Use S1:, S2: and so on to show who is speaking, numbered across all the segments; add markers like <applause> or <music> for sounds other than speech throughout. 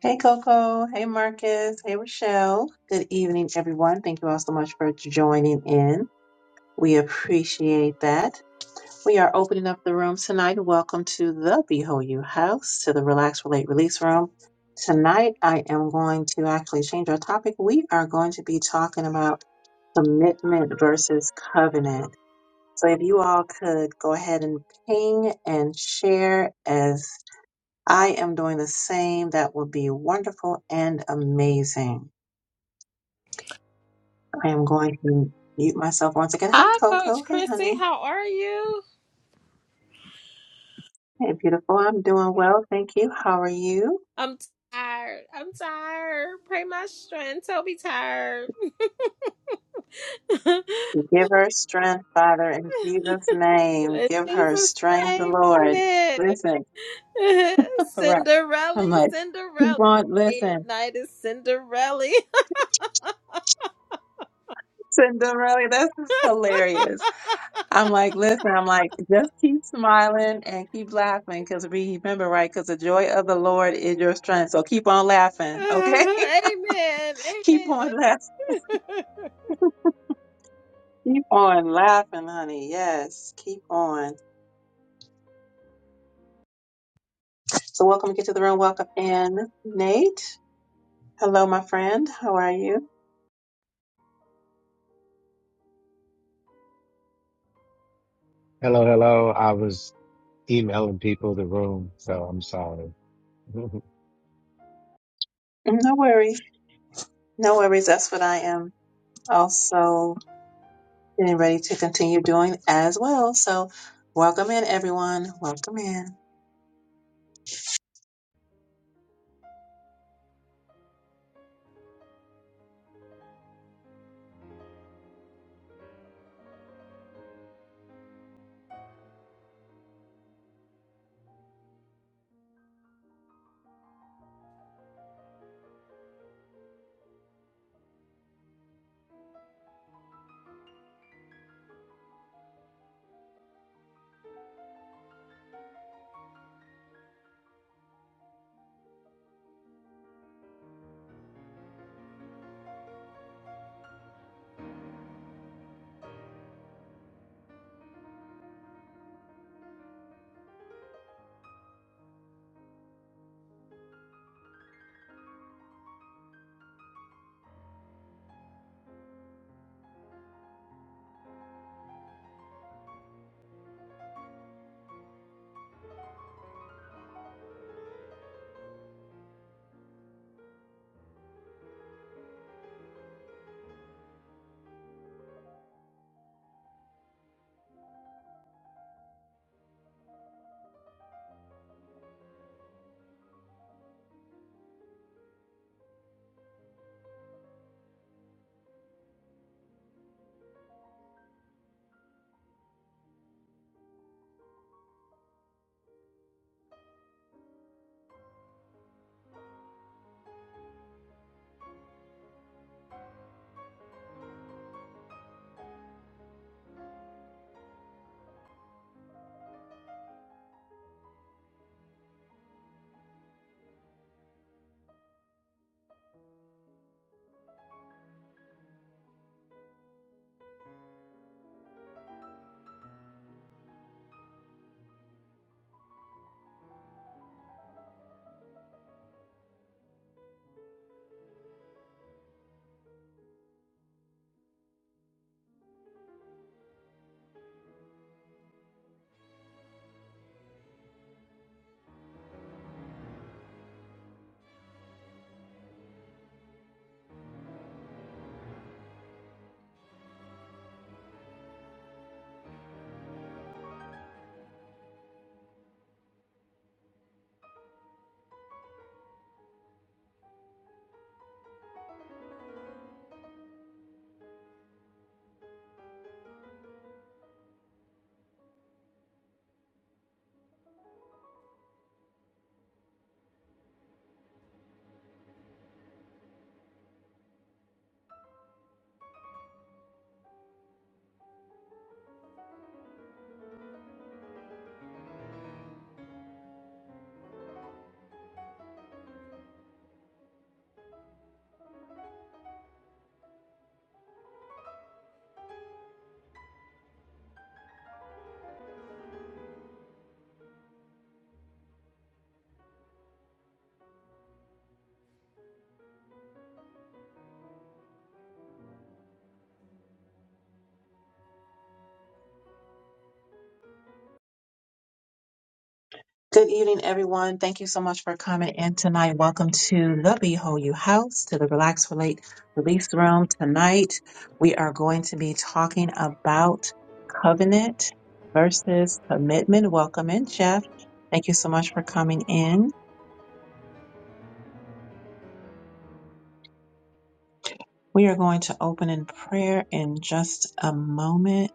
S1: Hey Coco, hey Marcus, hey Rochelle. Good evening, everyone. Thank you all so much for joining in. We appreciate that. We are opening up the room tonight. Welcome to the Behold You House, to the Relax, Relate, Release room. Tonight, I am going to actually change our topic. We are going to be talking about commitment versus covenant. So, if you all could go ahead and ping and share as. I am doing the same. That would be wonderful and amazing. I am going to mute myself once again. Hi,
S2: Hi,
S1: Coco.
S2: Coach
S1: Hey,
S2: Christy.
S1: honey.
S2: How are you?
S1: Hey, beautiful. I'm doing well. Thank you. How are you?
S2: I'm tired. I'm tired. Pray my strength. Don't be tired. <laughs>
S1: Give her strength, Father, in Jesus' name.
S2: In
S1: Give her
S2: Jesus'
S1: strength,
S2: name,
S1: Lord.
S2: amen.
S1: Listen,
S2: <laughs>
S1: right.
S2: Cinderella,
S1: I'm like, keep
S2: Cinderella.
S1: on,
S2: Day
S1: listen.
S2: and night is Cinderella.
S1: Cinderella, this is hilarious.
S2: <laughs>
S1: I'm like, listen, I'm like, just keep smiling and keep laughing because remember, right? Because the joy of the Lord is your strength. So keep on laughing, okay? <laughs>
S2: amen.
S1: Keep on
S2: Amen.
S1: laughing.
S2: <laughs>
S1: Keep on laughing, honey. Yes, keep on. So welcome to Get to the Room. Welcome in, Nate. Hello, my friend. How are you?
S3: Hello, hello. I was emailing people the room, so I'm sorry. <laughs>
S1: Mm, No worries. No worries. That's what I am also getting ready to continue doing as well. So welcome in, everyone. Welcome in. Good evening, everyone. Thank you so much for coming in tonight. Welcome to the Behold You House, to the Relax Relate Release Room. Tonight, we are going to be talking about covenant versus commitment. Welcome in, Jeff. Thank you so much for coming in. We are going to open in prayer in just a moment.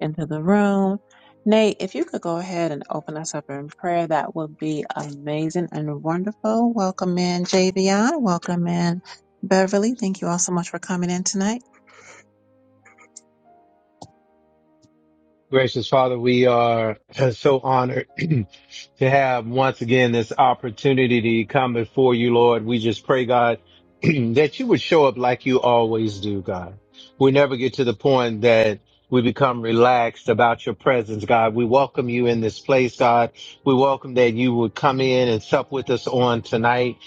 S1: into the room. Nate, if you could go ahead and open us up in prayer, that would be amazing and wonderful. Welcome in, Javion. Welcome in, Beverly. Thank you all so much for coming in tonight.
S3: Gracious Father, we are <clears throat> so honored <clears throat> to have once again this opportunity to come before you, Lord. We just pray, God, <clears throat> that you would show up like you always do, God. We never get to the point that we become relaxed about your presence, God. We welcome you in this place, God. We welcome that you would come in and sup with us on tonight.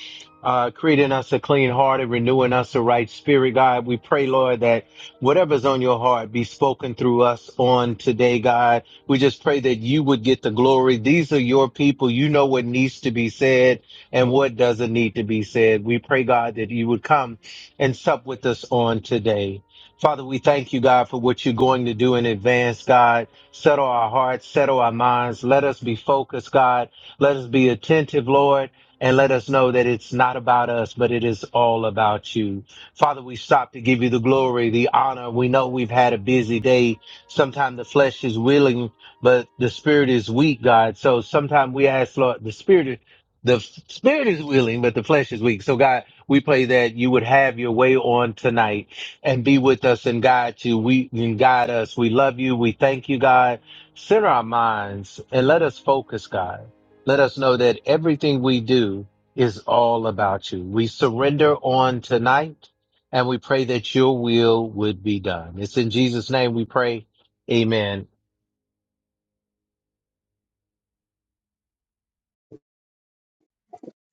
S3: Uh, creating us a clean heart and renewing us a right spirit, God. We pray, Lord, that Whatever's on your heart be spoken through us on today, God. We just pray that you would get the glory. These are your people. You know what needs to be said and what doesn't need to be said. We pray, God, that you would come and sup with us on today. Father, we thank you, God, for what you're going to do in advance, God. Settle our hearts, settle our minds. Let us be focused, God. Let us be attentive, Lord, and let us know that it's not about us, but it is all about you. Father, we stop to give you the glory, the honor. We know we've had a busy day. Sometimes the flesh is willing, but the spirit is weak, God. So sometimes we ask, Lord, the spirit, the f- spirit is willing, but the flesh is weak. So God, we pray that you would have your way on tonight and be with us and guide you. We and guide us. We love you. We thank you, God. Center our minds and let us focus, God. Let us know that everything we do is all about you. We surrender on tonight and we pray that your will would be done. It's in Jesus' name we pray. Amen.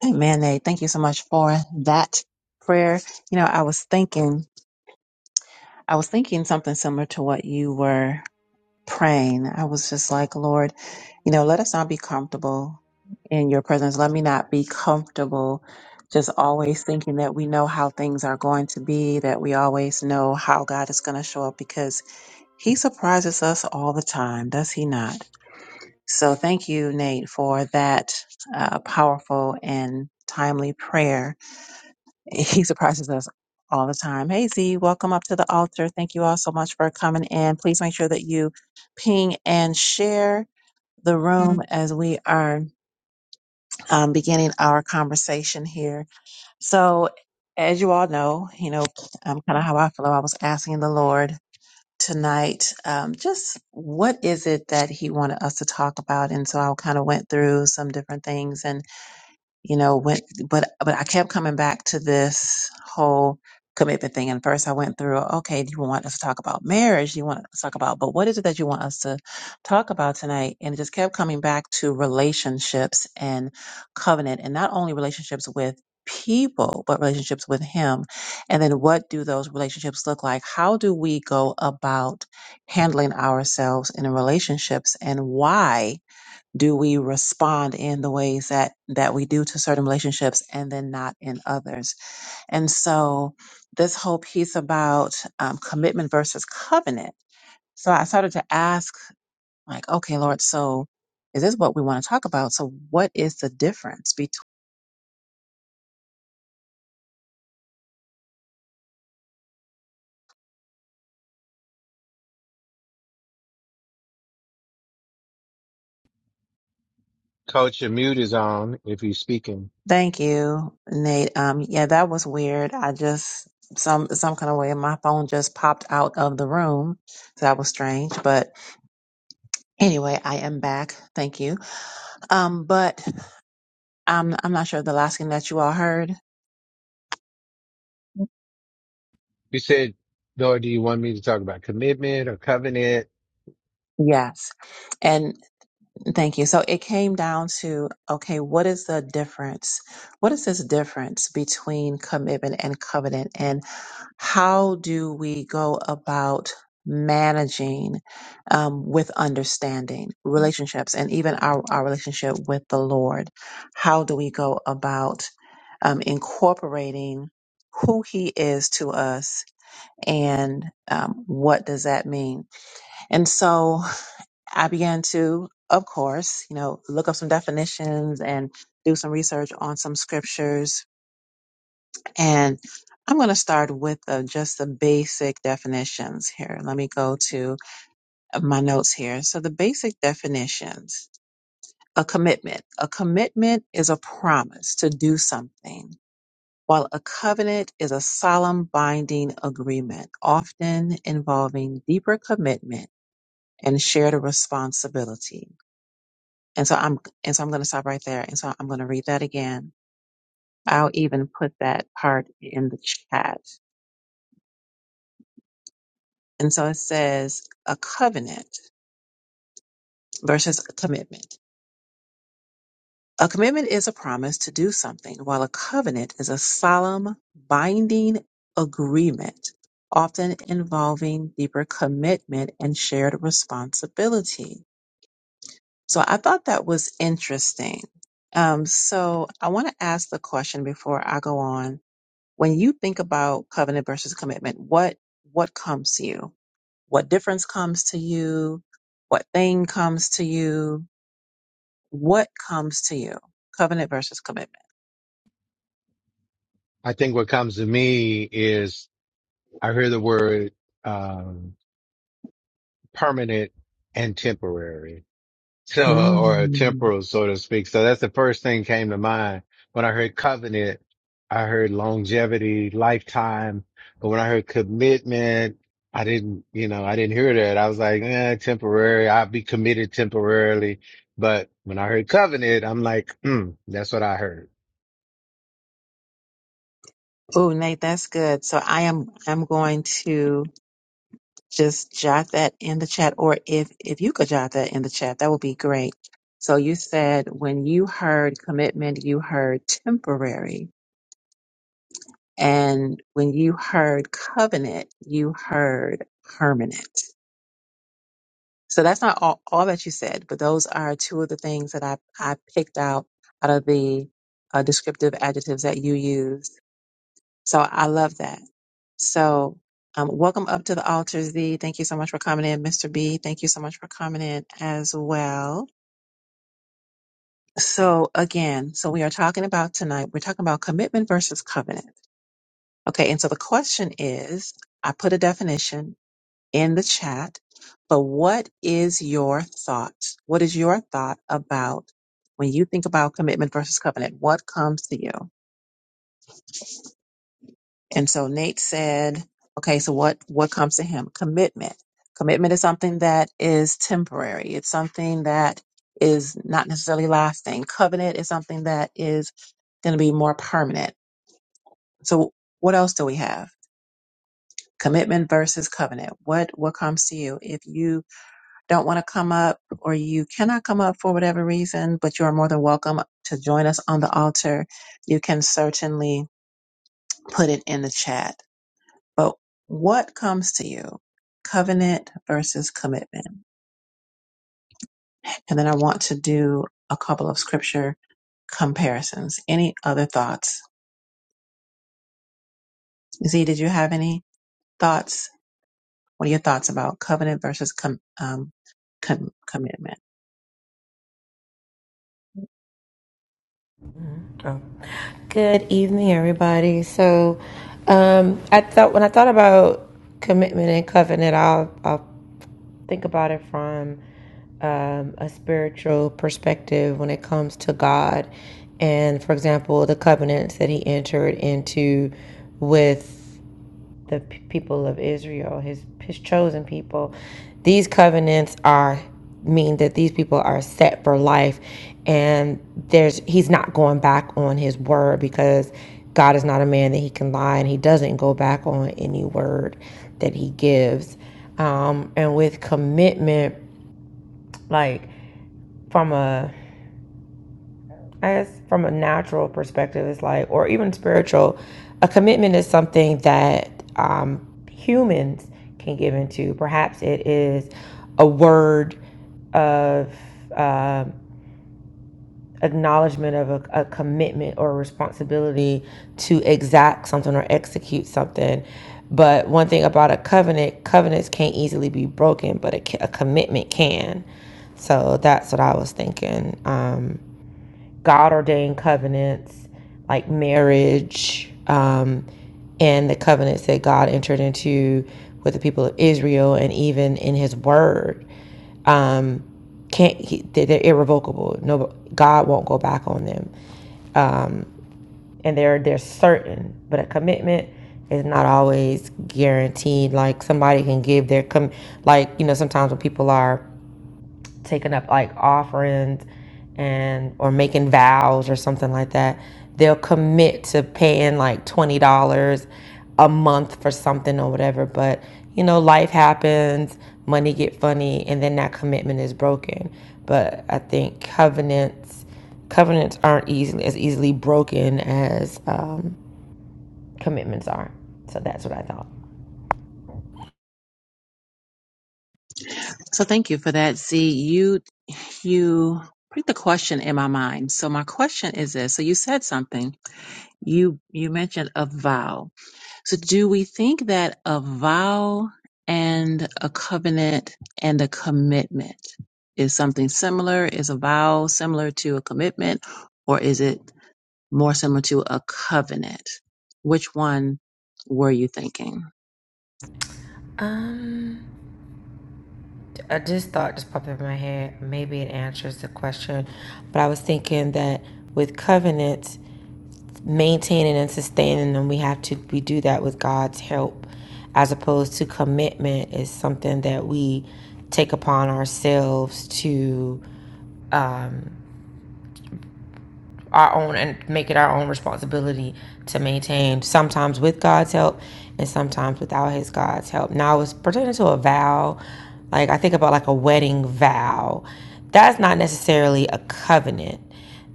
S1: Amen. Nate. Thank you so much for that prayer. You know, I was thinking, I was thinking something similar to what you were praying. I was just like, Lord, you know, let us not be comfortable in your presence. Let me not be comfortable just always thinking that we know how things are going to be, that we always know how God is going to show up because he surprises us all the time, does he not? So thank you, Nate, for that uh, powerful and timely prayer <laughs> He surprises us all the time. Hey, Z, welcome up to the altar. Thank you all so much for coming in. Please make sure that you ping and share the room Mhm. as we are um, beginning our conversation here. So, as you all know, you know, um, kind of how I feel, I was asking the Lord tonight um, just what is it that he wanted us to talk about and so i kind of went through some different things and you know went but but i kept coming back to this whole commitment thing and first i went through okay do you want us to talk about marriage do you want us to talk about but what is it that you want us to talk about tonight and it just kept coming back to relationships and covenant and not only relationships with people but relationships with him and then what do those relationships look like how do we go about handling ourselves in relationships and why do we respond in the ways that that we do to certain relationships and then not in others and so this whole piece about um, commitment versus covenant so i started to ask like okay lord so is this what we want to talk about so what is the difference between
S3: Coach, your mute is on if you're speaking.
S1: thank you nate um yeah that was weird i just some some kind of way my phone just popped out of the room so that was strange but anyway i am back thank you um, but I'm I'm not sure the last thing that you all heard.
S3: You said, Lord, do you want me to talk about commitment or covenant?
S1: Yes. And thank you. So it came down to okay, what is the difference? What is this difference between commitment and covenant? And how do we go about managing um, with understanding relationships and even our, our relationship with the Lord? How do we go about um, incorporating who He is to us? and um, what does that mean? And so <laughs> I began to, of course, you know, look up some definitions and do some research on some scriptures. And I'm going to start with uh, just the basic definitions here. Let me go to uh, my notes here. So the basic definitions. A commitment. A commitment is a promise to do something, while a covenant is a solemn binding agreement, often involving deeper commitment and share the responsibility. And so I'm and so I'm going to stop right there. And so I'm going to read that again. I'll even put that part in the chat. And so it says a covenant versus a commitment. A commitment is a promise to do something, while a covenant is a solemn, binding agreement, often involving deeper commitment and shared responsibility. So I thought that was interesting. Um, so I want to ask the question before I go on. When you think about covenant versus commitment, what what comes to you? What difference comes to you? What thing comes to you? What comes to you? Covenant versus commitment.
S3: I think what comes to me is I hear the word um, permanent and temporary. so, or
S1: Mm.
S3: temporal, so to speak. So that's the first thing came to mind. When I heard covenant, I heard longevity, lifetime. But when I heard commitment, I didn't, you know, I didn't hear that. I was like, eh, temporary. I'll be committed temporarily. But when I heard covenant, I'm like, mm, that's what I heard.
S1: Oh, Nate, that's good. So I am I'm going to just jot that in the chat or if if you could jot that in the chat that would be great so you said when you heard commitment you heard temporary and when you heard covenant you heard permanent so that's not all, all that you said but those are two of the things that i i picked out out of the uh, descriptive adjectives that you used So I love that. So um, welcome up to the altar, Z. Thank you so much for coming in, Mr. B. Thank you so much for coming in as well. So again, so we are talking about tonight, we're talking about commitment versus covenant. Okay. And so the question is, I put a definition in the chat, but what is your thought? What is your thought about when you think about commitment versus covenant? What comes to you? And so Nate said, okay, so what, what comes to him? Commitment. Commitment is something that is temporary. It's something that is not necessarily lasting. Covenant is something that is going to be more permanent. So what else do we have? Commitment versus covenant. What, what comes to you? If you don't want to come up or you cannot come up for whatever reason, but you are more than welcome to join us on the altar, you can certainly put it in the chat But what comes to you? Covenant versus commitment. And then I want to do a couple of scripture comparisons. Any other thoughts? Z, did you have any thoughts What are your thoughts about covenant versus com- um, com- commitment?
S4: Good evening, everybody. So, um, I thought when I thought about commitment and covenant, I'll I'll think about it from um, a spiritual perspective when it comes to God, and for example, the covenants that He entered into with the people of Israel, his his chosen people. These covenants are mean that these people are set for life and there's he's not going back on his word because God is not a man that he can lie and he doesn't go back on any word that he gives. Um, and with commitment, like from a I guess from a natural perspective, it's like, or even spiritual, a commitment is something that um, humans can give into. Perhaps it is a word of uh, acknowledgement of a, a commitment or responsibility to exact something or execute something. But one thing about a covenant, covenants can't easily be broken, but a, a commitment can. So that's what I was thinking. Um, God ordained covenants like marriage um, and the covenants that God entered into with the people of Israel and even in his word. Um, can't he, they- are irrevocable. No, God won't go back on them, um, and they're they're certain. But a commitment is not always guaranteed. Like somebody can give their com, like you know sometimes when people are taking up like offerings and or making vows or something like that they'll commit to paying like $20 a month for something or whatever but you know life happens money get funny and then that commitment is broken but i think covenants covenants aren't easily as easily broken as um, commitments are so that's what i thought
S1: So thank you for that. See, you you put the question in my mind. So my question is this. So you said something You you mentioned a vow. So do we think that a vow and a covenant and a commitment is something similar? Is a vow similar to a commitment or is it more similar to a covenant? Which one were you thinking?
S4: Uh, this thought just popped in my head. Maybe it answers the question, but I was thinking that with covenants, maintaining and sustaining them, we have to we do that with God's help, as opposed to commitment is something that we take upon ourselves to our own and make it our own responsibility to maintain sometimes with God's help and sometimes without his God's help. Now it's pertaining to a vow, like I think about like a wedding vow. That's not necessarily a covenant.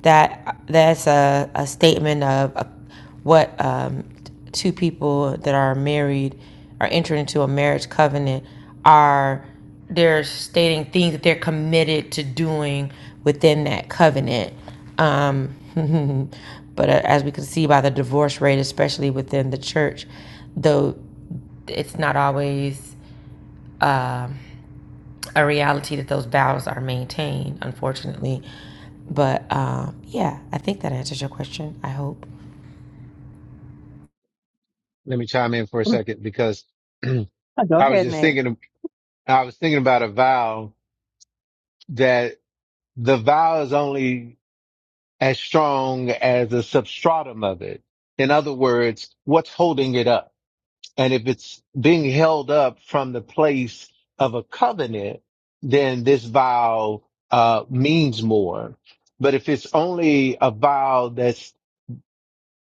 S4: That that's a, a statement of a, what um, two people that are married are entering into a marriage covenant are they're stating things that they're committed to doing within that covenant. Um, <laughs> but uh, as we can see by the divorce rate, especially within the church, though it's not always a reality that those vows are maintained, unfortunately. But um, yeah, I think that answers your question. I hope.
S3: Let me chime in for a second because <clears throat> I
S1: Oh, go
S3: was
S1: ahead,
S3: just
S1: Nate.
S3: thinking, I was thinking about a vow that the vow is only as strong as a substratum of it. In other words, what's holding it up? And if it's being held up from the place of a covenant, then this vow uh, means more. But if it's only a vow that's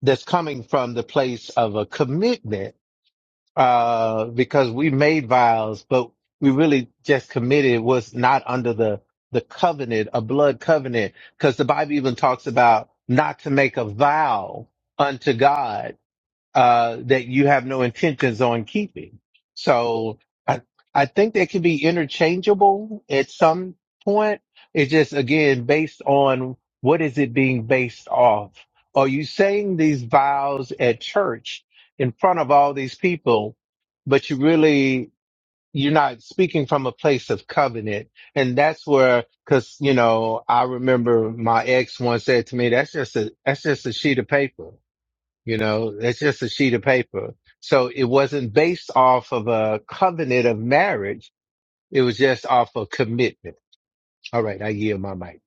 S3: that's coming from the place of a commitment, uh, because we made vows, but we really just committed was not under the, the covenant, a blood covenant, because the Bible even talks about not to make a vow unto God uh, that you have no intentions on keeping. So I, I think they could be interchangeable at some point. It's just again based on what is it being based off? Are you saying these vows at church in front of all these people, but you really, you're not speaking from a place of covenant. And that's where, cause you know, I remember my ex once said to me, that's just a, that's just a sheet of paper you know, it's just a sheet of paper. So it wasn't based off of a covenant of marriage. It was just off of commitment. All right. I yield my mic.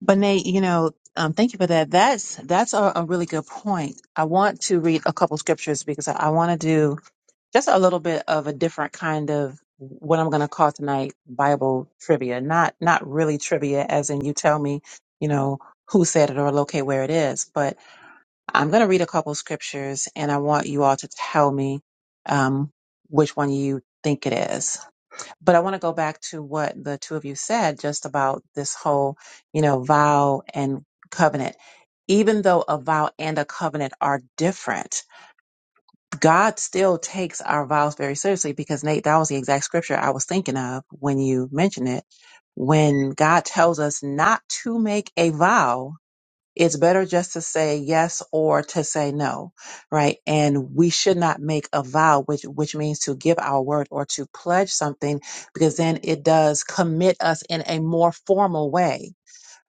S1: But Nate, you know, um, thank you for that. That's that's a, a really good point. I want to read a couple scriptures because I, I want to do just a little bit of a different kind of what I'm going to call tonight Bible trivia. Not not really trivia, as in you tell me, you know, who said it or locate where it is. But I'm going to read a couple scriptures, and I want you all to tell me um, which one you think it is. But I want to go back to what the two of you said just about this whole, you know, vow and covenant. Even though a vow and a covenant are different God still takes our vows very seriously because Nate, that was the exact scripture I was thinking of when you mentioned it. When God tells us not to make a vow, it's better just to say yes or to say no, right? And we should not make a vow, which which means to give our word or to pledge something, because then it does commit us in a more formal way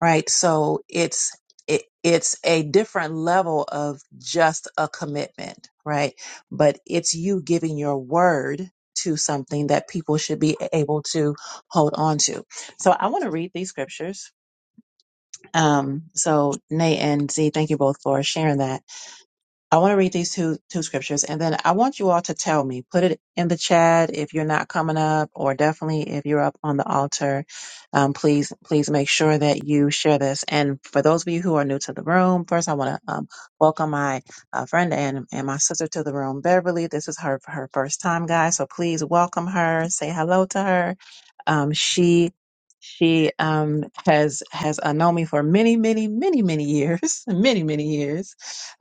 S1: right? So it's it, it's a different level of just a commitment, right? But it's you giving your word to something that people should be able to hold on to. So I want to read these scriptures. Um, so Nate and Z, thank you both for sharing that. I want to read these two two scriptures and then I want you all to tell me. Put it in the chat if you're not coming up or definitely if you're up on the altar. Um, please please make sure that you share this. And for those of you who are new to the room, first I want to um, welcome my uh, friend and, and my sister to the room, Beverly. This is her her first time, guys. So please welcome her, say hello to her. Um, she she um, has has uh, known me for many many many many years, <laughs> many many years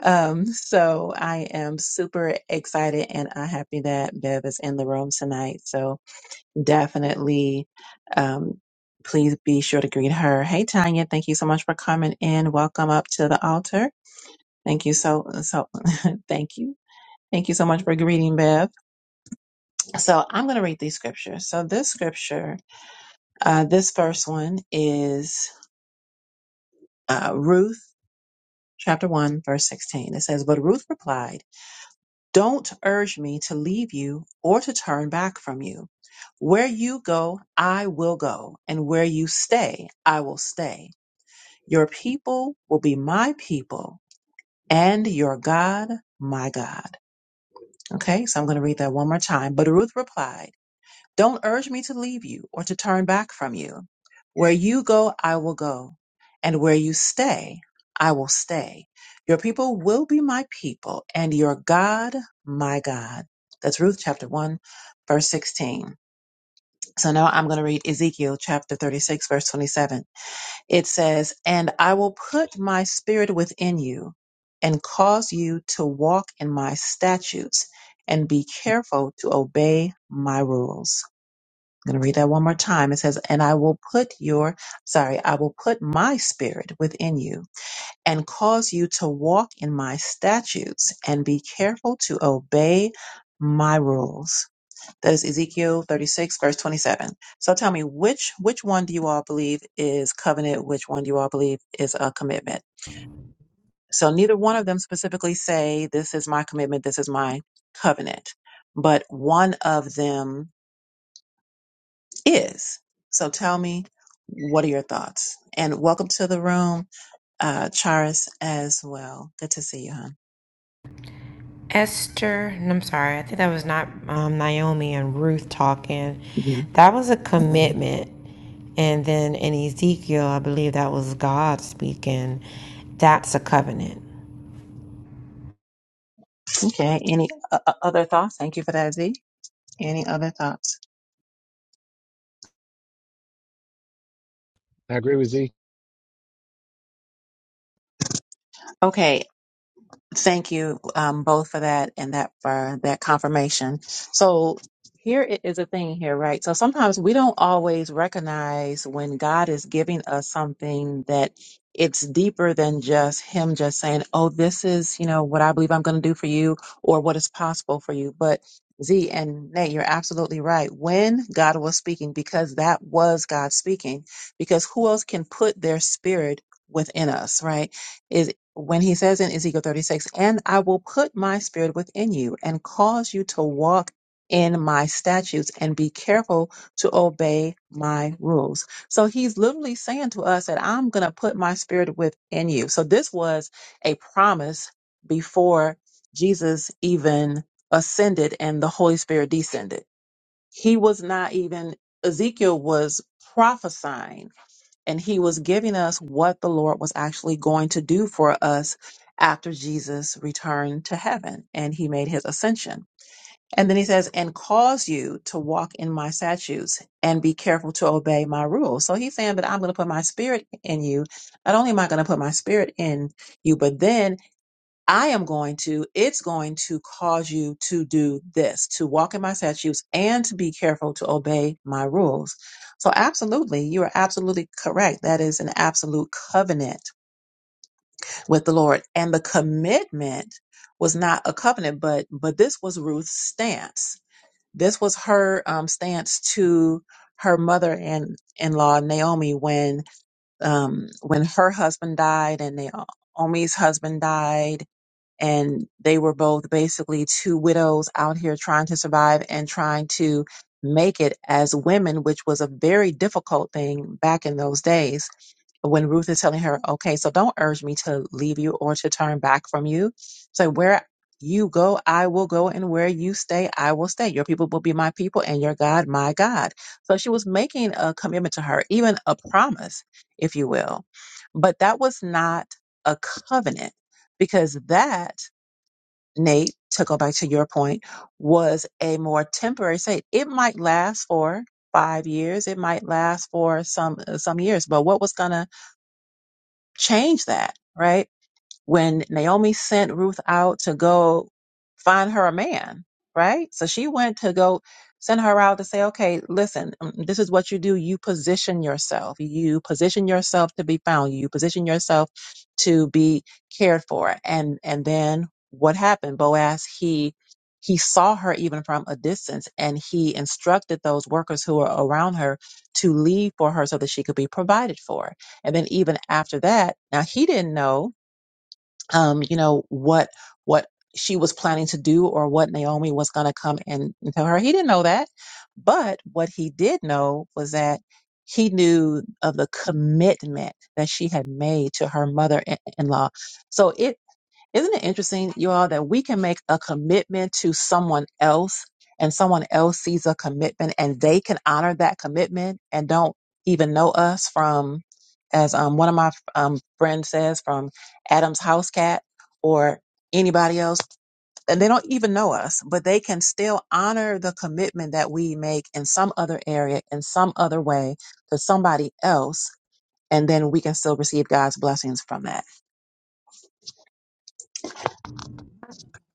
S1: um, so I am super excited and I'm happy that Bev is in the room tonight. So definitely, um, please be sure to greet her. Hey, Tanya, thank you so much for coming in. Welcome up to the altar. Thank you so, so <laughs> thank you. Thank you so much for greeting, Bev. So I'm going to read these scriptures. So this scripture, uh, this first one is, uh, Ruth chapter one, verse 16. It says, but Ruth replied, Don't urge me to leave you or to turn back from you. Where you go, I will go, and where you stay, I will stay. Your people will be my people, and your God, my God. Okay, so I'm going to read that one more time. But Ruth replied, don't urge me to leave you or to turn back from you. Where you go, I will go, and where you stay, I will stay. Your people will be my people, and your God, my God. That's Ruth chapter 1, verse 16. So now I'm going to read Ezekiel chapter 36, verse 27. It says, And I will put my spirit within you and cause you to walk in my statutes and be careful to obey my rules. I'm going to read that one more time. It says, And I will put your, sorry, I will put my spirit within you and cause you to walk in my statutes and be careful to obey my rules. That is Ezekiel 36, verse 27. So tell me, which, which one do you all believe is covenant? Which one do you all believe is a commitment? So neither one of them specifically say, this is my commitment, this is my covenant, but one of them is. So tell me, what are your thoughts? And welcome to the room, uh, Charis, as well. Good to see you, hon.
S4: Esther, and I'm sorry, I think that was not um, Naomi and Ruth talking.
S1: Mhm.
S4: That was a commitment. And then in Ezekiel, I believe that was God speaking. That's a covenant.
S1: Okay. Any uh, uh, other thoughts? Thank you for that, Z. Any other thoughts?
S3: I agree with Z.
S1: Okay. Thank you um, both for that and that for that confirmation. So here i- is a thing here, right? So sometimes we don't always recognize when God is giving us something that it's deeper than just Him just saying, "Oh, this is you know what I believe I'm going to do for you, or what is possible for you." But Z and Nate, you're absolutely right. When God was speaking, because that was God speaking, because who else can put their spirit within us, right? is when he says in Ezekiel 36, and I will put my spirit within you and cause you to walk in my statutes and be careful to obey my rules. So he's literally saying to us that I'm going to put my spirit within you. So this was a promise before Jesus even ascended and the Holy Spirit descended. He was not even, Ezekiel was prophesying and he was giving us what the Lord was actually going to do for us after Jesus returned to heaven and he made his ascension. And then he says, and cause you to walk in my statutes and be careful to obey my rules. So he's saying, but I'm going to put my spirit in you. Not only am I going to put my spirit in you, but then I am going to, it's going to cause you to do this, to walk in my statutes and to be careful to obey my rules. So absolutely, you are absolutely correct. That is an absolute covenant with the Lord. And the commitment was not a covenant, but, but this was Ruth's stance. This was her um, stance to her mother and in-law Naomi when, um, when her husband died and Naomi's husband died and they were both basically two widows out here trying to survive and trying to make it as women, which was a very difficult thing back in those days. When Ruth is telling her, okay, so don't urge me to leave you or to turn back from you. So where you go, I will go, and where you stay, I will stay. Your people will be my people, and your God, my God. So she was making a commitment to her, even a promise, if you will. But that was not a covenant because that Nate, to go back to your point, was a more temporary state. It might last for five years, it might last for some some years, but what was going to change that, right? when Naomi sent Ruth out to go find her a man, right? So she went to go send her out to say, okay, listen, um, this is what you do. You position yourself. You position yourself to be found. You position yourself to be cared for. And, and then what happened? Boaz, he, he saw her even from a distance and he instructed those workers who were around her to leave for her so that she could be provided for. And then even after that, now he didn't know um, you know, what what she was planning to do or what Naomi was going to come and and tell her. He didn't know that, but what he did know was that he knew of the commitment that she had made to her mother-in-law. So it isn't it interesting, you all, that we can make a commitment to someone else and someone else sees a commitment and they can honor that commitment and don't even know us from, as um, one of my um, friends says, from Adam's house cat or anybody else. And they don't even know us, but they can still honor the commitment that we make in some other area, in some other way to somebody else. And then we can still receive God's blessings from that.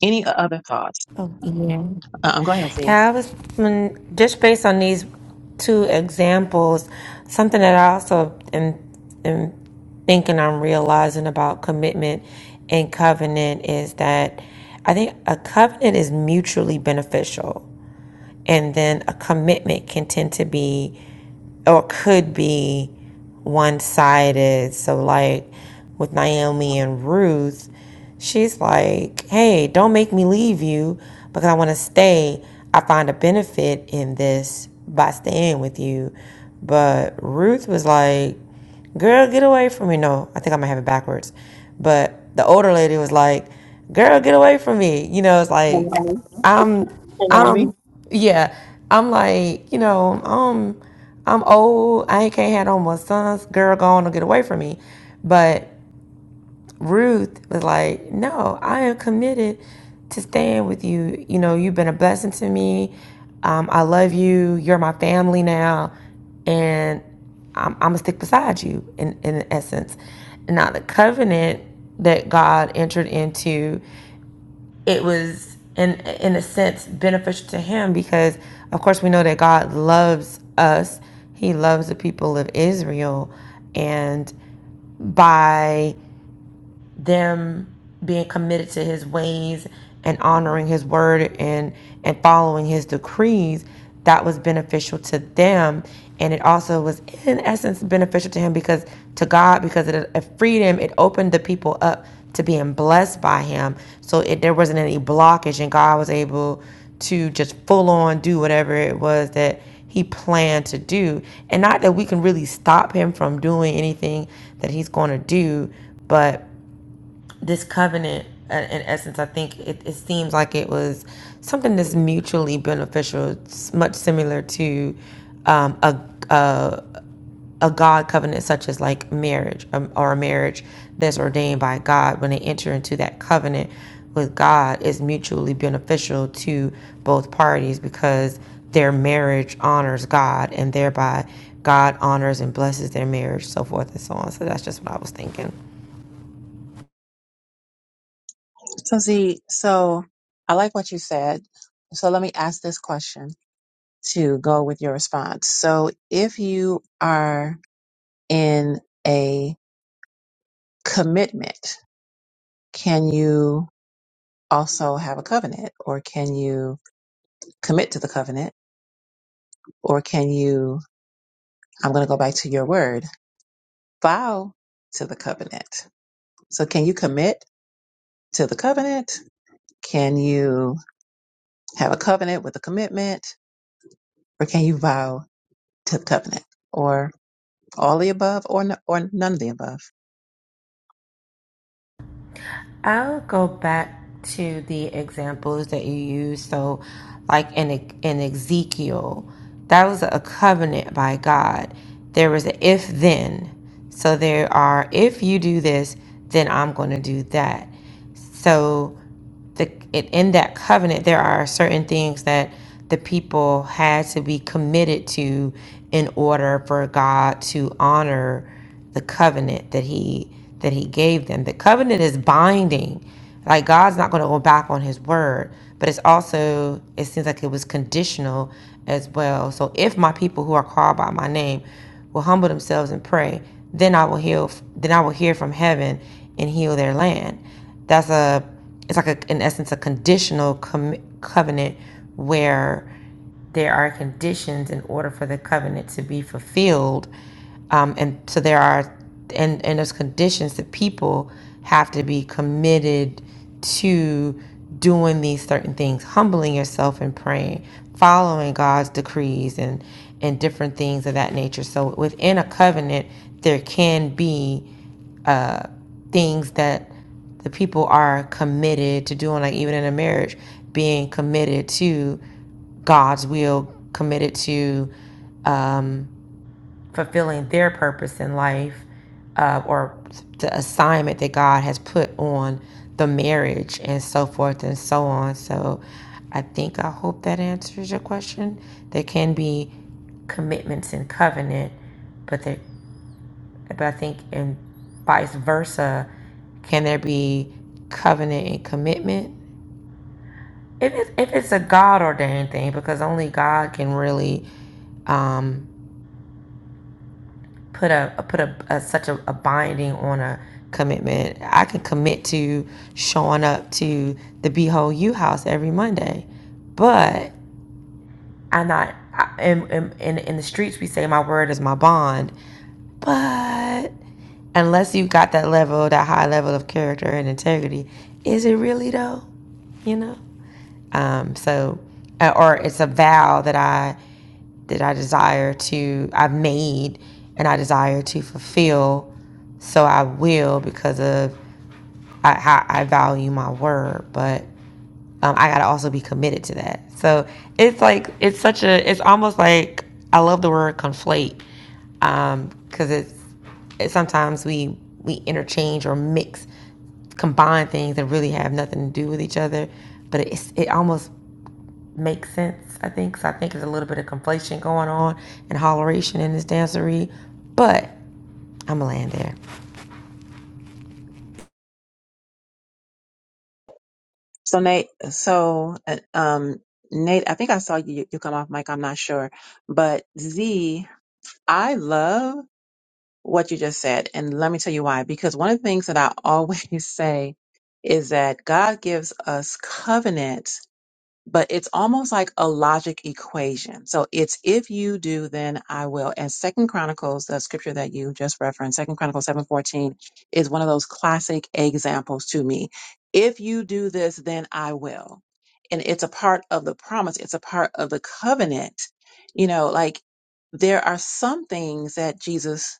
S1: Any other thoughts?
S4: Oh, yeah.
S1: Um, go ahead, Z.
S4: Yeah, I was when, just based on these two examples, something that I also am am thinking I'm realizing about commitment and covenant is that I think a covenant is mutually beneficial. And then a commitment can tend to be or could be one sided. So, like with Naomi and Ruth, she's like, hey, don't make me leave you because I want to stay. I find a benefit in this by staying with you. But Ruth was like, girl, get away from me. No, I think I might have it backwards. But the older lady was like, girl, get away from me. You know, it's like,
S1: Naomi.
S4: I'm,
S1: Naomi.
S4: I'm, yeah, I'm like, you know, um, I'm old. I ain't can't have no more sons. Girl, go on and get away from me. But Ruth was like, no, I am committed to staying with you. You know, you've been a blessing to me. Um, I love you. You're my family now, and I'm, I'm gonna stick beside you in in essence. Now the covenant that God entered into it was in in a sense beneficial to him because of course we know that God loves us. He loves the people of Israel and by them being committed to his ways and honoring his word and and following his decrees that was beneficial to them and it also was in essence beneficial to him because to god because it, freed him it opened the people up to being blessed by him so it, there wasn't any blockage and god was able to just full on do whatever it was that he planned to do. And not that we can really stop him from doing anything that he's going to do, but this covenant uh, in essence i think it, it seems like it was something that's mutually beneficial it's much similar to um, a, a, a god covenant such as like marriage um, or a marriage that's ordained by god when they enter into that covenant with god is mutually beneficial to both parties because their marriage honors god and thereby god honors and blesses their marriage so forth and so on so that's just what i was thinking
S1: So see, so I like what you said. So let me ask this question to go with your response. So if you are in a commitment, can you also have a covenant or can you commit to the covenant or can you, I'm going to go back to your word, vow to the covenant. So can you commit to the covenant? Can you have a covenant with a commitment or can you vow to covenant or all the above or n- or none of the above.
S4: I'll go back to the examples that you use. So, like in in Ezekiel, that was a covenant by God. There was an if then. So there are if you do this, then I'm going to do that. So the it, in that covenant there are certain things that the people had to be committed to in order for God to honor the covenant that he that he gave them. The covenant is binding. Like God's not going to go back on his word, but it's also it seems like it was conditional as well. So if my people who are called by my name will humble themselves and pray, then I will heal then I will hear from heaven and heal their land that's a it's like a, in essence a conditional com- covenant where there are conditions in order for the covenant to be fulfilled um, and so there are and and there's conditions that people have to be committed to doing these certain things humbling yourself and praying following god's decrees and and different things of that nature so within a covenant there can be things that the people are committed to doing, like even in a marriage, being committed to God's will, committed to um, fulfilling their purpose in life uh, or the assignment that God has put on the marriage and so forth and so on. So I think I hope that answers your question. There can be commitments in covenant, but there but I think and vice versa, can there be covenant and commitment? If it's, if it's a God ordained thing, because only God can really um, put a put a, a such a, a binding on a commitment. I can commit to showing up to the Behold You house every Monday, but I'm not. I, in, in in the streets, we say my word is my bond, but unless you got that level, that high level of character and integrity, is it really though? You know. Um, so, uh, or it's a vow that I that I desire to I've made and I desire to fulfill. So I will because of I, how I value my word, but um, I gotta also be committed to that. So it's like it's such a it's almost like I love the word conflate um, because it's, it's sometimes we we interchange or mix combine things that really have nothing to do with each other, but it's it almost makes sense. I think so. I think there's a little bit of conflation going on and holleration in this dancery, but I'm gonna land there.
S1: So Nate, so uh, um Nate, I think I saw you you come off mic, I'm not sure. But Z, I love what you just said and let me tell you why because one of the things that I always <laughs> say is that God gives us covenant but it's almost like a logic equation. So it's if you do, then I will. And Second Chronicles, the scripture that you just referenced, Second Chronicles seven fourteen, is one of those classic examples to me. If you do this, then I will. And it's a part of the promise. It's a part of the covenant. You know, like there are some things that Jesus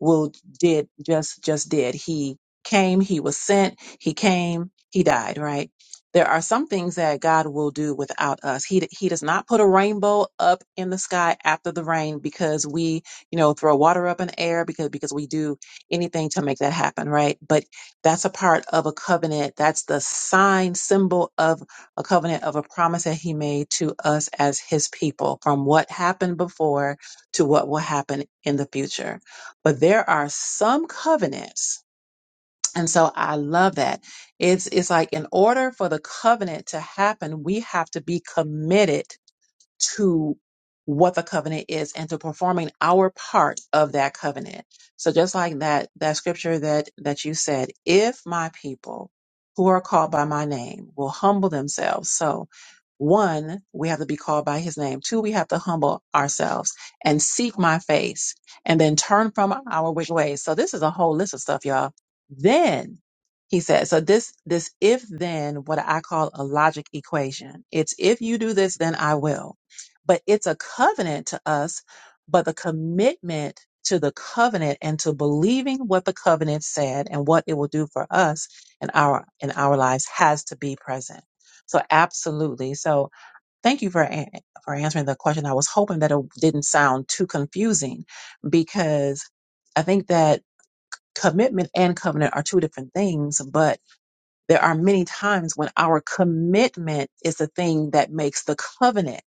S1: will did just just did he came he was sent he came he died right there are some things that god will do without us he d- he does not put a rainbow up in the sky after the rain because we you know throw water up in the air because because we do anything to make that happen right but that's a part of a covenant that's the sign symbol of a covenant of a promise that he made to us as his people from what happened before to what will happen in the future but there are some covenants and so i love that it's it's like in order for the covenant to happen we have to be committed to what the covenant is and to performing our part of that covenant. So just like that that scripture that that you said, if my people who are called by my name will humble themselves. So one, we have to be called by his name. Two, we have to humble ourselves and seek my face and then turn from our wicked ways. So this is a whole list of stuff, y'all. Then he said, so this, this if then, what I call a logic equation. It's if you do this, then I will but it's a covenant to us. But the commitment to the covenant and to believing what the covenant said and what it will do for us in our in our lives has to be present. So absolutely. So thank you for an- for answering the question. I was hoping that it didn't sound too confusing because I think that commitment and covenant are two different things, but. There are many times when our commitment is the thing that makes the covenant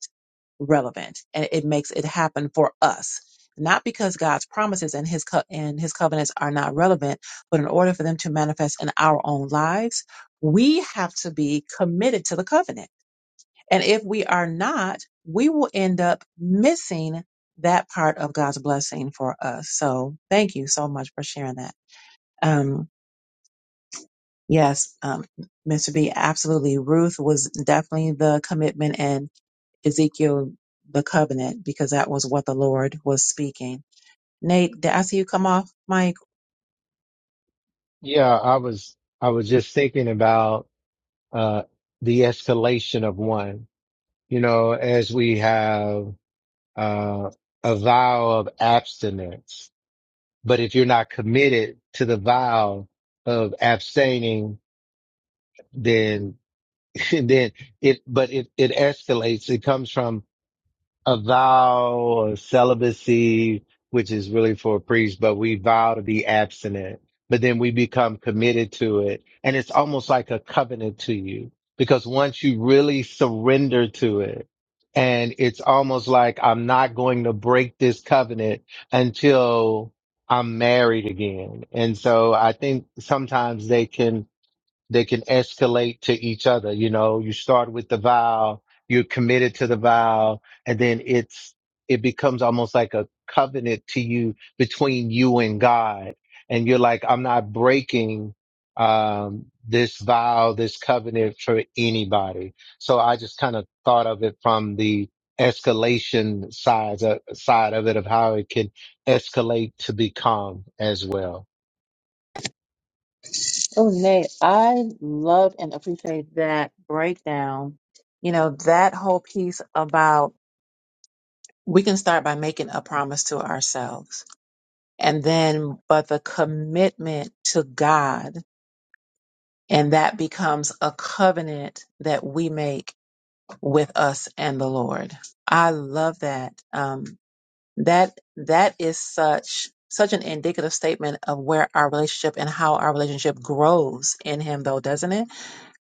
S1: relevant and it makes it happen for us. Not because God's promises and his co- and his covenants are not relevant, but in order for them to manifest in our own lives, we have to be committed to the covenant. And if we are not, we will end up missing that part of God's blessing for us. So thank you so much for sharing that. Um, Yes, um, Mr. B, absolutely. Ruth was definitely the commitment and Ezekiel the covenant because that was what the Lord was speaking. Nate, did I see you come off, Mike?
S3: Yeah. I was, I was just thinking about, uh, the escalation of one, you know, as we have, uh, a vow of abstinence. But if you're not committed to the vow of abstaining, then, <laughs> then it, but it, it escalates. It comes from a vow of celibacy, which is really for a priest, but we vow to be abstinent, but then we become committed to it. And it's almost like a covenant to you because once you really surrender to it, and it's almost like I'm not going to break this covenant until I'm married again. And so I think sometimes they can they can escalate to each other. You know, you start with the vow, you're committed to the vow, and then it's it becomes almost like a covenant to you between you and God. And you're like, I'm not breaking um this vow, this covenant for anybody. So I just kind of thought of it from the escalation sides uh, side of it of how it can escalate to become as well.
S1: Oh, Nate, I love and appreciate that Breakdown. You know, that whole piece about we can start by making a promise to ourselves and then, but the commitment to God and that becomes a covenant that we make with us and the Lord. I love that. Um, that that is such such an indicative statement of where our relationship and how our relationship grows in Him, though, doesn't it?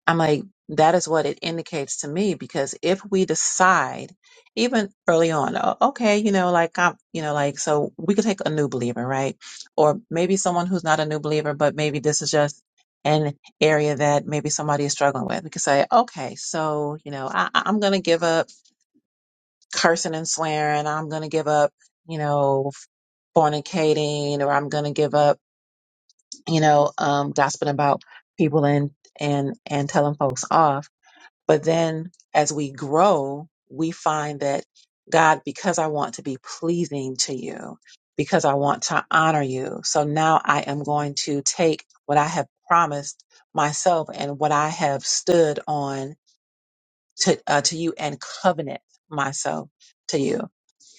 S1: I'm like, that is what it indicates to me because if we decide, even early on, "Oh, okay, you know, like I'm, you know, like so we could take a new believer, right? Or maybe someone who's not a new believer, but maybe this is just an area that maybe somebody is struggling with. We could say, okay, so you know, I, I- I'm gonna give up cursing and swearing. I'm gonna give up, you know, fornicating, or I'm gonna give up, you know, um, gossiping about people and and and telling folks off but then as we grow, we find that God, because I want to be pleasing to you, because I want to honor you. So now I am going to take what I have promised myself and what I have stood on to, uh, to you and covenant myself to you.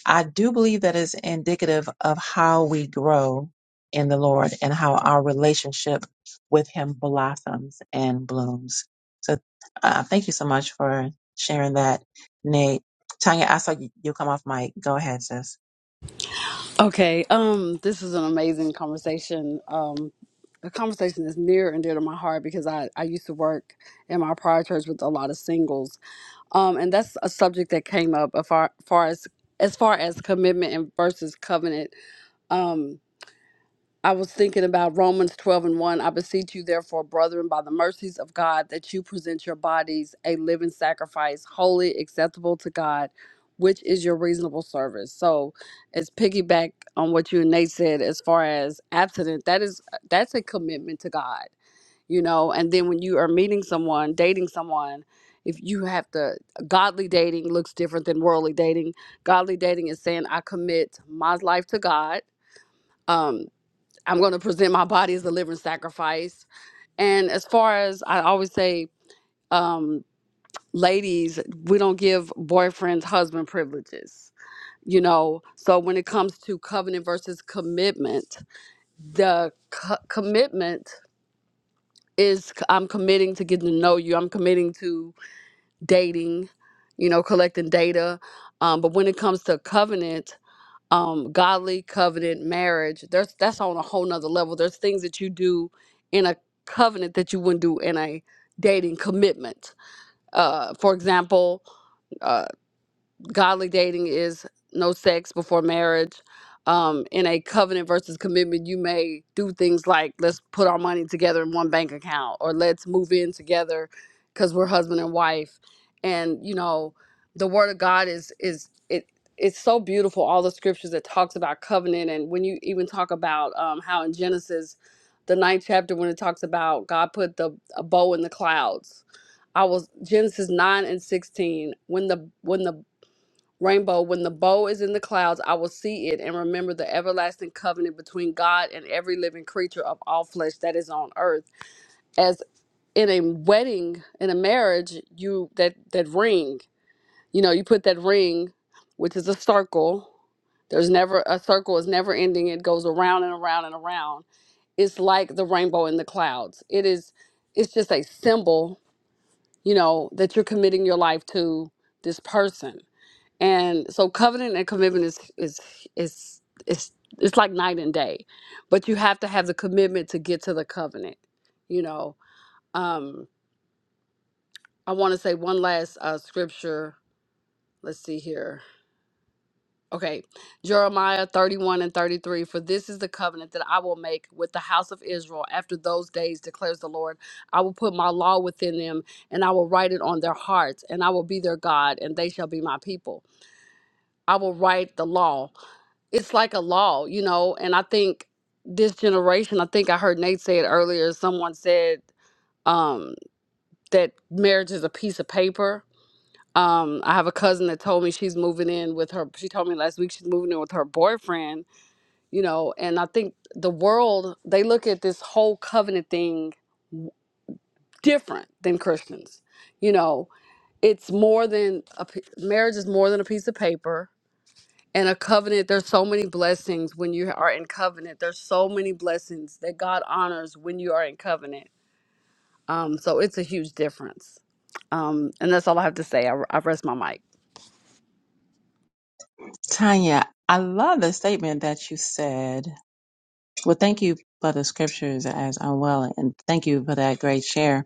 S1: I do believe that is indicative of how we grow in the Lord and how our relationship with Him blossoms and blooms. So, uh, thank you so much for sharing that, Nate. Tanya, I saw you, you come off mic. Go ahead, sis.
S5: Okay. Um, this is an amazing conversation. Um, the conversation is near and dear to my heart because I, I used to work in my prior church with a lot of singles. Um, and that's a subject that came up as far, far as as far as commitment and versus covenant. Um, I was thinking about Romans 12 and 1. I beseech you, therefore, brethren, by the mercies of God, that you present your bodies a living sacrifice, holy, acceptable to God, which is your reasonable service. So it's piggyback on what you and Nate said as far as abstinent. That is uh, that's a commitment to God, you know. And then when you are meeting someone, dating someone, if you have to godly dating looks different than worldly dating. Godly dating is saying, I commit my life to God. Um, I'm going to present my body as a living sacrifice. And as far as I always say, um, ladies, we don't give boyfriends husband privileges. You know, so when it comes to covenant versus commitment, the co- commitment is c- I'm committing to getting to know you. I'm committing to dating, you know, collecting data. Um, but when it comes to covenant, um godly covenant marriage there's that's on a whole nother level there's things that you do in a covenant that you wouldn't do in a dating commitment uh for example uh, godly dating is no sex before marriage. Um, in a covenant versus commitment, you may do things like let's put our money together in one bank account or let's move in together because we're husband and wife. And you know, the word of God is is it it's so beautiful. All the scriptures that talks about covenant, and when you even talk about um, how in Genesis, the ninth chapter, when it talks about God put the a bow in the clouds, I was Genesis 9 and 16. When the when the Rainbow, when the bow is in the clouds, I will see it and remember the everlasting covenant between God and every living creature of all flesh that is on earth. As in a wedding, in a marriage, you that that ring, you know, you put that ring, which is a circle. There's never a circle is never ending. It goes around and around and around. It's like the rainbow in the clouds. It is it's just a symbol, you know, that you're committing your life to this person and so covenant and commitment is is is is it's like night and day but you have to have the commitment to get to the covenant you know um i want to say one last uh scripture let's see here okay jeremiah 31 and 33 for this is the covenant that i will make with the house of israel after those days declares the lord i will put my law within them and i will write it on their hearts and i will be their god and they shall be my people i will write the law it's like a law, you know. And I think this generation, I think I heard Nate say it earlier. Someone said um, that marriage is a piece of paper. Um, I have a cousin that told me she's moving in with her. She told me last week she's moving in with her boyfriend, you know. And I think the world they look at this whole covenant thing different than Christians, you know. It's more than a p- marriage is more than a piece of paper And a covenant, there's so many blessings when you are in covenant. There's so many blessings that God honors when you are in covenant. Um, so it's a huge difference. Um, and that's all I have to say. I, I rest my mic.
S1: Tanya, I love the statement that you said. Well, thank you for the scriptures as well, and thank you for that great share.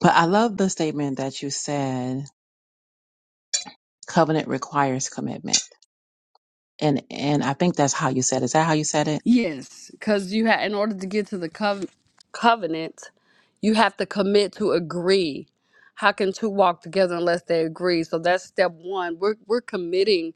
S1: But I love the statement that you said covenant requires commitment And and I think that's how you said. it. Is that how you said it?
S5: Yes, because you had in order to get to the cov- covenant, you have to commit to agree. How can two walk together unless they agree? So that's step one. We're we're committing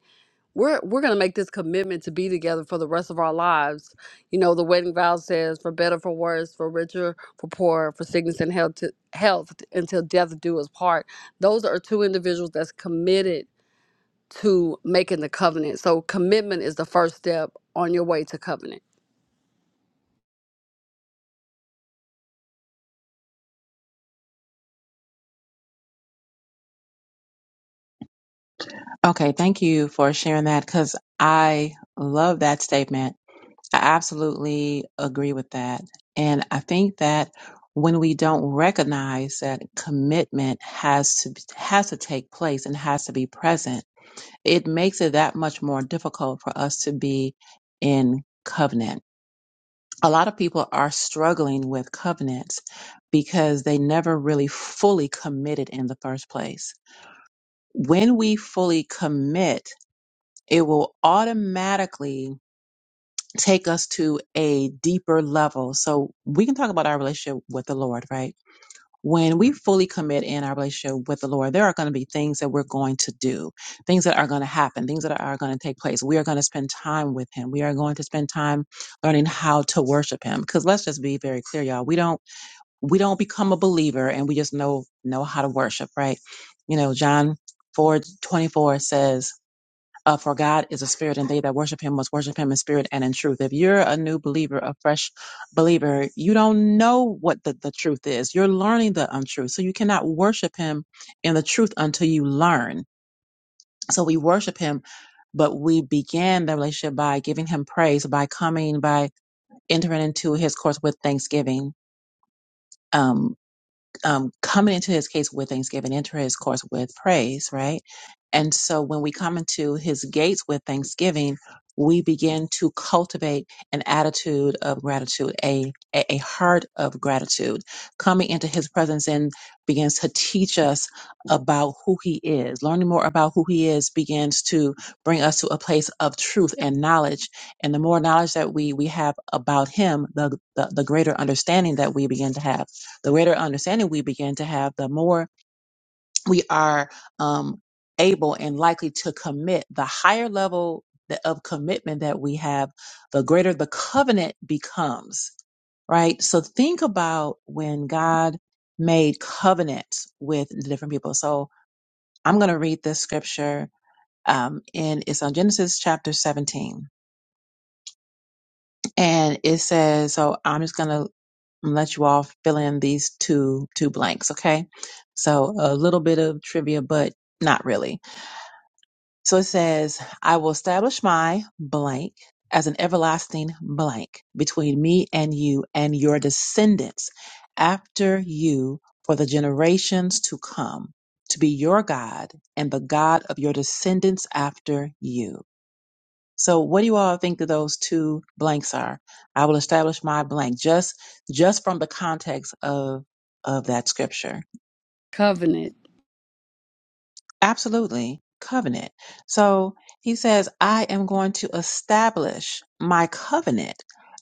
S5: we're we're going to make this commitment to be together for the rest of our lives. You know, the wedding vow says, "For better, for worse, for richer, for poorer, for sickness and health, to, health until death do us part." Those are two individuals that's committed to making the covenant. So, commitment is the first step on your way to covenant.
S1: Okay, thank you for sharing that because I love that statement. I absolutely agree with that. And I think that when we don't recognize that commitment has to has to take place and has to be present, it makes it that much more difficult for us to be in covenant. A lot of people are struggling with covenants because they never really fully committed in the first place. When we fully commit, it will automatically take us to a deeper level. So we can talk about our relationship with the Lord, right? When we fully commit in our relationship with the Lord, there are going to be things that we're going to do, things that are going to happen, things that are going to take place. We are going to spend time with Him. We are going to spend time learning how to worship Him. Because let's just be very clear, y'all. We don't we don't become a believer and we just know know how to worship, right? You know, John four twenty four says uh, for God is a spirit, and they that worship him must worship him in spirit and in truth. If you're a new believer, a fresh believer, you don't know what the, the truth is. You're learning the untruth. So you cannot worship him in the truth until you learn. So we worship him, but we began the relationship by giving him praise, by coming, by entering into his course with thanksgiving. Um, um, coming into his case with thanksgiving, enter his course with praise, right? And so when we come into his gates with thanksgiving, we begin to cultivate an attitude of gratitude, a, a, a heart of gratitude. Coming into his presence and begins to teach us about who he is. Learning more about who he is begins to bring us to a place of truth and knowledge. And the more knowledge that we, we have about him, the, the, the greater understanding that we begin to have the greater understanding we begin to have, the more we are um, able and likely to commit. The higher level th- of commitment that we have, the greater the covenant becomes, right? So think about when God made covenants with the different people. So I'm going to read this scripture. Um, and it's on Genesis chapter 17. And it says, so I'm just going to and let you all fill in these two two blanks okay so a little bit of trivia but not really so it says i will establish my blank as an everlasting blank between me and you and your descendants after you for the generations to come to be your god and the god of your descendants after you so what do you all think that those two blanks are? I will establish my blank just just from the context of of that scripture.
S5: Covenant.
S1: Absolutely. Covenant. So he says, I am going to establish my covenant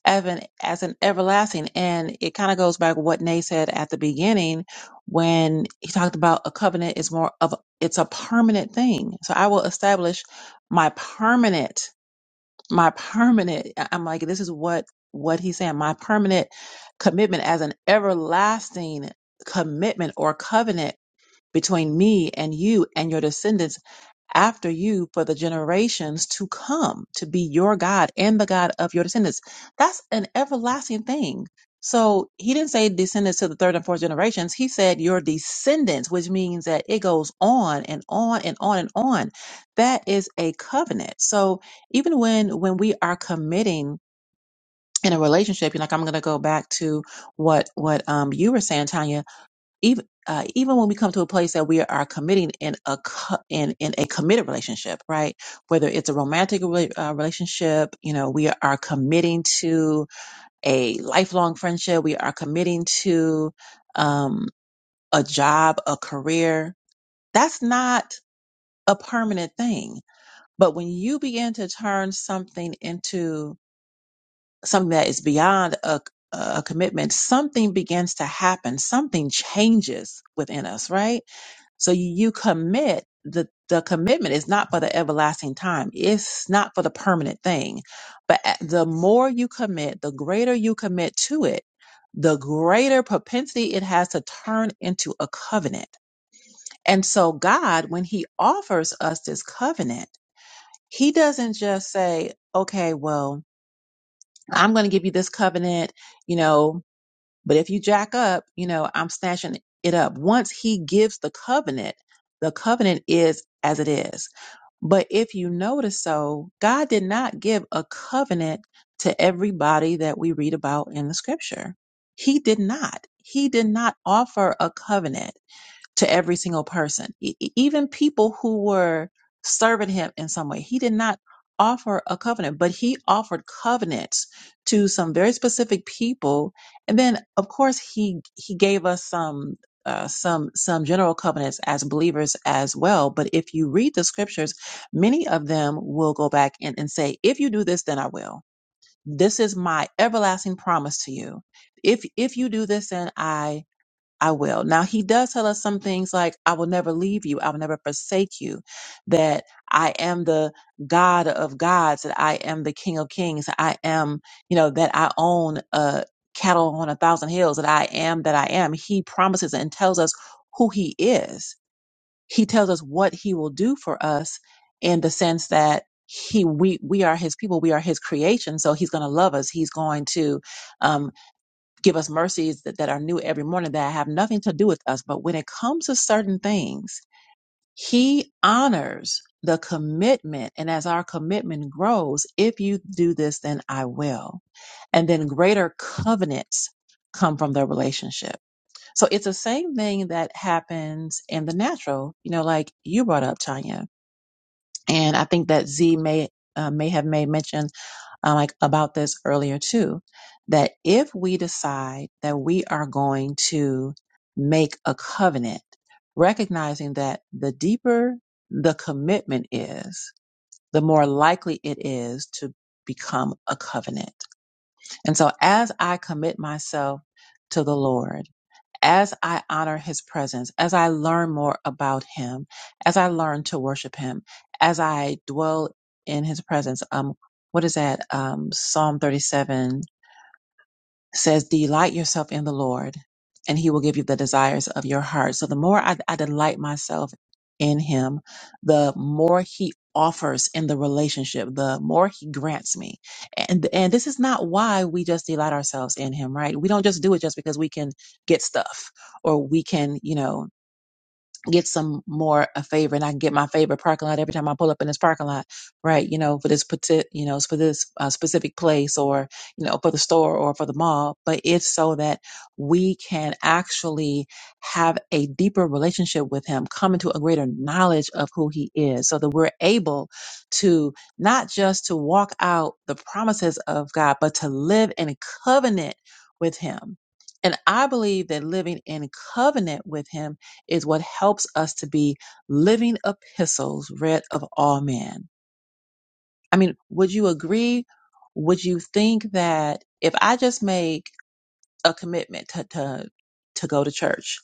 S1: as an, as an everlasting. And it kind of goes back to what Nay said at the beginning when he talked about a covenant is more of, a- it's a permanent thing. So I will establish my permanent my permanent I- i'm like this is what what he's saying my permanent commitment as an everlasting commitment or covenant between me and you and your descendants after you for the generations to come to be your God and the God of your descendants. That's an everlasting thing. So he didn't say descendants to the third and fourth generations. He said your descendants, which means that it goes on and on and on and on. That is a covenant. So even when when we are committing in a relationship, you know, like I'm going to go back to what what um you were saying, Tanya even uh, even when we come to a place that we are committing in a co- in in a committed relationship, right? Whether it's a romantic rela- uh, relationship, you know, we are committing to a lifelong friendship. We are committing to um, a job, a career. That's not a permanent thing. But when you begin to turn something into something that is beyond a, a commitment, something begins to happen. Something changes within us, right? So you you commit. The, the commitment is not for the everlasting time. It's not for the permanent thing. But a- the more you commit, the greater you commit to it, the greater propensity it has to turn into a covenant. And so God, when he offers us this covenant, he doesn't just say, okay, well, I'm going to give you this covenant, you know, but if you jack up, you know, I'm snatching it up. Once he gives the covenant, the covenant is as it is. But if you notice so, God did not give a covenant to everybody that we read about in the scripture. He did not. He did not offer a covenant to every single person, E- e- even people who were serving him in some way. He did not offer a covenant, but he offered covenants to some very specific people. And then, of course, he he gave us some. Uh, some some general covenants as believers as well but if you read the scriptures many of them will go back and, and say if you do this then i will this is my everlasting promise to you if if you do this then i I will. Now, he does tell us some things like, I will never leave you. I will never forsake you. That I am the God of gods. That I am the King of kings. that I am, you know, that I own uh, cattle on a thousand hills. That I am that I am. He promises and tells us who he is. He tells us what he will do for us in the sense that he we we are his people we are his creation so he's going to love us he's going to um, give us mercies that, that are new every morning that have nothing to do with us. But when it comes to certain things, he honors the commitment. And as our commitment grows, if you do this, then I will. And then greater covenants come from the relationship. So it's the same thing that happens in the natural, you know, like you brought up, Tanya and I think that Z may uh, may have made mention uh, like about this earlier too, that if we decide that we are going to make a covenant, recognizing that the deeper the commitment is, the more likely it is to become a covenant. And so as I commit myself to the Lord, as I honor his presence, as I learn more about him, as I learn to worship him, as I dwell in his presence. Um, what is that? Um, Psalm thirty-seven says, Delight yourself in the Lord, and he will give you the desires of your heart. So the more I, I delight myself in him, the more he offers in the relationship, the more he grants me. And and this is not why we just delight ourselves in him, right? We don't just do it just because we can get stuff or we can, you know, get some more a favor and I can get my favorite parking lot every time I pull up in this parking lot, right? You know, for this parti- you know, for this uh, specific place or, you know, for the store or for the mall, but it's so that we can actually have a deeper relationship with him, come into a greater knowledge of who he is so that we're able to not just to walk out the promises of God, but to live in covenant with him. And I believe that living in covenant with him is what helps us to be living epistles read of all men. I mean, would you agree? Would you think that if I just make a commitment to, to, to go to church,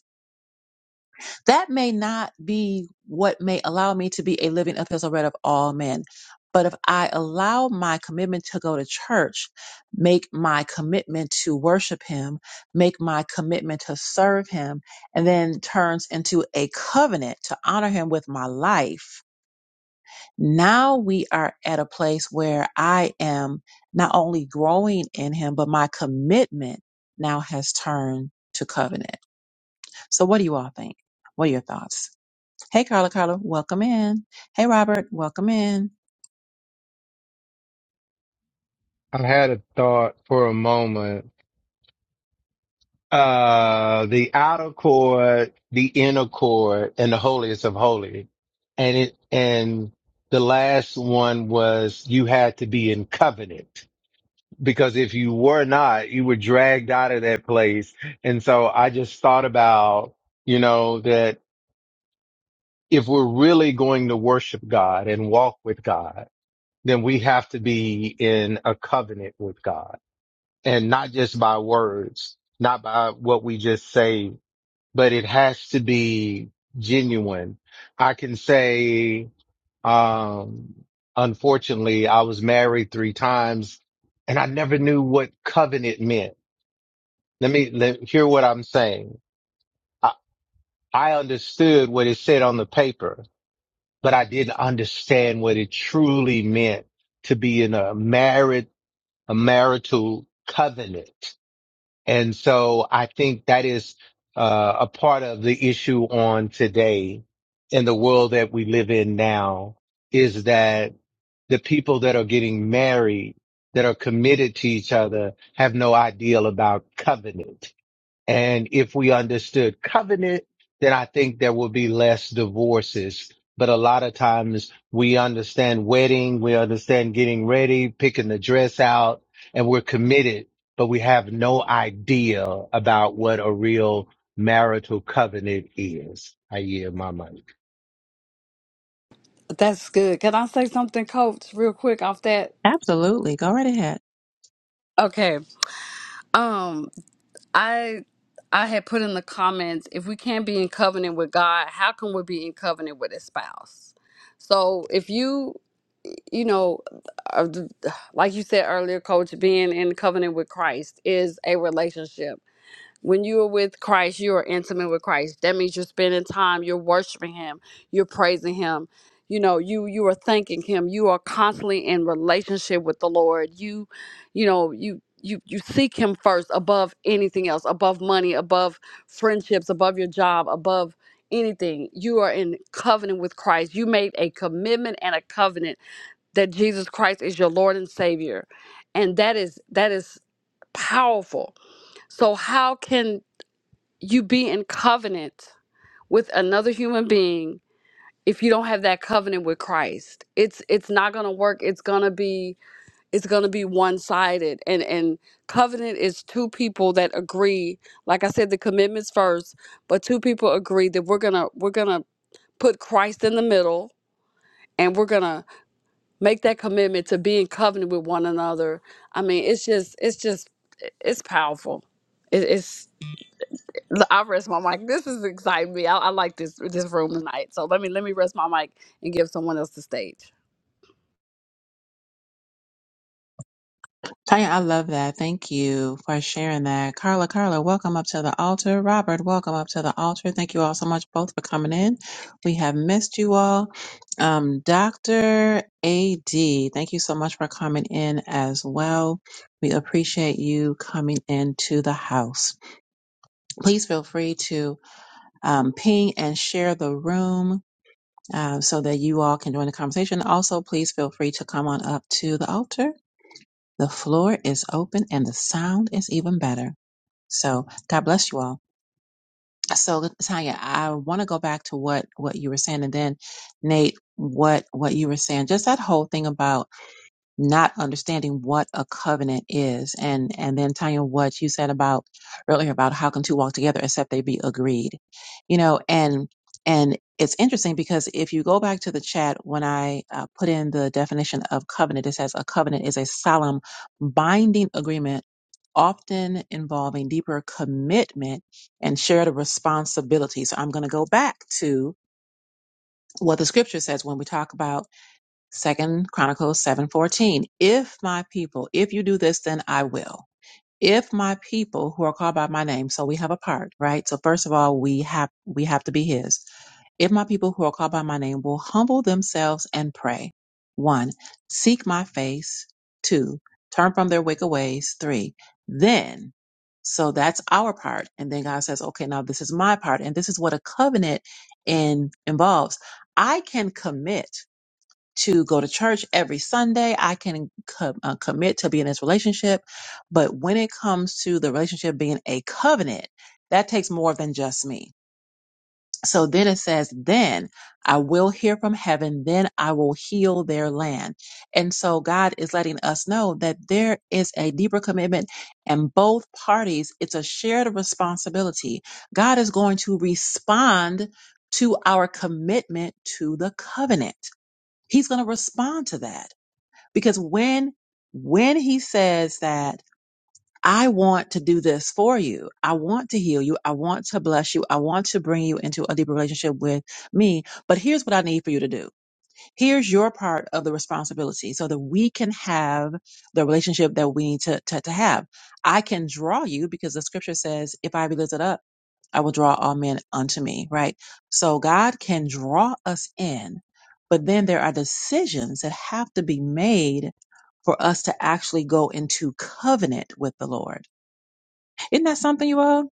S1: that may not be what may allow me to be a living epistle read of all men. But if I allow my commitment to go to church, make my commitment to worship him, make my commitment to serve him, and then turns into a covenant to honor him with my life, now we are at a place where I am not only growing in him, but my commitment now has turned to covenant. So what do you all think? What are your thoughts? Hey, Carla, Carla, welcome in. Hey, Robert, welcome in.
S3: I had a thought for a moment uh the outer court, the inner court, and the holiest of holy. And it and the last one was you had to be in covenant because if you were not, you were dragged out of that place. And so I just thought about, you know, that if we're really going to worship God and walk with God, then we have to be in a covenant with God and not just by words, not by what we just say but it has to be genuine. I can say, um, unfortunately, I was married three times and I never knew what covenant meant. Let me let, hear what I'm saying. I, I understood what it said on the paper, but I didn't understand what it truly meant to be in a married, a marital covenant. And so I think that is uh, a part of the issue on today in the world that we live in now is that the people that are getting married, that are committed to each other, have no ideal about covenant and if we understood covenant, then I think there would be less divorces. But a lot of times we understand wedding, we understand getting ready, picking the dress out, and we're committed, but we have no idea about what a real marital covenant is. I yield my mic.
S5: That's good. Can I say something, Coach, real quick off that?
S1: Absolutely. Go right ahead.
S5: Okay. Um, I I had put in the comments if we can't be in covenant with God, how can we be in covenant with a spouse? So if you you know, are like you said earlier, Coach, being in covenant with Christ is a relationship when you are with Christ, you are intimate with Christ. That means you're spending time, you're worshiping him, you're praising him. You know, you you are thanking him. You are constantly in relationship with the Lord. You you know, you you you seek him first above anything else, above money, above friendships, above your job, above anything. You are in covenant with Christ. You made a commitment and a covenant that Jesus Christ is your Lord and Savior. And that is that is powerful. So how can you be in covenant with another human being if you don't have that covenant with Christ. It's it's not going to work. It's going to be it's going to be one-sided. And and covenant is two people that agree. Like I said the commitments first, but two people agree that we're going to we're going to put Christ in the middle and we're going to make that commitment to be in covenant with one another. I mean, it's just it's just it's powerful. It, It's I rest my mic. This is exciting me. I, I like this this room tonight. So let me let me rest my mic and give someone else the stage.
S1: Tanya, I love that. Thank you for sharing that. Carla, Carla, welcome up to the altar. Robert, welcome up to the altar. Thank you all so much both for coming in. We have missed you all. Um, Dr. AD, thank you so much for coming in as well. We appreciate you coming into the house. Please feel free to um, ping and share the room uh, so that you all can join the conversation. Also, please feel free to come on up to the altar. The floor is open and the sound is even better. So, God bless you all. So, Tanya, I want to go back to what what you were saying, and then Nate, what what you were saying, just that whole thing about not understanding what a covenant is and and then Tanya what you said about earlier about how can two walk together except they be agreed you know and and it's interesting because if you go back to the chat when I uh, put in the definition of covenant it says a covenant is a solemn binding agreement often involving deeper commitment and shared responsibility so I'm going to go back to what the scripture says when we talk about Second Chronicles 7:14. If my people, if you do this, then I will. If my people who are called by my name, so we have a part, right? So first of all, we have we have to be his. If my people who are called by my name will humble themselves and pray. One, seek my face. Two, turn from their wicked ways. Three, then so that's our part. And then God says, okay, now this is my part. And this is what a covenant in, involves. I can commit to go to church every Sunday. I can co- uh, commit to be in this relationship. But when it comes to the relationship being a covenant, that takes more than just me. So then it says, then I will hear from heaven, then I will heal their land. And so God is letting us know that there is a deeper commitment and both parties, it's a shared responsibility. God is going to respond to our commitment to the covenant he's going to respond to that because when when he says that i want to do this for you i want to heal you i want to bless you i want to bring you into a deeper relationship with me but here's what i need for you to do here's your part of the responsibility so that we can have the relationship that we need to, to, to have i can draw you because the scripture says if i be lifted up I will draw all men unto me, right? So God can draw us in, but then there are decisions that have to be made for us to actually go into covenant with the Lord. Isn't that something you all?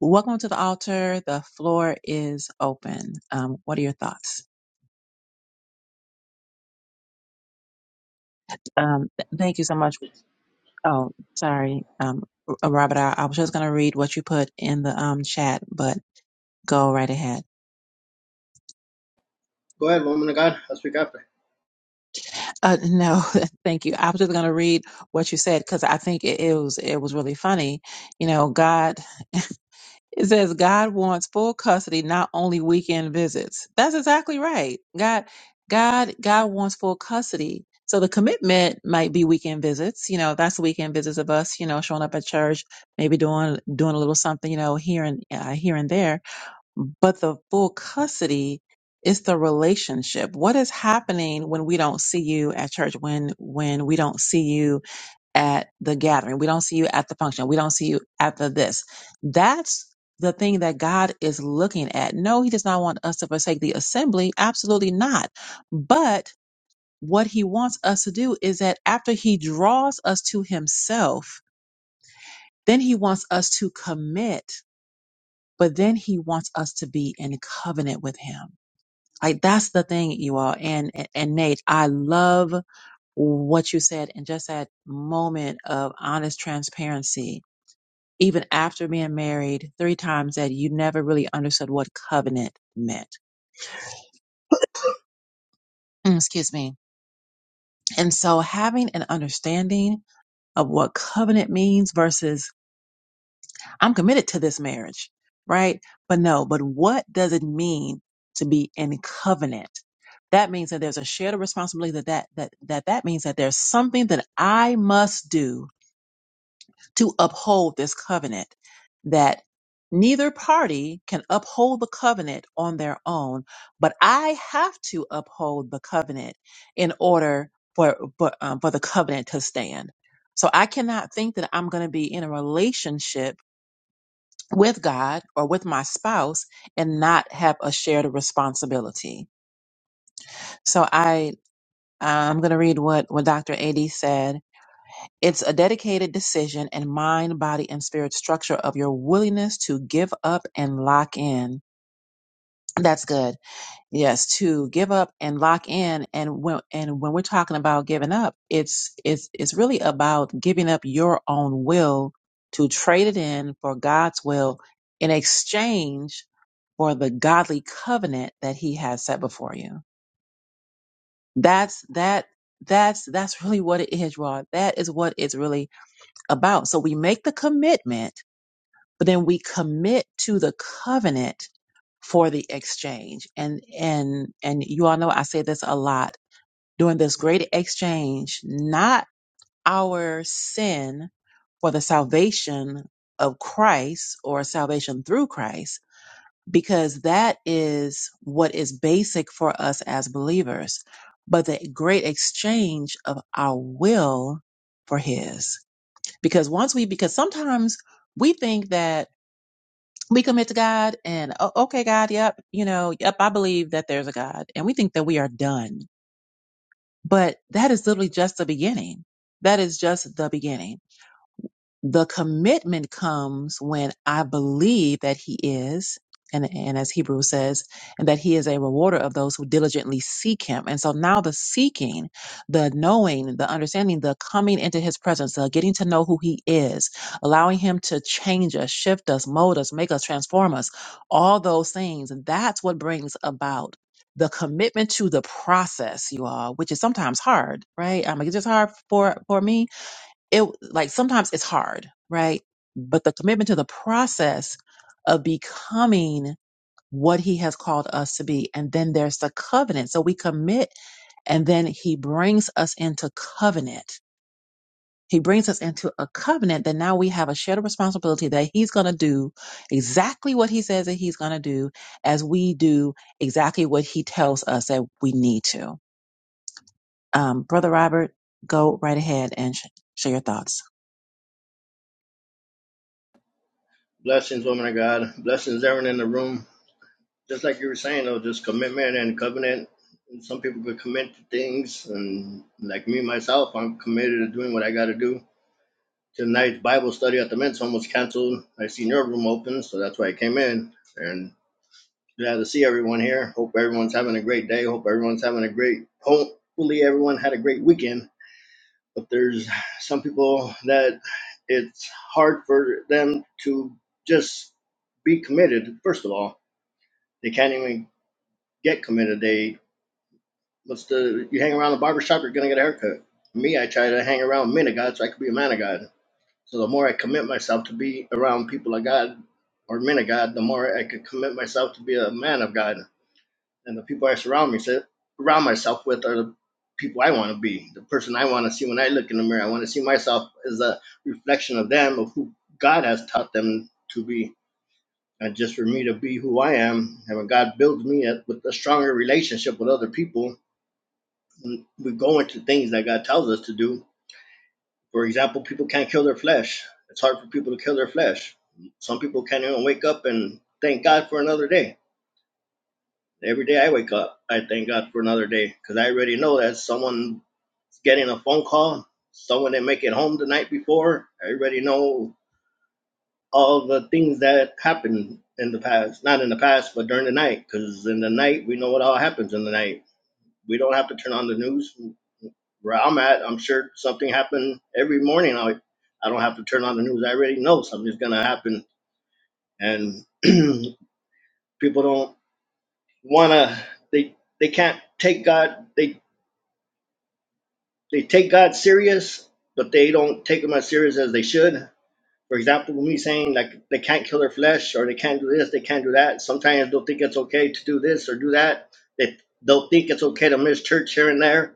S1: Welcome to the altar. The floor is open. Um, what are your thoughts? Um, th- thank you so much. Oh, sorry. Um, R- Robert, I, I was just going to read what you put in the um, chat, but go right ahead.
S6: Go ahead, woman of God. I'll speak after.
S1: Uh, no, <laughs> thank you. I was just going to read what you said because I think it, it was it was really funny. You know, God it says God wants full custody, not only weekend visits. That's exactly right. God, God, God wants full custody. So the commitment might be weekend visits. You know, that's weekend visits of us. You know, showing up at church, maybe doing doing a little something. You know, here and uh, here and there but the full custody is the relationship. What is happening when we don't see you at church, when when we don't see you at the gathering, we don't see you at the function, we don't see you at the this. That's the thing that God is looking at. No, he does not want us to forsake the assembly. Absolutely not. But what he wants us to do is that after he draws us to himself, then he wants us to commit, but then he wants us to be in covenant with him like that's the thing, you all. And and Nate, I love what you said and just that moment of honest transparency. Even after being married three times, that you never really understood what covenant meant. Mm, Excuse me. And so having an understanding of what covenant means versus I'm committed to this marriage, right? But no, but what does it mean to be in covenant? That means that there's a shared responsibility that that, that, that, that means that there's something that I must do to uphold this covenant that neither party can uphold the covenant on their own, but I have to uphold the covenant in order for, for, um, for the covenant to stand. So I cannot think that I'm going to be in a relationship with God or with my spouse and not have a shared responsibility. So I I'm going to read what what Dr. AD said. It's a dedicated decision and mind, body and spirit structure of your willingness to give up and lock in. That's good. Yes, to give up and lock in. And when and when we're talking about giving up, it's it's it's really about giving up your own will to trade it in for God's will in exchange for the godly covenant that He has set before you. That's that that's that's really what it is, Rod. That is what it's really about. So we make the commitment but then we commit to the covenant for the exchange and and and you all know i say this a lot during this great exchange not our sin for the salvation of christ or salvation through christ because that is what is basic for us as believers but the great exchange of our will for his because once we because sometimes we think that we commit to God and "Oh, okay, God, yep, you know, yep, I believe that there's a God and we think that we are done. But that is literally just the beginning. That is just the beginning the commitment comes when I believe that He is, and, and as Hebrew says, and that He is a rewarder of those who diligently seek Him. And so now the seeking, the knowing, the understanding, the coming into His presence, the getting to know who He is, allowing Him to change us, shift us, mold us, make us, transform us, all those things, that's what brings about. The commitment to the process, you all, which is sometimes hard, right? I mean, it's just hard for for me it like sometimes it's hard, right? But the commitment to the process of becoming what he has called us to be. And then there's the covenant. So we commit and then he brings us into covenant. He brings us into a covenant that now we have a shared responsibility that he's going to do exactly what he says that he's going to do as we do exactly what he tells us that we need to. Um, Brother Robert, go right ahead and sh- share your thoughts.
S6: Blessings, woman of God. Blessings, everyone in the room. Just like you were saying, though, just commitment and covenant. And some people could commit to things, and like me myself, I'm committed to doing what I got to do. Tonight's Bible study at the men's home was canceled. I seen your room open, so that's why I came in. And glad to see everyone here. Hope everyone's having a great day. Hope everyone's having a great. Hopefully, everyone had a great weekend. but there's some people that it's hard for them to just be committed. First of all, they can't even get committed. They what's the you hang around the barber shop, you're gonna get a haircut. Me, I try to hang around men of God so I could be a man of God. So the more I commit myself to be around people of God or men of God, the more I could commit myself to be a man of God and the people I surround me so, surround myself with are the people I want to be, the person I want to see when I look in the mirror. I want to see myself as a reflection of them, of who God has taught them to be. And just for me to be who I am, and when God builds me up with a stronger relationship with other people, mm, we go into things that God tells us to do. For example, people can't kill their flesh. It's hard for people to kill their flesh. Some people can't even wake up and thank God for another day Every day I wake up, I thank God for another day because I already know that someone's getting a phone call, someone didn't make it home the night before. I already know all the things that happened in the past, not in the past, but during the night because in the night, we know what all happens in the night. We don't have to turn on the news. Where I'm at, I'm sure something happened every morning. I, I don't have to turn on the news. I already know something's going to happen. And <clears throat> people don't want to, they, they can't take God. They they take God serious, but they don't take him as serious as they should. For example, me saying like they can't kill their flesh or they can't do this, they can't do that. Sometimes they'll think it's okay to do this or do that. They they'll think it's okay to miss church here and there.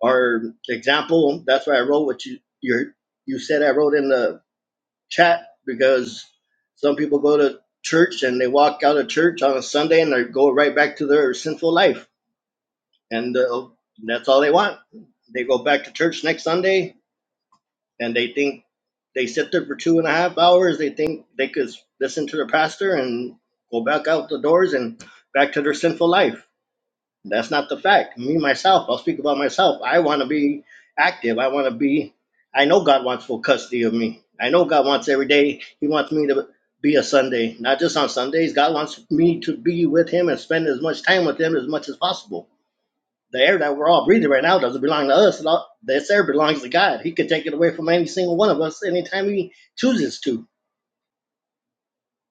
S6: Or example, that's why I wrote what you you you said I wrote in the chat because some people go to church and they walk out of church on a Sunday and they go right back to their sinful life and uh, that's all they want. They go back to church next Sunday and they think they sit there for two and a half hours. They think they could listen to their pastor and go back out the doors and back to their sinful life. That's not the fact. Me myself, I'll speak about myself. I want to be active. I want to be. I know God wants full custody of me. I know God wants every day. He wants me to be a Sunday, not just on Sundays. God wants me to be with Him and spend as much time with Him as much as possible the air that we're all breathing right now doesn't belong to us. It This air belongs to God. He can take it away from any single one of us anytime He chooses to.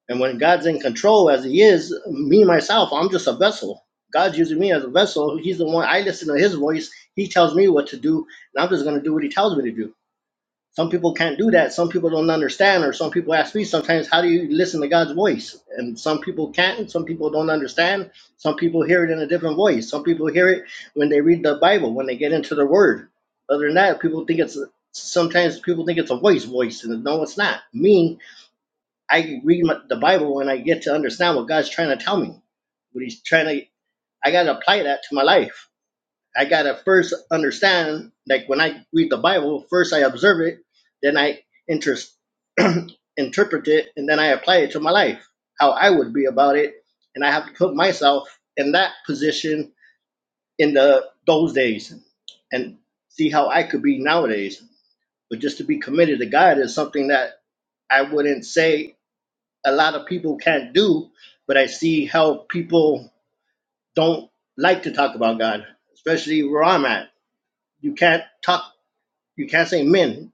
S6: And when God's in control, as He is, me myself, I'm just a vessel. God's using me as a vessel. He's the one. I listen to His voice. He tells me what to do, and I'm just going to do what He tells me to do. Some people can't do that. Some people don't understand, or some people ask me sometimes, how do you listen to God's voice? And some people can't, and some people don't understand. Some people hear it in a different voice. Some people hear it when they read the Bible, when they get into the Word. Other than that, people think it's sometimes people think it's a voice voice, and no, it's not. Me, I read my, the Bible when I get to understand what God's trying to tell me, what He's trying to. I got to apply that to my life I gotta first understand, like when I read the Bible, first I observe it, then I interest <clears throat> interpret it, and then I apply it to my life, how I would be about it, and I have to put myself in that position in the those days, and see how I could be nowadays. But just to be committed to God is something that I wouldn't say a lot of people can't do, but I see how people don't like to talk about God, especially where I'm at. You can't talk You can't say men.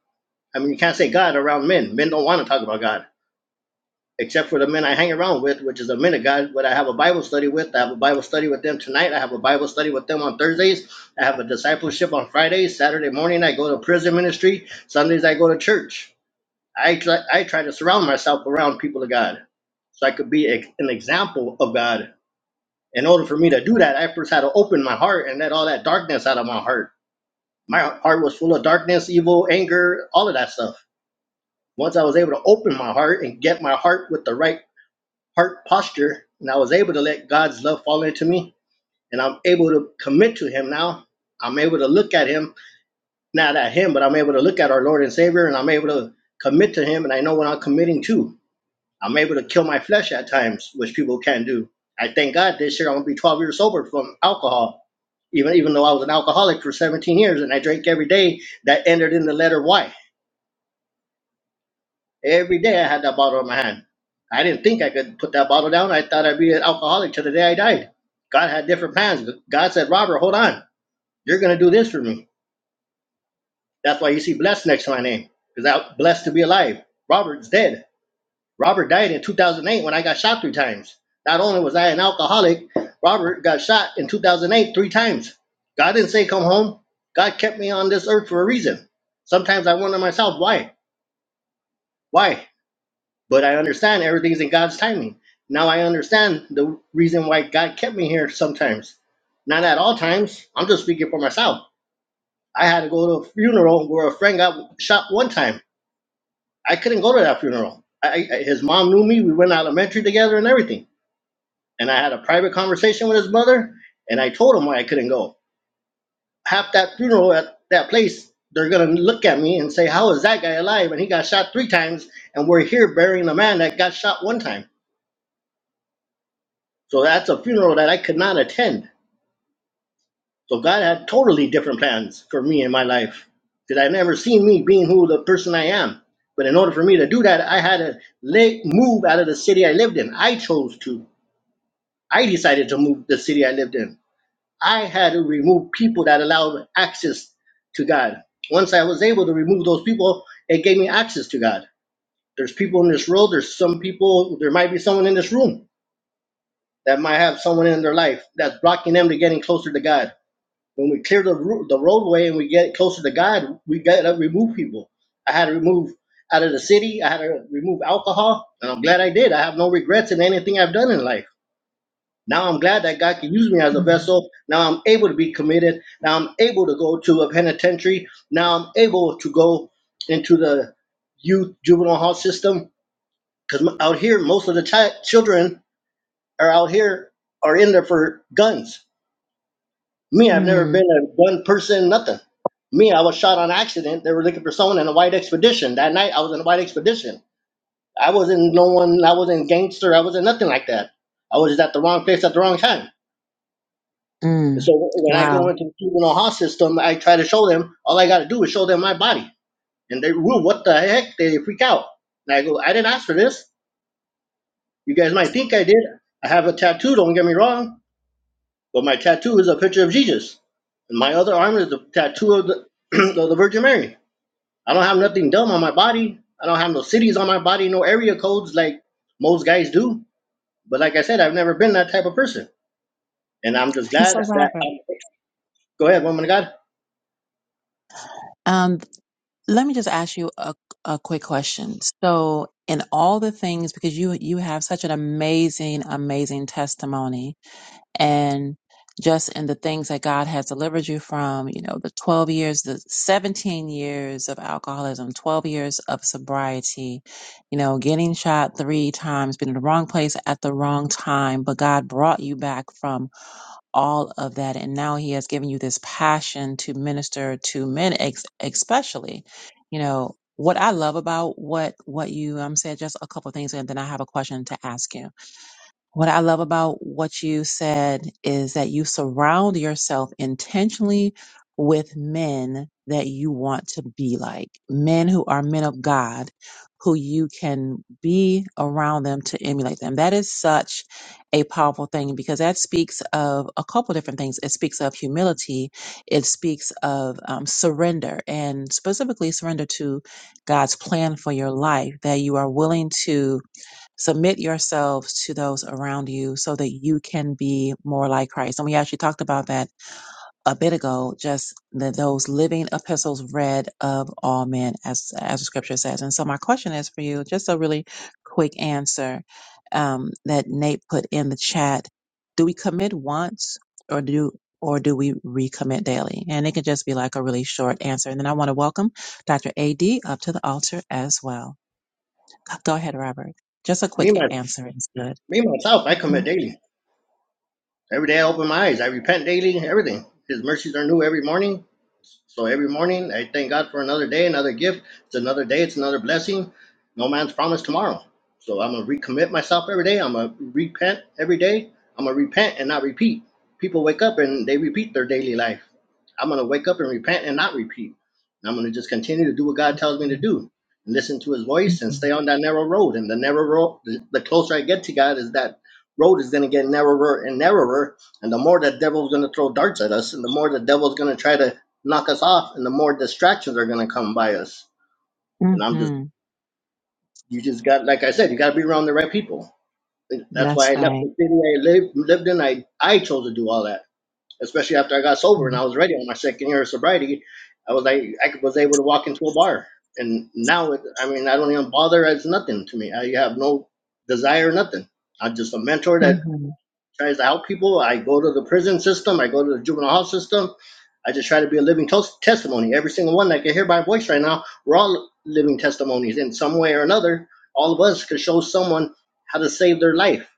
S6: I mean, you can't say God around men. Men don't want to talk about God, except for the men I hang around with, which is the men of God. What I have a Bible study with, I have a Bible study with them tonight. I have a Bible study with them on Thursdays. I have a discipleship on Fridays. Saturday morning, I go to prison ministry. Sundays, I go to church. I try, I try to surround myself around people of God, so I could be ex- an example of God. In order for me to do that, I first had to open my heart and let all that darkness out of my heart. My heart was full of darkness, evil, anger, all of that stuff Once I was able to open my heart and get my heart with the right heart posture, and I was able to let God's love fall into me, and I'm able to commit to Him now. I'm able to look at Him, not at Him, but I'm able to look at our Lord and Savior, and I'm able to commit to Him, and I know what I'm committing to. I'm able to kill my flesh at times, which people can't do. I thank God this year I'm gonna be 12 years sober from alcohol, even even though I was an alcoholic for 17 years and I drank every day. That ended in the letter Y. Every day I had that bottle in my hand. I didn't think I could put that bottle down. I thought I'd be an alcoholic till the day I died. God had different plans, but God said, Robert, hold on. You're going to do this for me. That's why you see blessed next to my name, because I'm blessed to be alive. Robert's dead. Robert died in 2008 when I got shot three times. Not only was I an alcoholic, Robert got shot in 2008 three times. God didn't say come home. God kept me on this earth for a reason. Sometimes I wonder myself, why? Why? but I understand everything's in God's timing. Now I understand the reason why God kept me here sometimes. Not at all times. I'm just speaking for myself. I had to go to a funeral where a friend got shot one time. I couldn't go to that funeral. I, I, his mom knew me. We went to elementary together and everything. And I had a private conversation with his mother, and I told him why I couldn't go. Half that funeral at that place, they're going to look at me and say, How is that guy alive? And he got shot three times, and we're here burying a man that got shot one time So that's a funeral that I could not attend. So God had totally different plans for me in my life. Because I never seen me being who the person I am. But in order for me to do that, I had to le- move out of the city I lived in. I chose to. I decided to move the city I lived in. I had to remove people that allowed access to God. Once I was able to remove those people, it gave me access to God. There's people in this world, there's some people, there might be someone in this room that might have someone in their life that's blocking them to getting closer to God When we clear the ro- the roadway and we get closer to God, we got to remove people. I had to remove out of the city. I had to remove alcohol, and I'm glad I did. I have no regrets in anything I've done in life. Now I'm glad that God can use me as a vessel. Now I'm able to be committed. Now I'm able to go to a penitentiary. Now I'm able to go into the youth juvenile hall system because out here most of the chi- children are out here are in there for guns Me, I've never
S1: Mhm.
S6: been a gun person, nothing. Me, I was shot on accident. They were looking for someone in a white expedition. That night, I was in a white expedition. I wasn't no one, I wasn't gangster, I wasn't nothing like that. I was just at the wrong place at the wrong time. And
S1: Mm,
S6: so when I go
S1: wow.
S6: into the juvenile hall system, I try to show them, all I got to do is show them my body. And they, whoa, what the heck? They freak out. And I go, I didn't ask for this. You guys might think I did. I have a tattoo, don't get me wrong, but my tattoo is a picture of Jesus. And my other arm is the tattoo of the, <clears throat> of the Virgin Mary. I don't have nothing dumb on my body. I don't have no cities on my body, no area codes like most guys do. But like I said, I've never been that type of person, and I'm just
S1: And
S6: glad
S1: so,
S6: that.
S1: Robert,
S6: I'm, go ahead, woman of God.
S1: um, let me just ask you a, a quick question. So, in all the things, because you you have such an amazing, amazing testimony, and just in the things that God has delivered you from, you know, the 12 years, the 17 years of alcoholism, 12 years of sobriety, you know, getting shot three times, being in the wrong place at the wrong time, but God brought you back from all of that. And now he has given you this passion to minister to men, ex- especially, you know, what I love about what, what you um, said, just a couple of things. And then I have a question to ask you what I love about what you said is that you surround yourself intentionally with men that you want to be like, men who are men of God, who you can be around them to emulate them. That is such a powerful thing because that speaks of a couple different things. It speaks of humility, it speaks of um, surrender, and specifically surrender to God's plan for your life, that you are willing to submit yourselves to those around you so that you can be more like Christ. And we actually talked about that a bit ago, just that those living epistles read of all men, as as the scripture says. And so my question is for you, just a really quick answer um, that Nate put in the chat. Do we commit once or do or do we recommit daily? And it can just be like a really short answer. And then I want to welcome Dr. AD up to the altar as well. Go ahead, Robert. Just a
S6: Me
S1: quick
S6: my
S1: answer is good.
S6: me myself, I
S1: Mm-hmm.
S6: commit daily. Every day I open my eyes. I repent daily, everything. His mercies are new every morning. So every morning I thank God for another day, another gift. It's another day, it's another blessing. No man's promised tomorrow. So I'm going to recommit myself every day. I'm going to repent every day. I'm going to repent and not repeat. People wake up and they repeat their daily life. I'm going to wake up and repent and not repeat. And I'm going to just continue to do what God tells me to do. Listen to his voice and
S1: Mm-hmm.
S6: stay on that narrow road. And the narrow road, the the closer I get to God, is that road is going to get narrower and narrower. And the more the devil's going to throw darts at us, and the more the devil's going to try to knock us off, and the more distractions are going to come by us. And I'm just,
S1: hmm
S6: you just got, like I said, you got to be around the right people. And that's why
S1: That's
S6: I left
S1: right.
S6: the city I lived, lived in. I, I chose to do all that, especially after I got sober and
S1: Mm-hmm.
S6: I was ready on my second year of sobriety. I was like, I was able to walk into a bar. And now, it, I mean, I don't even bother. It's nothing to me. I have no desire, nothing. I'm just a mentor that tries to help people. I go to the prison system. I go to the juvenile hall system. I just try to be a living tos- testimony. Every single one that can hear my voice right now, we're all living testimonies in some way or another. All of us could show someone how to save their life.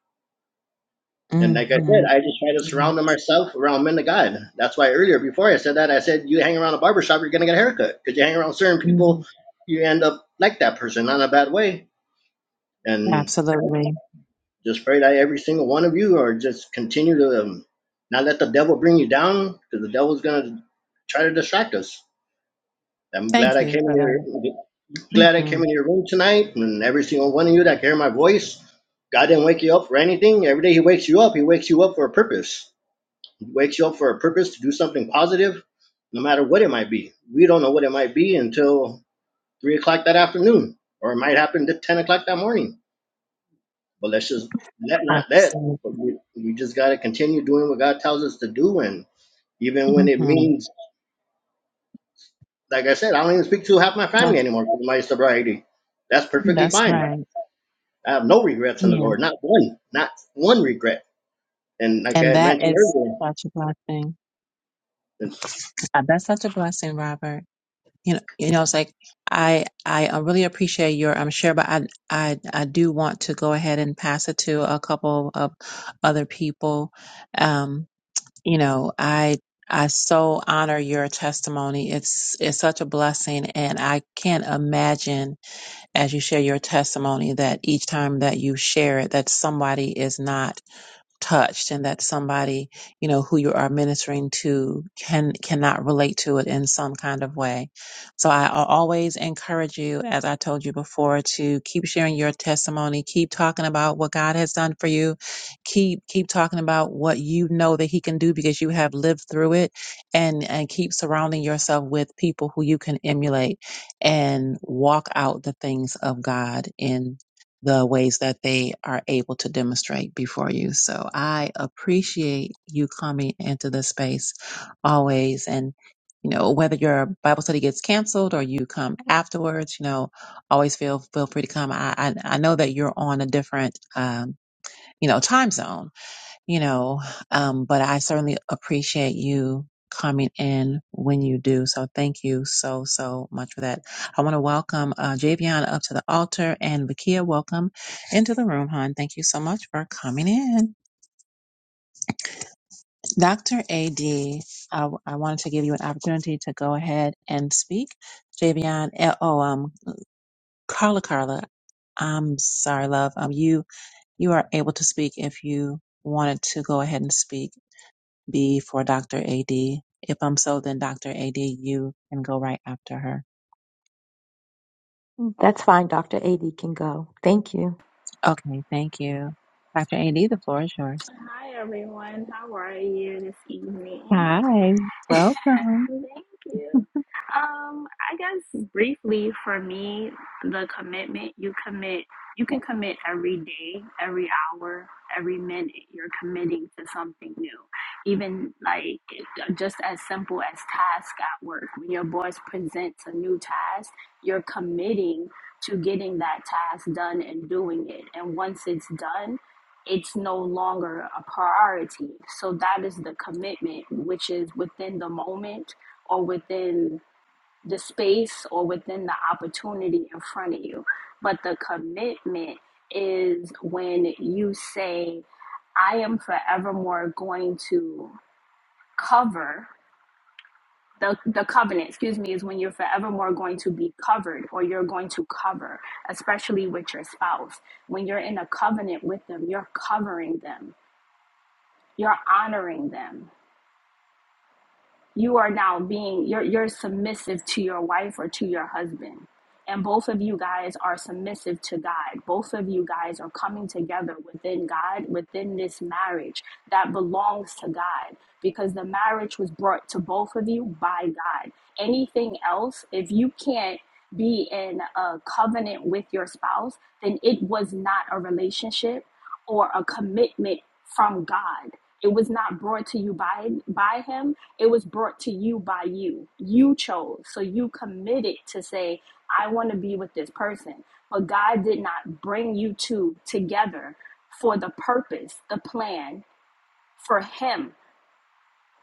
S6: And like I said,
S1: Mm-hmm.
S6: I just try to surround myself around men of God. That's why earlier, before I said that, I said, you hang around a barber shop, you're going to get a haircut. Because you hang around certain
S1: hmm
S6: people, you end up like that person, not in a bad way. And
S1: Absolutely.
S6: Just pray that every single one of you are just continue to um, not let the devil bring you down because the devil's going to try to distract us. I'm glad
S1: Thank
S6: I
S1: you
S6: came in
S1: for that.
S6: your glad I
S1: Mm-hmm.
S6: came in your room tonight, and every single one of you that hear my voice, God didn't wake you up for anything. Every day He wakes you up, He wakes you up for a purpose. He wakes you up for a purpose to do something positive, no matter what it might be. We don't know what it might be until three o'clock that afternoon, or it might happen to ten o'clock that morning But let's just that not that.
S1: Absolutely.
S6: But we, we just got to continue doing what God tells us to do, and even when it
S1: Mm-hmm.
S6: means, like I said, I don't even speak to half my family
S1: That's,
S6: anymore because of my sobriety. That's perfectly
S1: that's
S6: fine.
S1: right.
S6: I have no regrets in the
S1: Yeah.
S6: Lord, not one, not one regret. And like I
S1: And
S6: had
S1: that
S6: mentioned
S1: is
S6: earlier,
S1: such a blessing. Uh, That's such a blessing, Robert. you know, you know, it's like I I uh, really appreciate your um share, but I I I do want to go ahead and pass it to a couple of other people. Um, you know, I I so honor your testimony. It's it's such a blessing, and I can't imagine as you share your testimony that each time that you share it, that somebody is not touched and that somebody you know who you are ministering to can cannot relate to it in some kind of way so i al- always encourage you as i told you before to keep sharing your testimony keep talking about what god has done for you keep keep talking about what you know that he can do because you have lived through it and and keep surrounding yourself with people who you can emulate and walk out the things of god in the ways that they are able to demonstrate before you. So I appreciate you coming into this space always. And, you know, whether your Bible study gets canceled or you come afterwards, you know, always feel, feel free to come. I, I, I know that you're on a different, um, you know, time zone you know, um, but I certainly appreciate you coming in when you do. So thank you so, so much for that. I want to welcome uh, Javion up to the altar and Vakia, welcome into the room, hon. Thank you so much for coming in. Dr. AD, I, I wanted to give you an opportunity to go ahead and speak. Javion, eh, oh, um, Carla, Carla, I'm sorry, love. Um, you, you are able to speak if you wanted to go ahead and speak B for Dr. AD. If I'm so, then Dr. AD, you can go right after her.
S7: That's fine. Dr. AD can go. Thank you.
S1: Okay, thank you. Dr. AD, the floor is yours.
S8: Hi everyone, how are you this evening?
S1: Hi, welcome.
S8: Thank you. Um, I guess briefly for me, the commitment you commit, you can commit every day, every hour, every minute. You're committing to something new. Even like just as simple as task at work. When your boss presents a new task, you're committing to getting that task done and doing it. And once it's done, it's no longer a priority. So that is the commitment, which is within the moment or within the space or within the opportunity in front of you. But the commitment is when you say, I am forevermore going to cover. The, the covenant, excuse me, is when you're forevermore going to be covered or you're going to cover, especially with your spouse. When you're in a covenant with them, you're covering them, you're honoring them you are now being you're you're submissive to your wife or to your husband and both of you guys are submissive to God. Both of you guys are coming together within God, within this marriage that belongs to God because the marriage was brought to both of you by God. Anything else, if you can't be in a covenant with your spouse, then it was not a relationship or a commitment from God. It was not brought to you by by him. It was brought to you by you. You chose. So you committed to say, I want to be with this person. But God did not bring you two together for the purpose, the plan for him.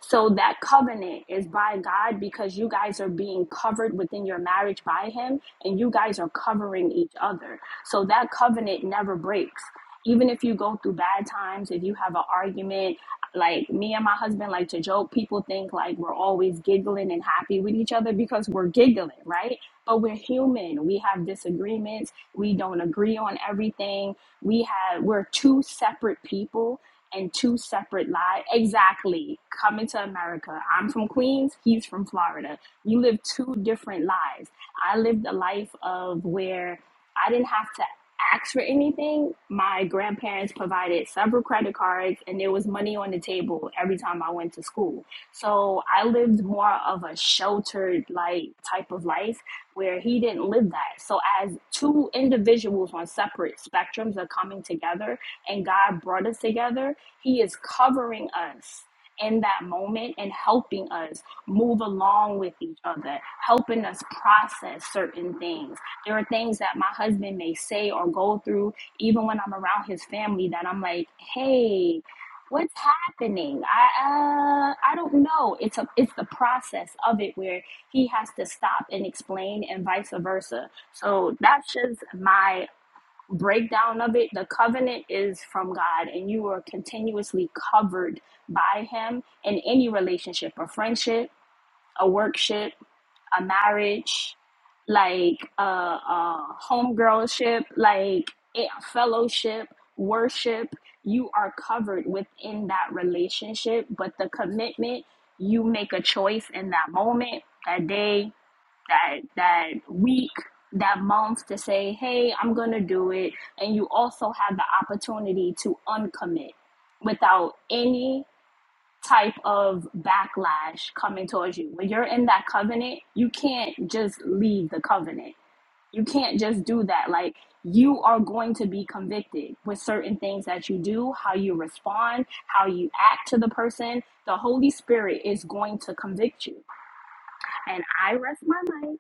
S8: So that covenant is by God because you guys are being covered within your marriage by Him and you guys are covering each other. So that covenant never breaks. Even if you go through bad times, if you have an argument, like me and my husband like to joke, people think like we're always giggling and happy with each other because we're giggling, right? But we're human. We have disagreements. We don't agree on everything. We have we're two separate people and two separate lives. Exactly. Coming to America. I'm from Queens. He's from Florida. You live two different lives. I lived a life of where I didn't have to ask for anything. My grandparents provided several credit cards, and there was money on the table every time I went to school. So I lived more of a sheltered like type of life where he didn't live that. So as two individuals on separate spectrums are coming together and God brought us together, he is covering us in that moment and helping us move along with each other, helping us process certain things. There are things that my husband may say or go through, even when I'm around his family, that I'm like, hey, what's happening? I uh, I don't know. It's a it's the process of it where he has to stop and explain, and vice versa. So that's just my breakdown of it, the covenant is from God, and you are continuously covered by Him in any relationship a friendship, a workship, a marriage, like a, a homegirlship, like a fellowship, worship. You are covered within that relationship, but the commitment, you make a choice in that moment, that day, that that week that month to say hey i'm gonna do it and you also have the opportunity to uncommit without any type of backlash coming towards you when you're in that covenant you can't just leave the covenant you can't just do that like you are going to be convicted with certain things that you do how you respond how you act to the person the holy spirit is going to convict you and i rest my mind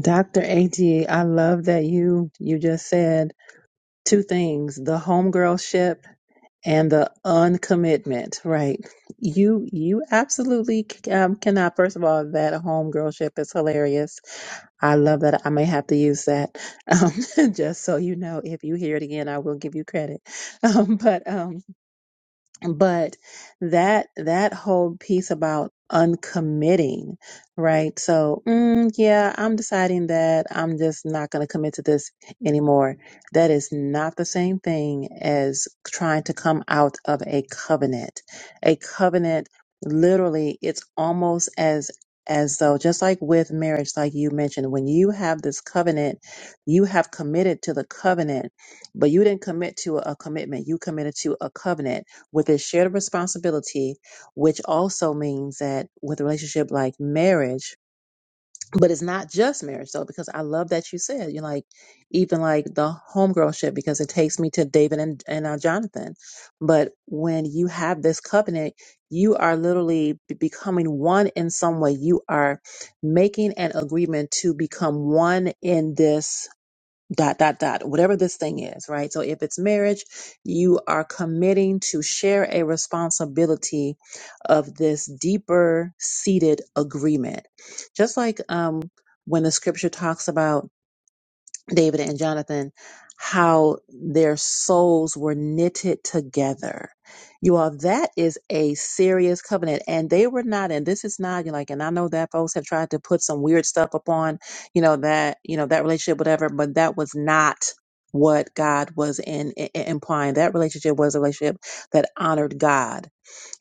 S1: Dr. AG, I love that you you just said two things, the homegirlship and the uncommitment right you you absolutely c- um, cannot first of all that homegirlship is hilarious i love that i may have to use that <laughs> um, just so you know if you hear it again i will give you credit <laughs> um, but um, but that that whole piece about uncommitting right so mm, yeah i'm deciding that i'm just not going to commit to this anymore that is not the same thing as trying to come out of a covenant a covenant literally it's almost as as though just like with marriage like you mentioned when you have this covenant you have committed to the covenant but you didn't commit to a commitment you committed to a covenant with this shared responsibility, which also means that with a relationship like marriage, but it's not just marriage though, because I love that you said you're like even like the homegirl ship because it takes me to David and, and uh, Jonathan. But when you have this covenant, you are literally be- becoming one in some way. You are making an agreement to become one in this dot dot dot whatever this thing is right so if it's marriage you are committing to share a responsibility of this deeper seated agreement just like um when the scripture talks about David and Jonathan, how their souls were knitted together. You all, that is a serious covenant. And they were not, and this is not like, and I know that folks have tried to put some weird stuff upon, you know, that, you know, that relationship, whatever, but that was not what God was in, i- i- implying. That relationship was a relationship that honored God.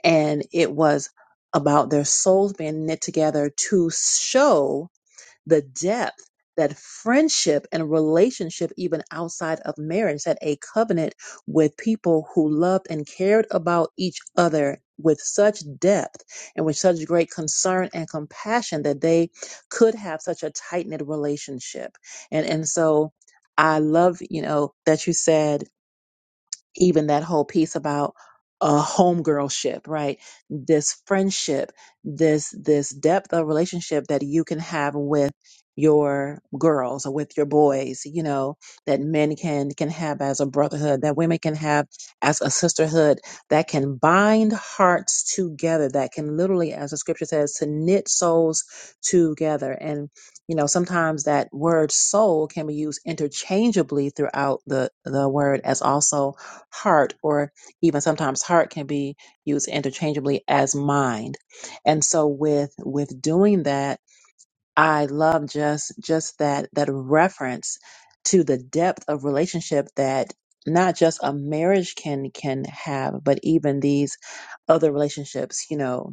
S1: And it was about their souls being knit together to show the depth that friendship and relationship, even outside of marriage, that a covenant with people who loved and cared about each other with such depth and with such great concern and compassion that they could have such a tight knit relationship. And and so I love, you know, that you said even that whole piece about a homegirlship, right? This friendship, this this depth of relationship that you can have with your girls or with your boys, you know, that men can can have as a brotherhood, that women can have as a sisterhood, that can bind hearts together, that can literally, as the scripture says, to knit souls together. You know, sometimes that word soul can be used interchangeably throughout the, the word as also heart, or even sometimes heart can be used interchangeably as mind. And so with with doing that, I love just just that that reference to the depth of relationship that not just a marriage can can have, but even these other relationships, you know,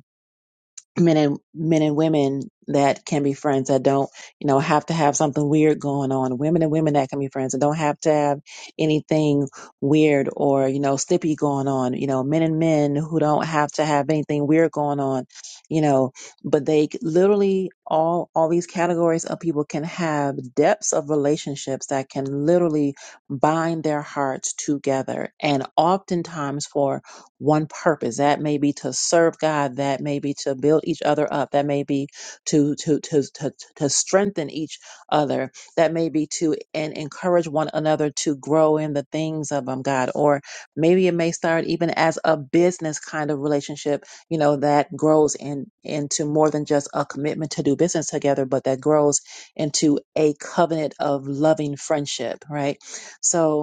S1: men and men and women that can be friends that don't you know have to have something weird going on women and women that can be friends and don't have to have anything weird or you know slippy going on you know men and men who don't have to have anything weird going on you know but they c- literally all all these categories of people can have depths of relationships that can literally bind their hearts together and oftentimes for one purpose. That may be to serve God. That may be to build each other up. That may be to to to to, to strengthen each other. That may be to and encourage one another to grow in the things of um, God. Or maybe it may start even as a business kind of relationship. You know that grows in into more than just a commitment to do business together, but that grows into a covenant of loving friendship. Right. So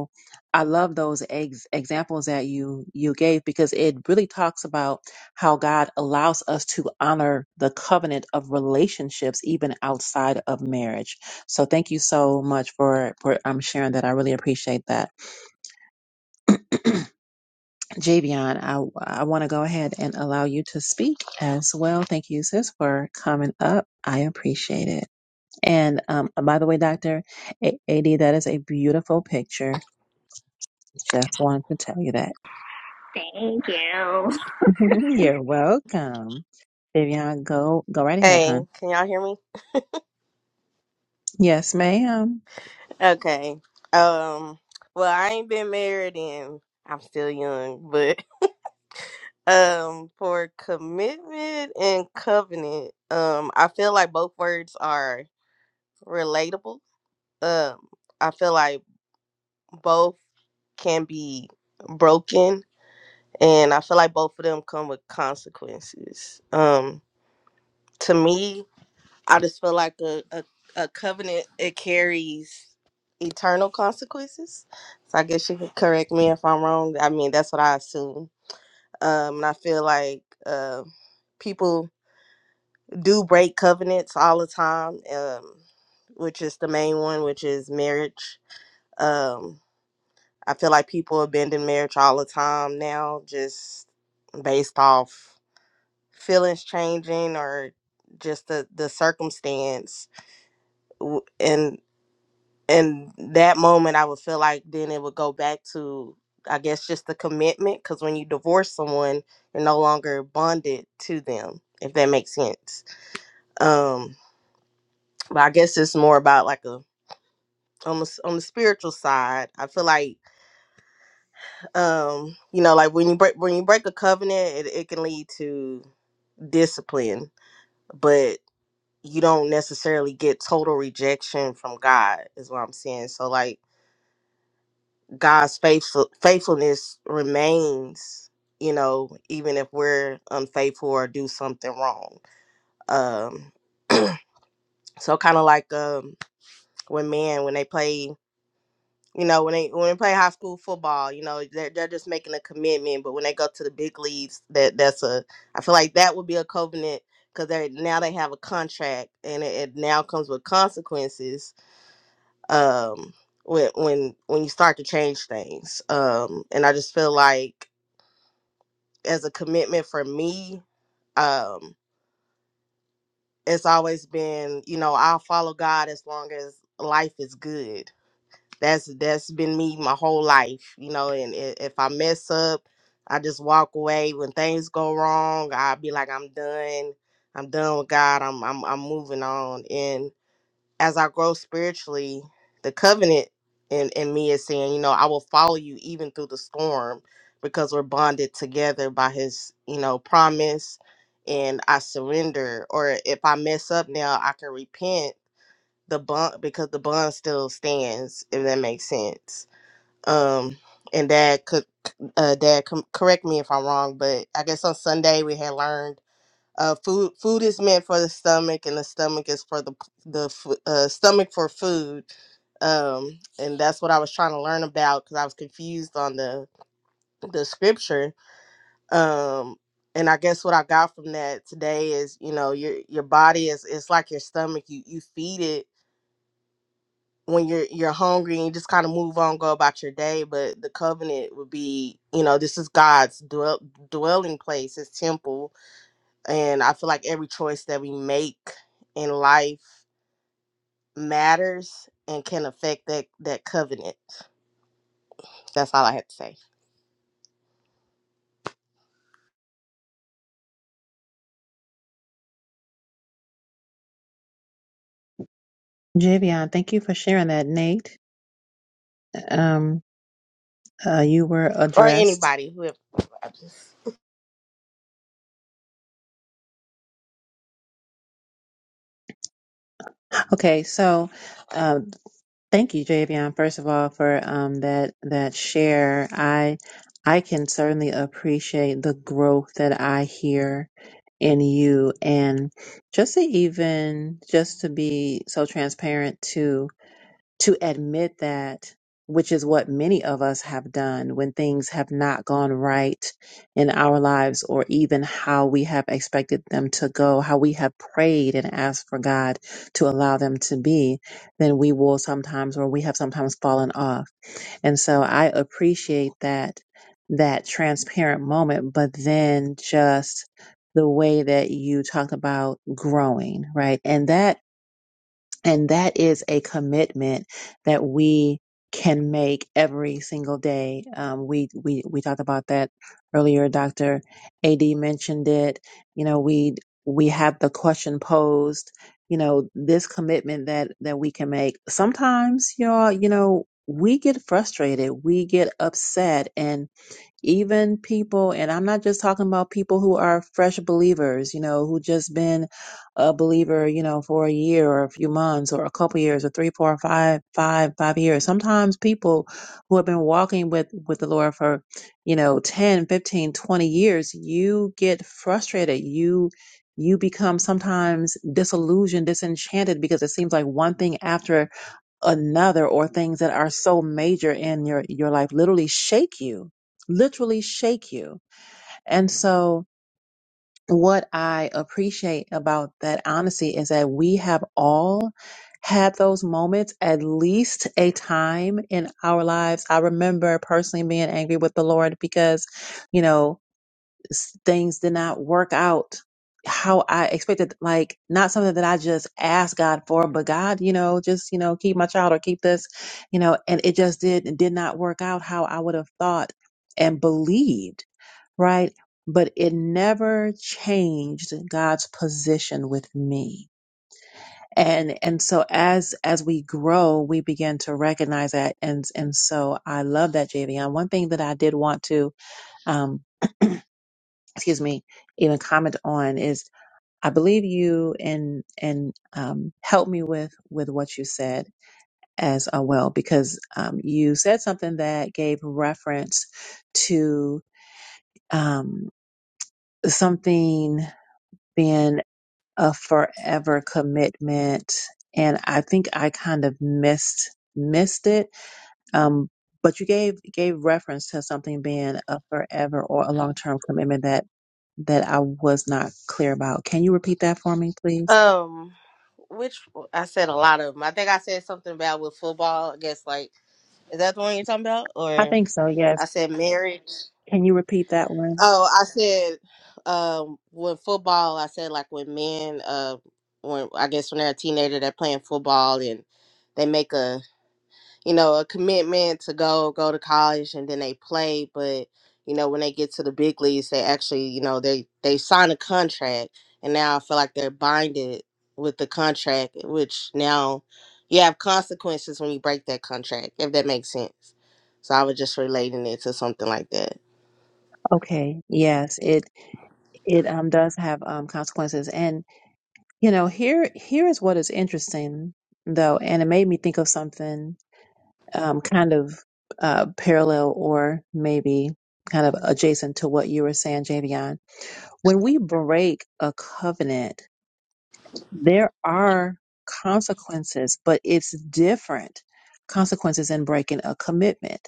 S1: I love those ex- examples that you you gave because it really talks about how God allows us to honor the covenant of relationships even outside of marriage. So thank you so much for for um, sharing that. I really appreciate that, Javion. I I want to go ahead and allow you to speak as well. Thank you, sis, for coming up. I appreciate it. And um, by the way, Doctor A- Ad, that is a beautiful picture. Just wanted to tell you that.
S8: Thank you.
S1: <laughs> You're welcome. Vivian, go go right ahead,
S9: Hey,
S1: hon.
S9: can y'all hear me?
S1: Yes, ma'am.
S9: Okay. Um well, I ain't been married and I'm still young, but <laughs> um for commitment and covenant, um I feel like both words are relatable. Um I feel like both can be broken and I feel like both of them come with consequences. Um to me, I just feel like a, a, a covenant it carries eternal consequences. So I guess you could correct me if I'm wrong. I mean that's what I assume. Um and I feel like uh, people do break covenants all the time, um, which is the main one, which is marriage. Um I feel like people abandon marriage all the time now, just based off feelings changing or just the, the circumstance w- and and that moment i would feel like then it would go back to i guess just the commitment because when you divorce someone you're no longer bonded to them if that makes sense um but i guess it's more about like a on the, s- on the spiritual side i feel like um you know like when you break when you break a covenant it, it can lead to discipline but you don't necessarily get total rejection from god is what i'm saying so like God's faithful faithfulness remains, you know, even if we're unfaithful or do something wrong. Um <clears throat> so kind of like um when men when they play you know when they when they play high school football you know they're, they're just making a commitment but when they go to the big leagues that that's a i feel like that would be a covenant because they now they have a contract and it, it now comes with consequences um when when when you start to change things um and i just feel like as a commitment for me um it's always been you know i'll follow god as long as life is good that's that's been me my whole life you know and i- if i mess up i just walk away when things go wrong i'll be like i'm done i'm done with god i'm i'm, I'm moving on and as I grow spiritually, the covenant in, in me is saying, you know, I will follow you even through the storm because we're bonded together by his, you know, promise and I surrender. Or if I mess up now, I can repent the bond because the bond still stands, if that makes sense. Um and dad could uh dad com- correct me if I'm wrong, but I guess on Sunday we had learned uh, food food is meant for the stomach, and the stomach is for the the fu- uh, stomach for food. Um, and that's what I was trying to learn about because I was confused on the the scripture. Um, and I guess what I got from that today is, you know, your your body is it's like your stomach. You you feed it when you're you're hungry and you just kind of move on, go about your day. But the covenant would be, you know, this is God's dwell, dwelling place, His temple And I feel like every choice that we make in life matters and can affect that that covenant. That's all I have to say.
S1: Vivian, thank you for sharing that, Nate. Um, uh, you were
S9: Or
S1: addressed.
S9: anybody who I just
S1: Okay, so uh, thank you, Javion, first of all, for um, that that share. I I can certainly appreciate the growth that I hear in you, and just to even just to be so transparent too. to admit that, which is what many of us have done when things have not gone right in our lives or even how we have expected them to go, how we have prayed and asked for God to allow them to be, then we will sometimes or we have sometimes fallen off. And so I appreciate that that transparent moment, but then just the way that you talked about growing, right? And that and that is a commitment that we can make every single day. Um, we, we, we talked about that earlier. Dr. AD mentioned it. You know, we, we have the question posed, you know, this commitment that, that we can make. Sometimes y'all, you know, we get frustrated. We get upset and even people and i'm not just talking about people who are fresh believers you know who just been a believer you know for a year or a few months or a couple years or three four five five five years sometimes people who have been walking with with the lord for you know 10, 15, 20 years you get frustrated you you become sometimes disillusioned disenchanted because it seems like one thing after another or things that are so major in your your life literally shake you literally shake you and so what i appreciate about that honesty is that we have all had those moments at least a time in our lives i remember personally being angry with the lord because you know s- things did not work out how I expected, like not something that I just asked God for, but God, you know, just, you know, keep my child or keep this, you know, and it just did it did not work out how I would have thought and believed, right? But it never changed God's position with me. And and so as as we grow, we begin to recognize that. And and so I love that, JV. one thing that I did want to um excuse me, even comment on is I believe you and and um, help me with with what you said as uh, well because um, you said something that gave reference to um, something being a forever commitment, and I think I kind of missed missed it Um, but you gave gave reference to something being a forever or a long term commitment that that I was not clear about. Can you repeat that for me, please?
S9: um which I said a lot of them. I think I said something about with football. I guess like is that the one you're talking about?
S1: I
S9: Or
S1: think so. Yes.
S9: I said marriage.
S1: Can you repeat that one?
S9: Oh, I said um when football, I said like when men uh when I guess when they're a teenager they're playing football and they make a you know, a commitment to go go to college and then they play, but you know, when they get to the big leagues, they actually, you know, they they sign a contract and now I feel like they're binded with the contract, which now you have consequences when you break that contract, if that makes sense. So I was just relating it to something like that.
S1: Okay. Yes. It it um does have um consequences, and you know here here is what is interesting though, and it made me think of something um kind of uh parallel or maybe kind of adjacent to what you were saying, Javion. When we break a covenant. there are consequences, but it's different consequences in breaking a commitment.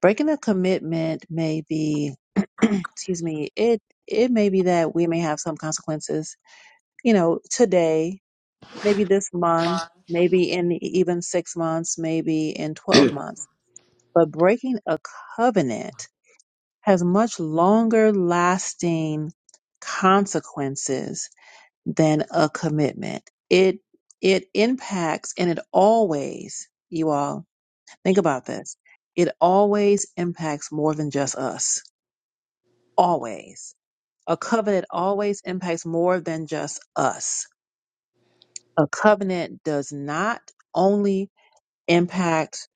S1: Breaking a commitment may be, <clears throat> excuse me, it it may be that we may have some consequences, you know, today, maybe this month, maybe in even six months, maybe in twelve months. But breaking a covenant has much longer lasting consequences than a commitment. It it impacts and it always, you all, think about this. It always impacts more than just us. Always. A covenant always impacts more than just us. A covenant does not only impact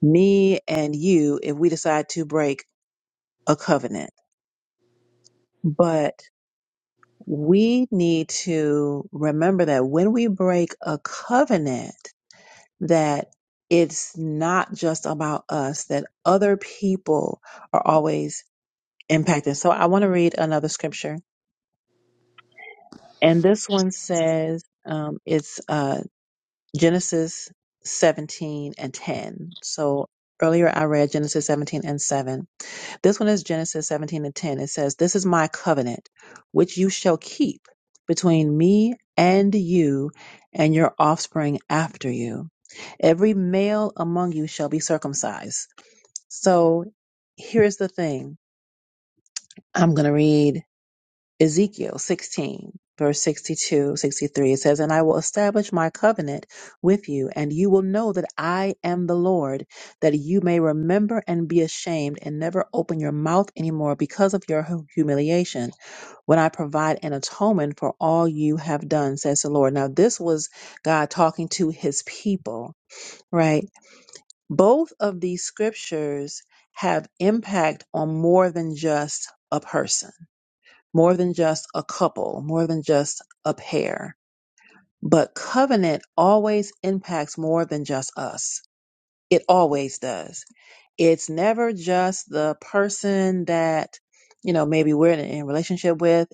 S1: me and you if we decide to break a covenant, but we need to remember that when we break a covenant, that it's not just about us, that other people are always impacted. So I want to read another scripture. And this one says um, it's uh, Genesis 17 and 10. So earlier I read Genesis 17 and 7 This one is Genesis 17 and 10. It says, This is my covenant, which you shall keep between me and you and your offspring after you. Every male among you shall be circumcised. So here's the thing. I'm going to read Ezekiel 16, verse 62 63 it says, And I will establish my covenant with you, and you will know that I am the Lord, that you may remember and be ashamed and never open your mouth anymore because of your hu- humiliation, when I provide an atonement for all you have done, says the Lord. Now, this was God talking to his people, right? Both of these scriptures have impact on more than just a person more than just a couple, more than just a pair. But covenant always impacts more than just us. It always does. It's never just the person that, you know, maybe we're in a relationship with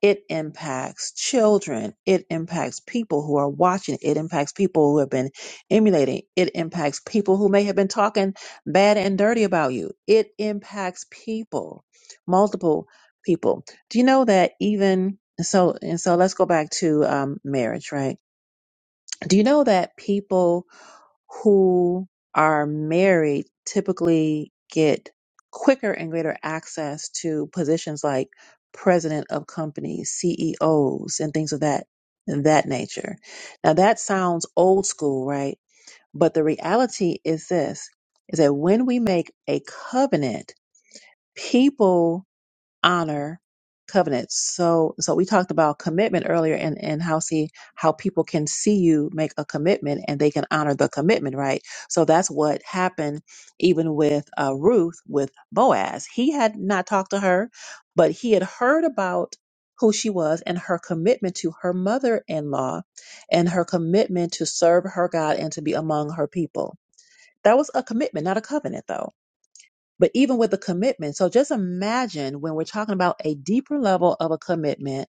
S1: it impacts children. It impacts people who are watching. It impacts people who have been emulating. It impacts people who may have been talking bad and dirty about you. It impacts people, multiple people. Do you know that even so? And so let's go back to um, marriage, right? Do you know that people? who are married typically get quicker and greater access to positions like president of companies, CEOs, and things of that that nature. Now that sounds old school, right? But the reality is this is that when we make a covenant, people honor covenants. So, so we talked about commitment earlier and, and how see how people can see you make a commitment and they can honor the commitment, right? So that's what happened even with uh, Ruth with Boaz. He had not talked to her, but he had heard about who she was and her commitment to her mother-in-law and her commitment to serve her God and to be among her people. That was a commitment, not a covenant though but even with a commitment so just imagine when we're talking about a deeper level of a commitment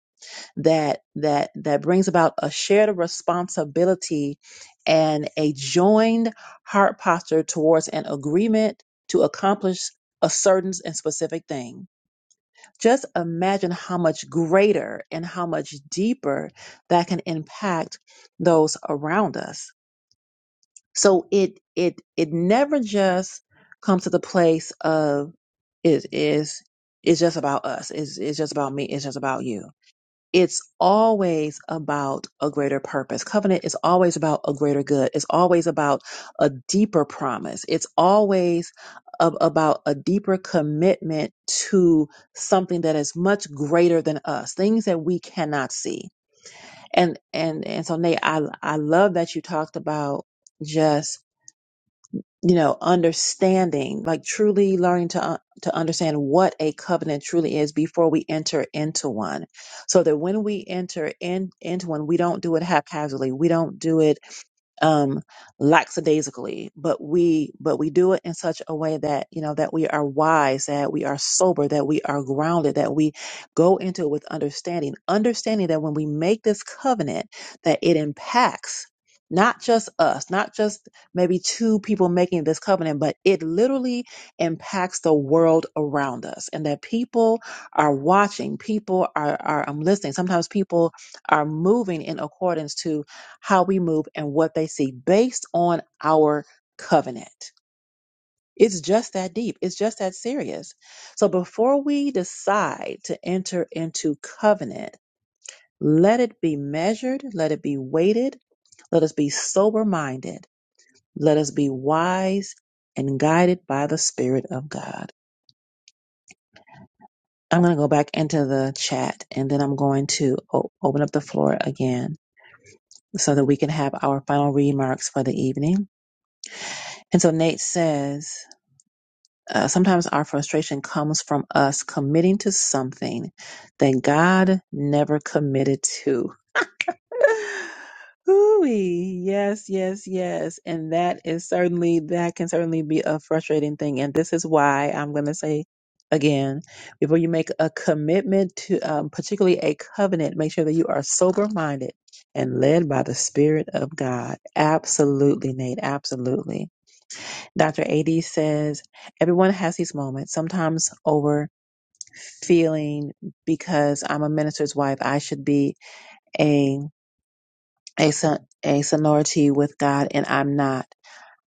S1: that that that brings about a shared responsibility and a joined heart posture towards an agreement to accomplish a certain and specific thing just imagine how much greater and how much deeper that can impact those around us so it it it never just comes to the place of it is it's just about us. It's it's just about me. It's just about you. It's always about a greater purpose. Covenant is always about a greater good. It's always about a deeper promise. It's always a- about a deeper commitment to something that is much greater than us, things that we cannot see. And and and so Nate, I I love that you talked about just you know understanding like truly learning to un- to understand what a covenant truly is before we enter into one so that when we enter in into one we don't do it haphazardly we don't do it um lackadaisically but we but we do it in such a way that you know that we are wise that we are sober that we are grounded that we go into it with understanding understanding that when we make this covenant that it impacts not just us not just maybe two people making this covenant, but it literally impacts the world around us and that people are watching, people are, are um, listening. Sometimes people are moving in accordance to how we move and what they see based on our covenant. It's just that deep. It's just that serious. So before we decide to enter into covenant, let it be measured, let it be weighted, let us be sober minded let us be wise and guided by the Spirit of God. I'm going to go back into the chat and then I'm going to o- open up the floor again so that we can have our final remarks for the evening. And so Nate says, uh, sometimes our frustration comes from us committing to something that God never committed to. <laughs> Ooh, yes, yes, yes. And that is certainly, that can certainly be a frustrating thing. And this is why I'm going to say again, before you make a commitment to, um, particularly a covenant, make sure that you are sober minded and led by the Spirit of God. Absolutely, Nate. Absolutely. Dr. AD says, everyone has these moments, sometimes over feeling because I'm a minister's wife, I should be a a, son- a sonority with God, and I'm not.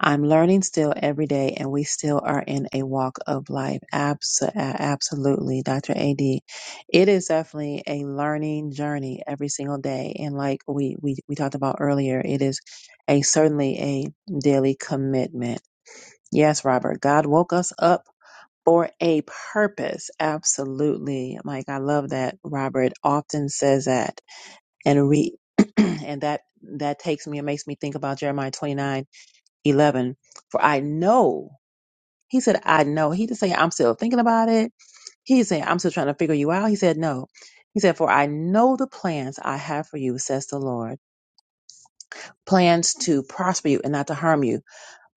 S1: I'm learning still every day, and we still are in a walk of life. Abs- uh, absolutely, Dr. AD. It is definitely a learning journey every single day. And like we, we, we talked about earlier, it is a certainly a daily commitment. Yes, Robert, God woke us up for a purpose. Absolutely. Mike, I love that Robert often says that and read <clears throat> and that that takes me and makes me think about jeremiah 29 11. for i know he said i know he didn't say i'm still thinking about it he said i'm still trying to figure you out he said no he said for i know the plans i have for you says the lord plans to prosper you and not to harm you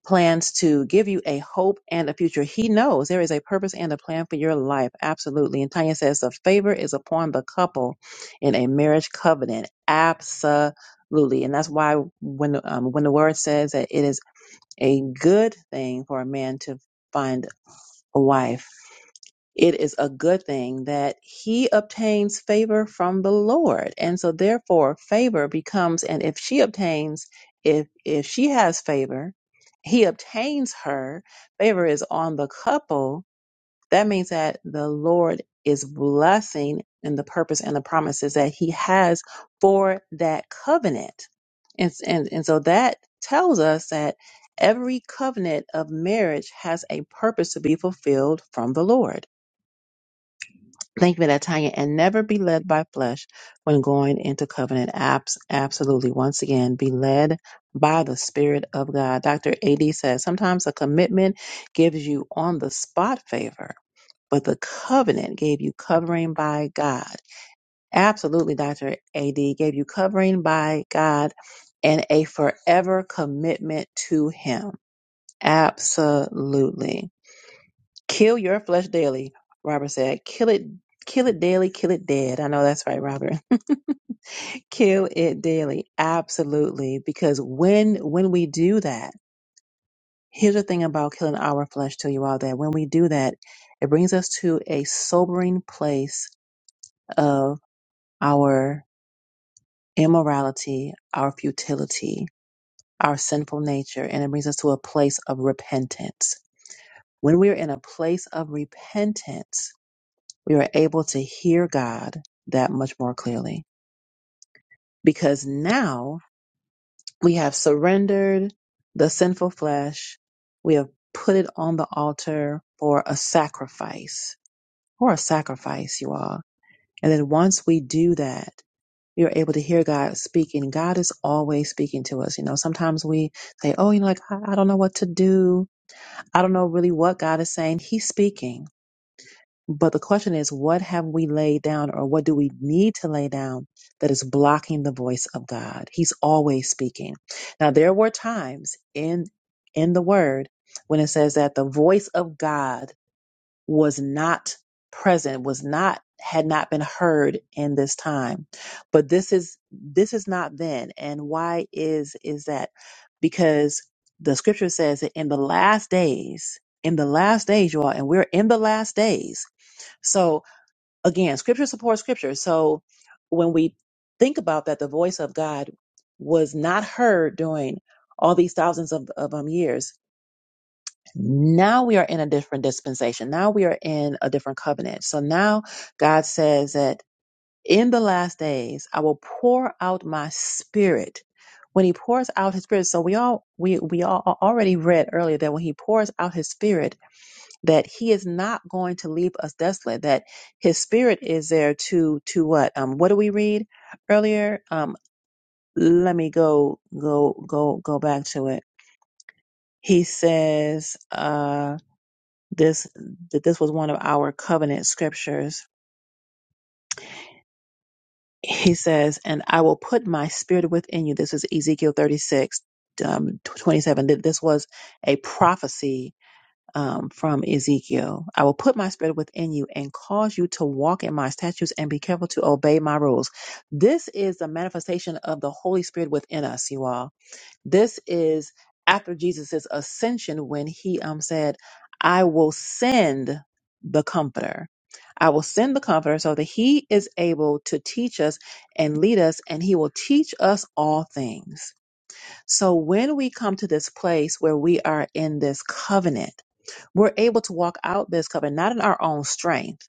S1: plans to give you a hope and a future. He knows there is a purpose and a plan for your life. Absolutely. And Tanya says the favor is upon the couple in a marriage covenant. Absolutely. And that's why when um, when the word says that it is a good thing for a man to find a wife it is a good thing that he obtains favor from the Lord. And so therefore favor becomes and if she obtains if if she has favor, he obtains her, favor is on the couple. That means that the Lord is blessing and the purpose and the promises that he has for that covenant. And, and, and so that tells us that every covenant of marriage has a purpose to be fulfilled from the Lord. Thank be that Tanya and never be led by flesh when going into covenant. Abs- absolutely. Once again, be led by the Spirit of God. Dr. AD says sometimes a commitment gives you on the spot favor, but the covenant gave you covering by God. Absolutely, Dr. AD gave you covering by God and a forever commitment to Him. Absolutely. Kill your flesh daily, Robert said. Kill it kill it daily, kill it dead. I know that's right, Robert. <laughs> kill it daily. Absolutely. Because when when we do that, here's the thing about killing our flesh to you all that when we do that, it brings us to a sobering place of our immorality, our futility, our sinful nature, and it brings us to a place of repentance. When we're in a place of repentance, we were able to hear God that much more clearly because now we have surrendered the sinful flesh. We have put it on the altar for a sacrifice, for a sacrifice, you all. And then once we do that, we are able to hear God speaking. God is always speaking to us. You know, sometimes we say, Oh, you know, like, I, I don't know what to do. I don't know really what God is saying. He's speaking But the question is, what have we laid down or what do we need to lay down that is blocking the voice of God? He's always speaking. Now, there were times in, in the word when it says that the voice of God was not present, was not, had not been heard in this time. But this is, this is not then. And why is, is that? Because the scripture says that in the last days, in the last days, you all, and we're in the last days so again, scripture supports scripture. So when we think about that, the voice of God was not heard during all these thousands of, of um, years. Now we are in a different dispensation. Now we are in a different covenant. So now God says that in the last days, I will pour out my spirit. When he pours out his spirit, so we all we we all already read earlier that when he pours out his spirit, that he is not going to leave us desolate that his spirit is there to to what um what do we read earlier um let me go go go go back to it he says uh this that this was one of our covenant scriptures he says and i will put my spirit within you this is ezekiel 36 um 27 Th- this was a prophecy um, from Ezekiel. I will put my spirit within you and cause you to walk in my statutes and be careful to obey my rules. This is the manifestation of the Holy Spirit within us, you all. This is after Jesus' ascension when he um, said, I will send the comforter. I will send the comforter so that he is able to teach us and lead us, and he will teach us all things. So when we come to this place where we are in this covenant, we're able to walk out this covenant, not in our own strength,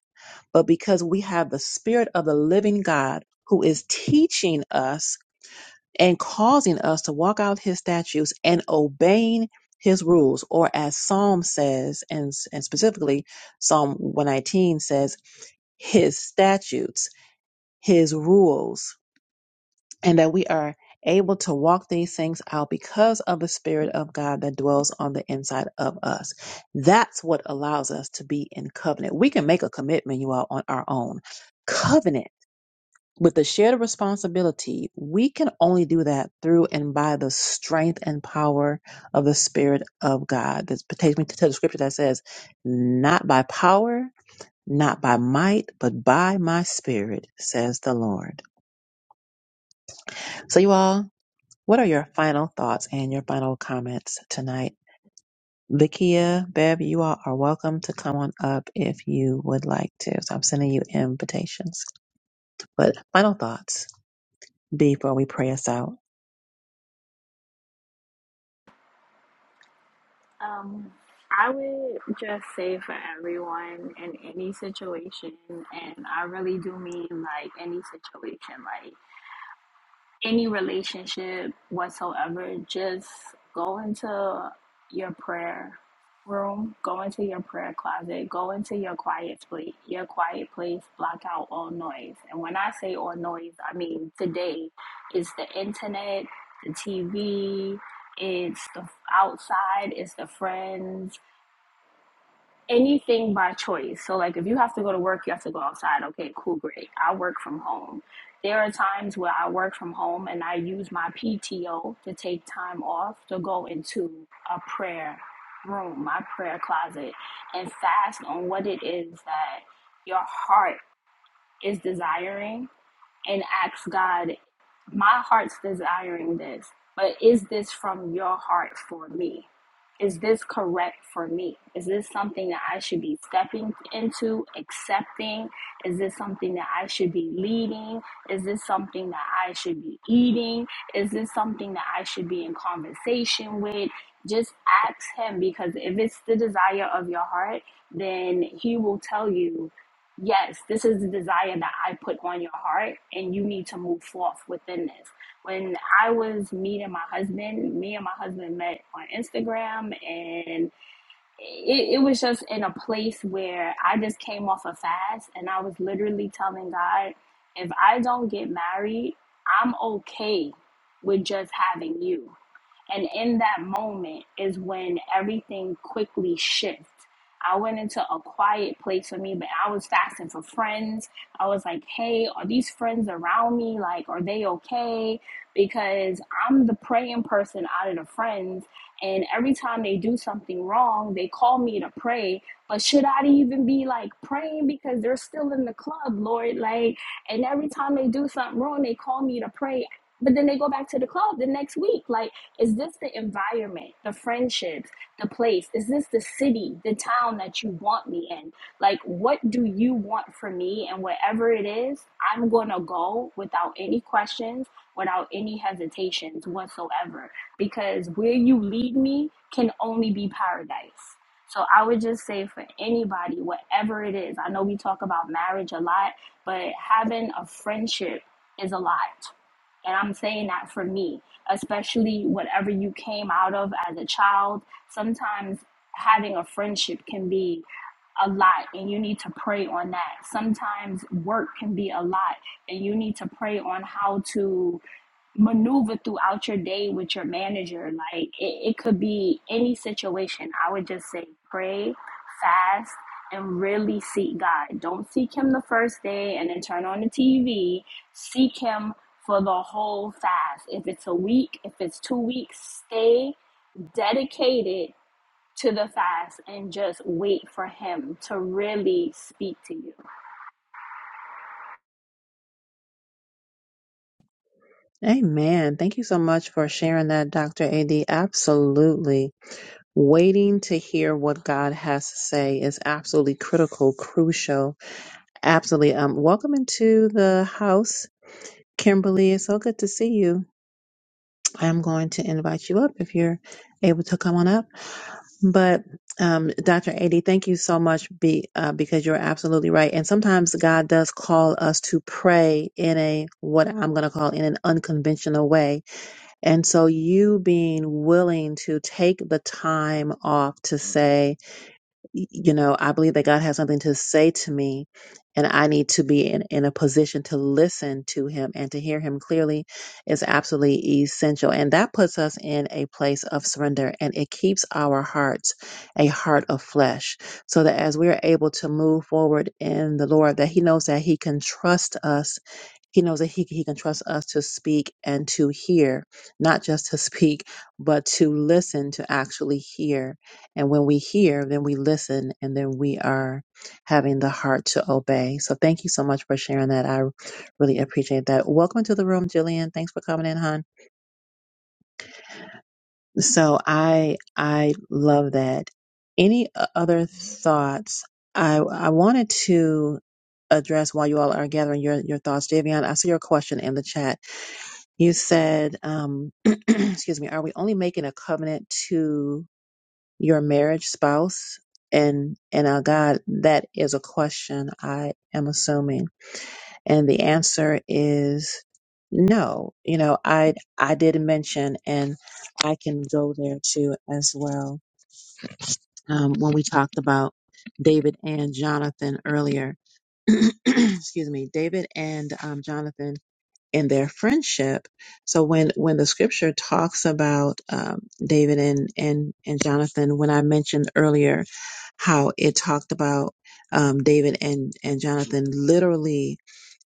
S1: but because we have the Spirit of the living God who is teaching us and causing us to walk out his statutes and obeying his rules. Or as Psalm says, and, and specifically Psalm 119 says, his statutes, his rules and that we are able to walk these things out because of the Spirit of God that dwells on the inside of us. That's what allows us to be in covenant. We can make a commitment, you all, on our own. Covenant with the shared responsibility, we can only do that through and by the strength and power of the Spirit of God. This takes me to the scripture that says, not by power, not by might, but by my spirit, says the Lord. So you all, What are your final thoughts and your final comments tonight? Lakia, Bev, you all are welcome to come on up if you would like to. So I'm sending you invitations. But final thoughts before we pray us out.
S8: Um, I would just say for everyone in any situation, and I really do mean like any situation, like. any relationship whatsoever, just go into your prayer room, go into your prayer closet, go into your quiet place, your quiet place, block out all noise. And when I say all noise, I mean today it's the internet, the TV, it's the outside, it's the friends, anything by choice. So, like, if you have to go to work, you have to go outside. Okay, cool, great. I work from home. There are times where I work from home and I use my PTO to take time off to go into a prayer room, my prayer closet, and fast on what it is that your heart is desiring and ask God, my heart's desiring this, but is this from your heart for me? Is this correct for me? Is this something that I should be stepping into, accepting? Is this something that I should be leading? Is this something that I should be eating? Is this something that I should be in conversation with? Just ask Him because if it's the desire of your heart, then He will tell you yes, this is the desire that I put on your heart, and you need to move forth within this. When I was meeting my husband, me and my husband met on Instagram, and it, it was just in a place where I just came off a fast and I was literally telling God, if I don't get married, I'm okay with just having you. And in that moment is when everything quickly shifts. I went into a quiet place for me, but I was fasting for friends. I was like, hey, are these friends around me? Like, are they okay? Because I'm the praying person out of the friends and every time they do something wrong, they call me to pray. But should I even be like praying because they're still in the club, Lord? Like, and every time they do something wrong, they call me to pray. But then they go back to the club the next week. Like, is this the environment, the friendships, the place? Is this the city, the town that you want me in? Like, what do you want from me? And whatever it is, I'm going to go without any questions, without any hesitations whatsoever because where you lead me can only be paradise. So I would just say for anybody, whatever it is, I know we talk about marriage a lot, but having a friendship is a lot. And I'm saying that for me, especially whatever you came out of as a child, sometimes having a friendship can be a lot and you need to pray on that. Sometimes work can be a lot and you need to pray on how to maneuver throughout your day with your manager. Like it, it could be any situation. I would just say pray, fast, and really seek God. Don't seek Him the first day and then turn on the TV. Seek Him for the whole fast. If it's a week, if it's two weeks, stay dedicated to the fast and just wait for Him to really speak to you.
S1: Amen. Thank you so much for sharing that, Dr. AD. Absolutely. Waiting to hear what God has to say is absolutely critical, crucial. Absolutely. Um, welcome into the house, Kimberly. It's so good to see you. I'm going to invite you up if you're able to come on up. But um, Dr. Adi, thank you so much be, uh, because you're absolutely right. And sometimes God does call us to pray in a what I'm going to call in an unconventional way. And so you being willing to take the time off to say, y- you know, I believe that God has something to say to me, and I need to be in, in a position to listen to Him and to hear Him clearly is absolutely essential. And that puts us in a place of surrender and it keeps our hearts a heart of flesh so that as we're able to move forward in the Lord, that He knows that He can trust us he knows that he, he can trust us to speak and to hear, not just to <laughs> speak, but to listen, to actually hear. And when we hear, then we listen, and then we are having the heart to obey. So thank you so much for sharing that. I really appreciate that. Welcome to the room, Jillian. Thanks for coming in, hon. So I I love that. Any o- other thoughts? I I wanted to address while you all are gathering your your thoughts, Javion. I see your question in the chat you said, um, <clears throat> excuse me, are we only making a covenant to your marriage spouse? And, and uh, God, that is a question I am assuming. And the answer is no. You know, I, I did mention, and I can go there too as well. Um, when we talked about David and Jonathan earlier, <clears throat> excuse me, David and um, Jonathan in their friendship. So when when the scripture talks about um, David and and and Jonathan, when I mentioned earlier how it talked about um, David and and Jonathan, literally,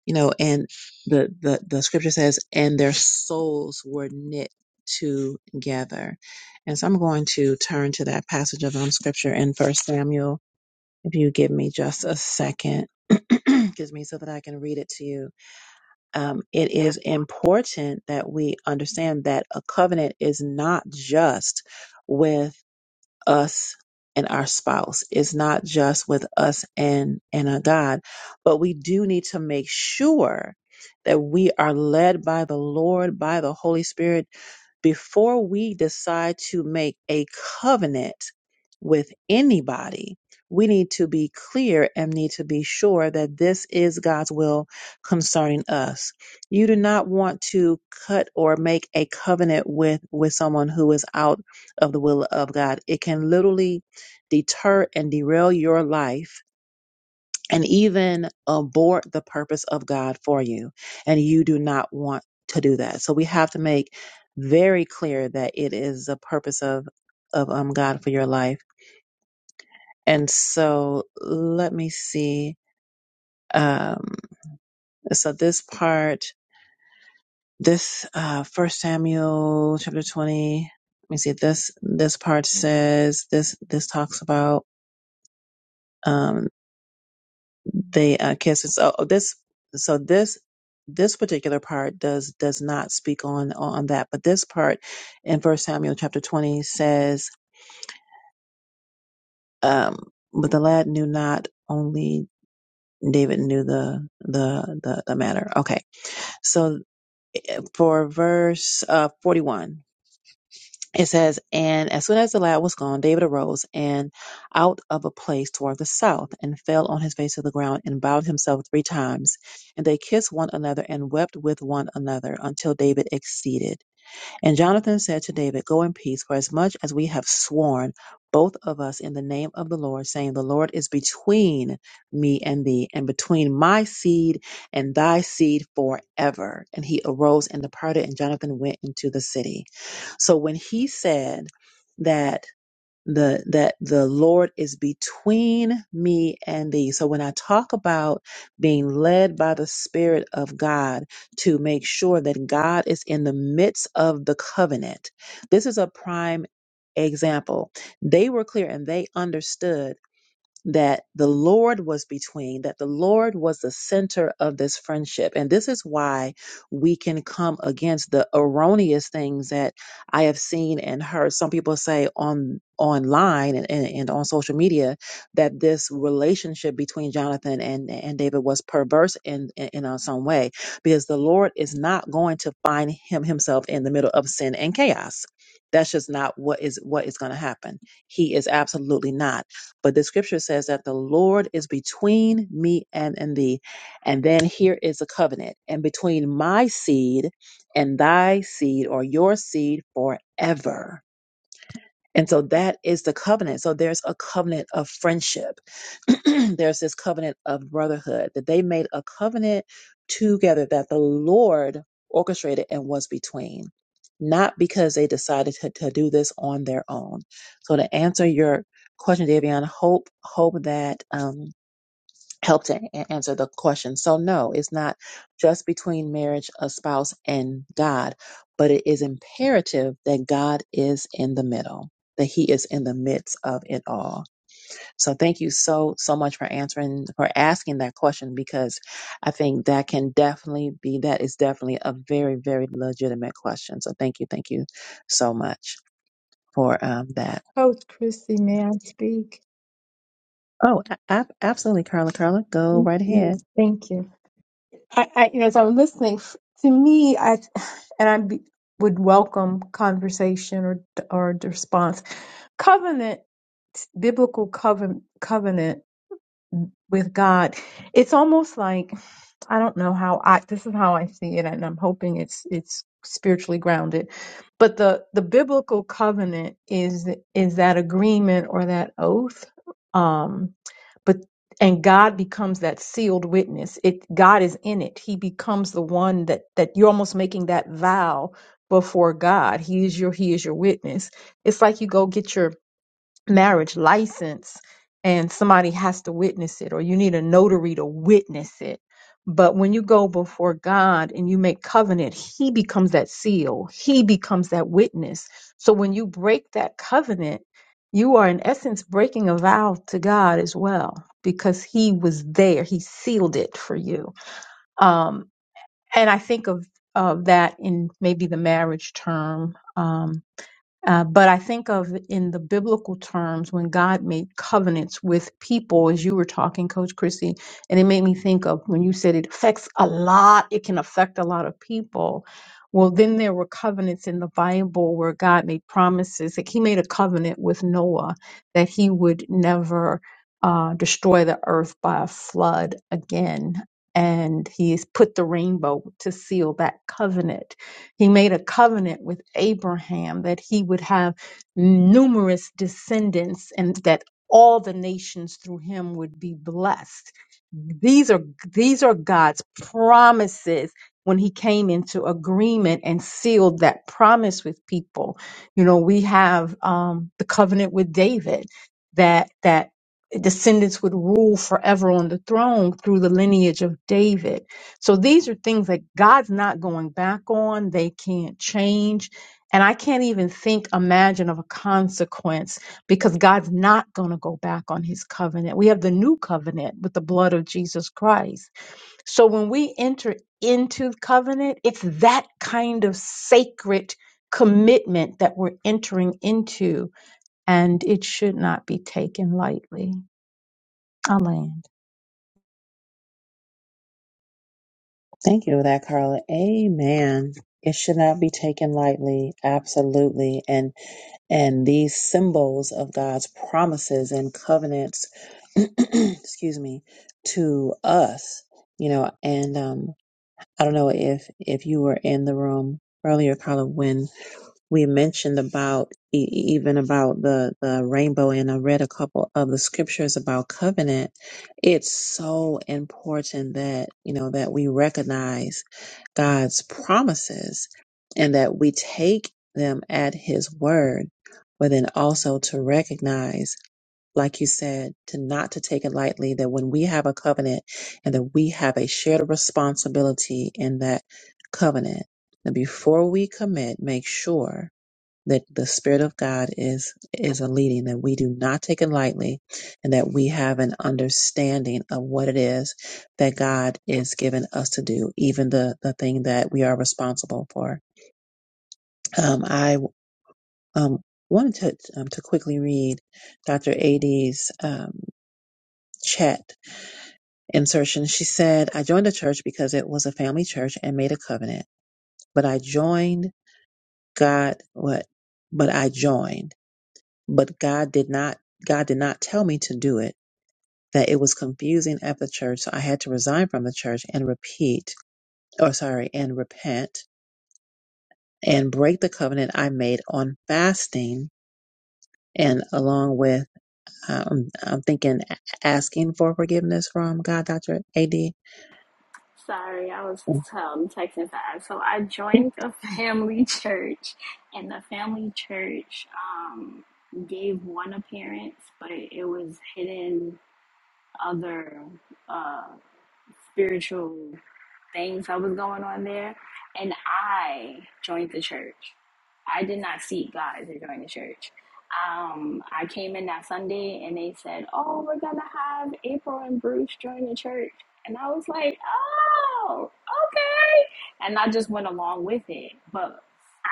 S1: you know, and the the the scripture says, and their souls were knit together. And so I'm going to turn to that passage of um, scripture in First Samuel. If you give me just a second, <clears throat> excuse me, so that I can read it to you um, it is important that we understand that a covenant is not just with us and our spouse. It's not just with us and and our God, but we do need to make sure that we are led by the Lord, by the Holy Spirit, before we decide to make a covenant with anybody. We need to be clear and need to be sure that this is God's will concerning us. You do not want to cut or make a covenant with with someone who is out of the will of God. It can literally deter and derail your life and even abort the purpose of God for you. And you do not want to do that. So we have to make very clear that it is the purpose of, of um, God for your life. And so let me see. Um, so this part, this uh, First Samuel chapter 20, let me see, this, this part says, this, this talks about Um, They uh, cancel. So this, so this, this particular part does does not speak on on that, but this part in First Samuel chapter twenty says, um, "But the lad knew not only." David knew the, the the the matter. Okay, so for verse uh, forty one, It says, And as soon as the lad was gone, David arose and out of a place toward the south, and fell on his face to the ground, and bowed himself three times. And they kissed one another, and wept with one another, until David exceeded. And Jonathan said to David, Go in peace, for as much as we have sworn, both of us in the name of the Lord, saying, The Lord is between me and thee, and between my seed and thy seed forever. And he arose and departed, and Jonathan went into the city. So when he said that the that the Lord is between me and thee. So when I talk about being led by the Spirit of God to make sure that God is in the midst of the covenant, this is a prime example. They were clear and they understood that the Lord was between, that the Lord was the center of this friendship. And this is why we can come against the erroneous things that I have seen and heard some people say on online and, and, and on social media that this relationship between Jonathan and, and David was perverse in, in, in uh, some way because the Lord is not going to find him himself in the middle of sin and chaos. That's just not what is what is going to happen. He is absolutely not. But the scripture says that the Lord is between me and, and thee. And then here is a covenant and between my seed and thy seed or your seed forever. And so that is the covenant. So there's a covenant of friendship. <clears throat> there's this covenant of brotherhood that they made a covenant together that the Lord orchestrated and was between, not because they decided to, to do this on their own. So to answer your question, Davion, hope hope that um, help to a- answer the question. So no, it's not just between marriage, a spouse, and God, but it is imperative that God is in the middle, that He is in the midst of it all. So thank you so so much for answering for asking that question because I think that can definitely be that is definitely a very very legitimate question. So thank you, thank you so much for um, that.
S7: Coach Christy, may I speak?
S1: Oh, a- ab- absolutely, Carla. Carla, go
S7: Thank
S1: right ahead.
S7: you. Thank you. I, I you know, as I'm listening, f- to me, I and I be, would welcome conversation or or the response. Covenant, biblical covenant, covenant. with God. It's almost like I don't know how I this is how I see it and I'm hoping it's it's spiritually grounded. But the the biblical covenant is is that agreement or that oath um but and God becomes that sealed witness. It God is in it. He becomes the one that that you're almost making that vow before God. He is your he is your witness. It's like you go get your marriage license and somebody has to witness it or you need a notary to witness it. But when you go before God and you make covenant, he becomes that seal. He becomes that witness. So when you break that covenant, you are in essence breaking a vow to God as well because he was there. He sealed it for you. Um, and I think of, of that in maybe the marriage term. Um, uh, but I think of in the biblical terms when God made covenants with people, as you were talking, Coach Chrissy, and it made me think of when you said it affects a lot, it can affect a lot of people. Well, then there were covenants in the Bible where God made promises. Like he made a covenant with Noah that he would never uh, destroy the earth by a flood again. And he's put the rainbow to seal that covenant he made a covenant with Abraham that he would have numerous descendants and that all the nations through him would be blessed these are these are God's promises when he came into agreement and sealed that promise with people. You know, we have um, the covenant with David that that descendants would rule forever on the throne through the lineage of David. So these are things that God's not going back on. They can't change. And I can't even think, imagine of a consequence because God's not going to go back on his covenant. We have the new covenant with the blood of Jesus Christ. So when we enter into covenant, it's that kind of sacred commitment that we're entering into, and it should not be taken lightly. I land.
S1: Thank you for that, Carla. Amen. It should not be taken lightly, absolutely. And and these symbols of God's promises and covenants, <clears throat> excuse me, to us, you know, and um, I don't know if if you were in the room earlier, Carla, when we mentioned about e- e, even about the the rainbow and i read a couple of the scriptures about covenant it's so important that you know that we recognize god's promises and that we take them at his word but then also to recognize like you said to not to take it lightly that when we have a covenant and that we have a shared responsibility in that covenant that before we commit make sure that the Spirit of God is is a leading, that we do not take it lightly, and that we have an understanding of what it is that God is giving us to do, even the the thing that we are responsible for. Um, I um, wanted to um, to quickly read Dr. Ad's um, chat insertion. She said, "I joined the church because it was a family church and made a covenant, but I joined God what." But I joined. but God did not God did not tell me to do it. That it was confusing at the church, so I had to resign from the church and repeat, or sorry, and repent and break the covenant I made on fasting, and along with um, I'm thinking asking for forgiveness from God, Doctor Ad.
S8: Sorry, I was um, texting fast. So I joined a <laughs> family church, and the family church um, gave one appearance, but it, it was hidden other. uh spiritual things that was going on there. And I joined the church. I did not seek God to join the church. Um, I came in that Sunday and they said, Oh, we're going to have April and Bruce join the church. And I was like, Oh, okay. And I just went along with it. But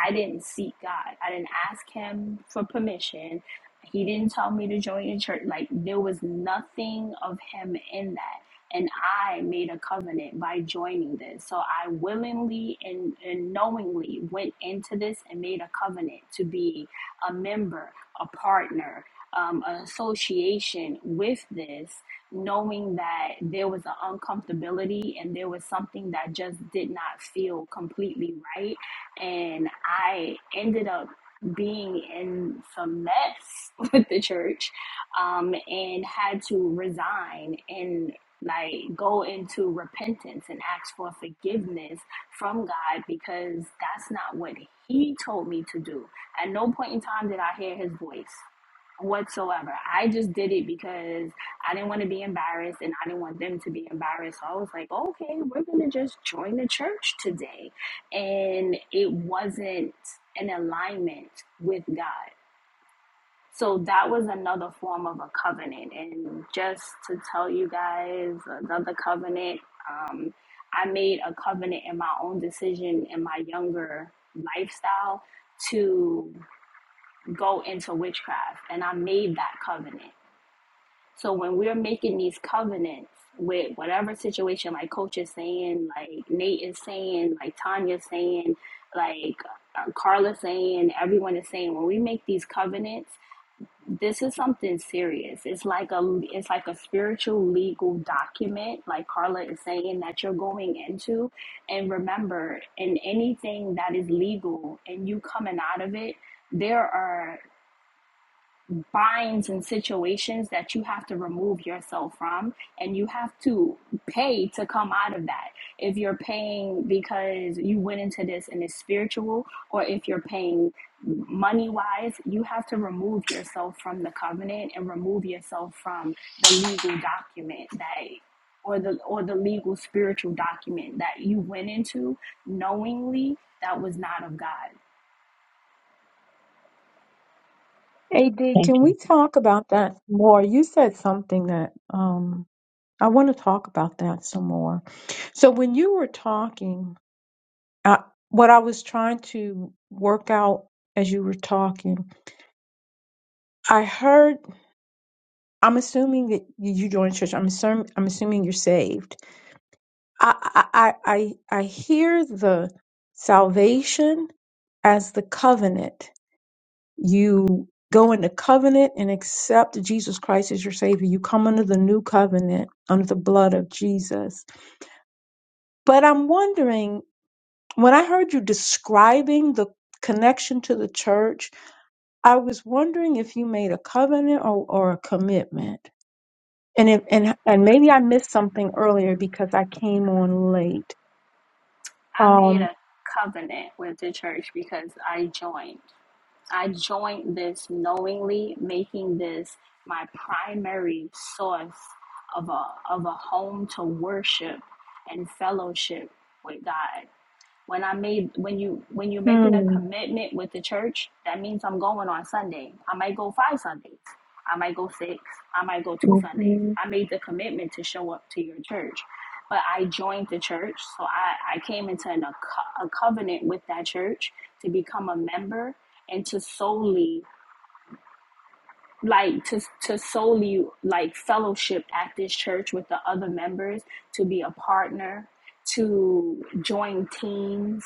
S8: I didn't seek God, I didn't ask Him for permission. He didn't tell me to join the church. Like, there was nothing of Him in that and I made a covenant by joining this. So I willingly and, and knowingly went into this and made a covenant to be a member, a partner, um, an association with this, knowing that there was an uncomfortability and there was something that just did not feel completely right. And I ended up being in some mess <laughs> with the church um, and had to resign. And like go into repentance and ask for forgiveness from God because that's not what he told me to do. At no point in time did I hear his voice whatsoever. I just did it because I didn't want to be embarrassed and I didn't want them to be embarrassed. So I was like, okay, we're going to just join the church today. And it wasn't an alignment with God. So that was another form of a covenant. And just to tell you guys, another covenant, um, I made a covenant in my own decision in my younger lifestyle to go into witchcraft. And I made that covenant. So when we're making these covenants, with whatever situation, like Coach is saying, like Nate is saying, like Tanya's saying, like uh, Carla's saying, everyone is saying, when we make these covenants, this is something serious. It's like a it's like a spiritual legal document, like Carla is saying that you're going into. And remember, in anything that is legal and you coming out of it, there are binds and situations that you have to remove yourself from and you have to pay to come out of that if you're paying because you went into this and it's spiritual or if you're paying money wise you have to remove yourself from the covenant and remove yourself from the legal document that or the or the legal spiritual document that you went into knowingly that was not of God.
S7: AD,
S1: Thank
S7: can
S1: you.
S7: we talk about that more? You said something that um, I want to talk about that some more. So when you were talking, I, what I was trying to work out as you were talking, I heard. I'm assuming that you joined church. I'm assuming. I'm assuming you're saved. I I I I I hear the salvation as the covenant. You go into covenant and accept Jesus Christ as your savior. You come under the new covenant under the blood of Jesus. But I'm wondering when I heard you describing the connection to the church I was wondering if you made a covenant or, or a commitment. And if and and maybe I missed something earlier because I came on late.
S8: I made
S7: Um
S8: a covenant with the church because I joined. I joined this knowingly, making this my primary source of a, of a home to worship and fellowship with God when I made when you when you're making a
S7: hmm,
S8: commitment with the church, that means I'm going on Sunday. I might go five Sundays. I might go six. I might go two Sundays.
S7: mhm.
S8: I made the commitment to show up to your church. But I joined the church, so I, I came into an, a, co- a covenant with that church to become a member and to solely like to to solely like fellowship at this church with the other members to be a partner to join teams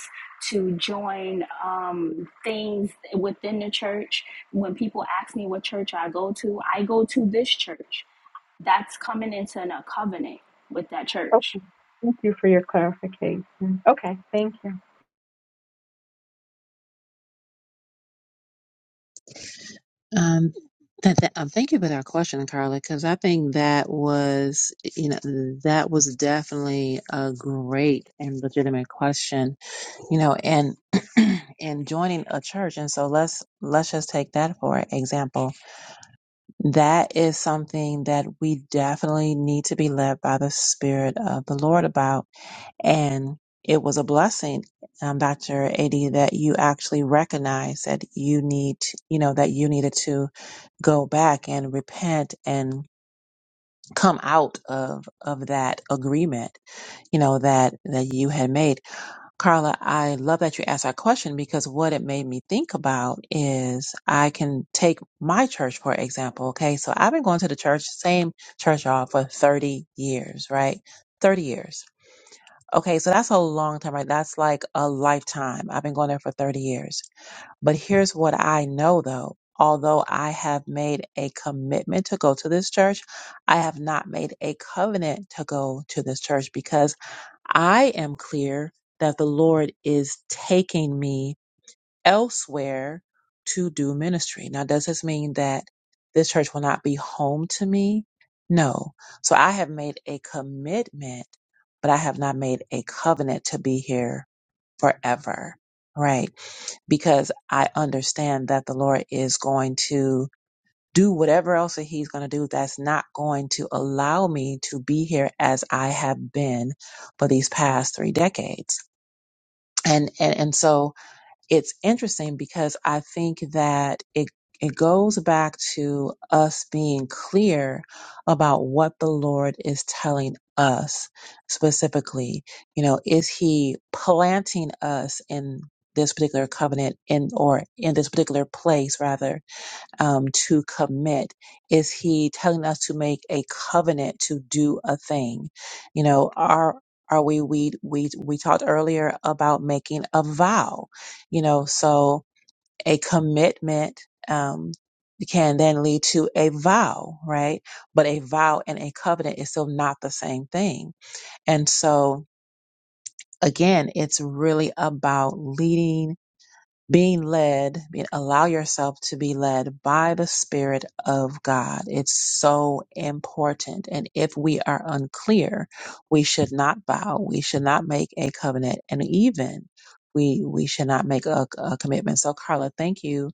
S8: to join um, things within the church when people ask me what church i go to i go to this church that's coming into a covenant with that church
S7: okay. Thank you for your clarification. Okay, thank you.
S1: Um, that, that, um, thank you for that question, Carla, because I think that was, you know, that was definitely a great and legitimate question you know and <clears throat> and joining a church and so let's let's just take that for example that is something that we definitely need to be led by the spirit of the lord about and it was a blessing um, dr Adi, that you actually recognized that you need you know that you needed to go back and repent and come out of of that agreement you know that that you had made Carla, I love that you asked that question because what it made me think about is I can take my church, for example. Okay. So I've been going to the church, same church, y'all, for 30 years, right? 30 years. Okay. So that's a long time, right? That's like a lifetime. I've been going there for 30 years. But here's what I know though. Although I have made a commitment to go to this church, I have not made a covenant to go to this church because I am clear that the Lord is taking me elsewhere to do ministry. Now, does this mean that this church will not be home to me? No. So I have made a commitment, but I have not made a covenant to be here forever. Right. Because I understand that the Lord is going to do whatever else that he's going to do that's not going to allow me to be here as I have been for these past three decades. And, and, and so it's interesting because I think that it, it goes back to us being clear about what the Lord is telling us specifically. You know, is he planting us in this particular covenant in, or in this particular place rather um, to commit? Is he telling us to make a covenant to do a thing? You know, are are we we we we talked earlier about making a vow, you know, so a commitment um can then lead to a vow, right? But a vow and a covenant is still not the same thing. And so again, it's really about leading being led, being, allow yourself to be led by the Spirit of God. It's so important. And if we are unclear, we should not bow. We should not make a covenant. And even we, we should not make a, a commitment. So Carla, thank you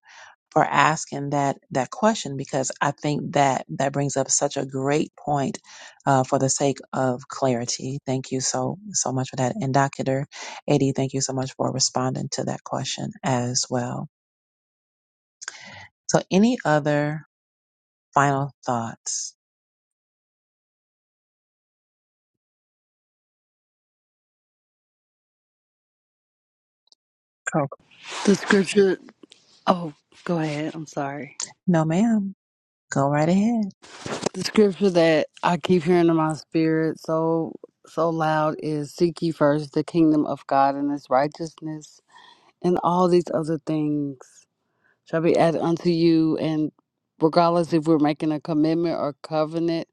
S1: for asking that that question because I think that that brings up such a great point uh, for the sake of clarity. Thank you so so much for that, and Dr. Adi, thank you so much for responding to that question as well. So, any other final thoughts? Coco.
S5: The scripture. Oh, go ahead. I'm sorry.
S1: No, ma'am. Go right ahead.
S5: The scripture that I keep hearing in my spirit so so loud is seek ye first the kingdom of God and his righteousness and all these other things shall be added unto you and regardless if we're making a commitment or covenant,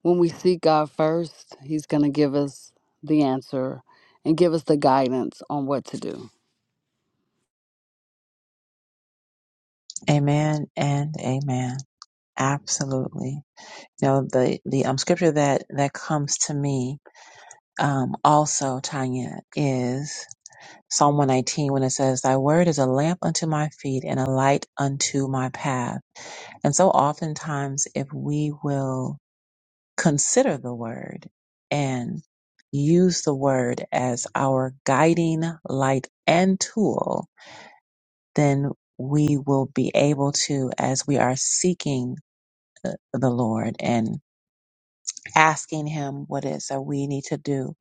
S5: when we seek God first, he's gonna give us the answer and give us the guidance on what to do.
S1: Amen and amen. Absolutely. You know the the um scripture that that comes to me um also Tanya is Psalm 119 when it says, Thy word is a lamp unto my feet and a light unto my path. And so oftentimes, if we will consider the word and use the word as our guiding light and tool, then we will be able to, as we are seeking the the Lord and asking Him what it is that we need to do,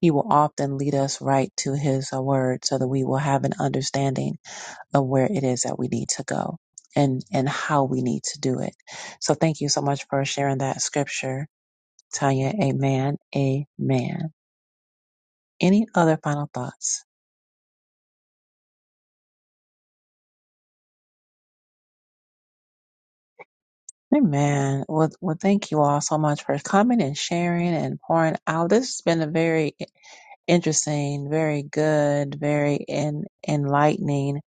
S1: He will often lead us right to His uh, word so that we will have an understanding of where it is that we need to go and and how we need to do it. So thank you so much for sharing that scripture, Tanya. Amen. Amen. Any other final thoughts? Amen. Well, well, thank you all so much for coming and sharing and pouring out. This has been a very interesting, very good, very en- enlightening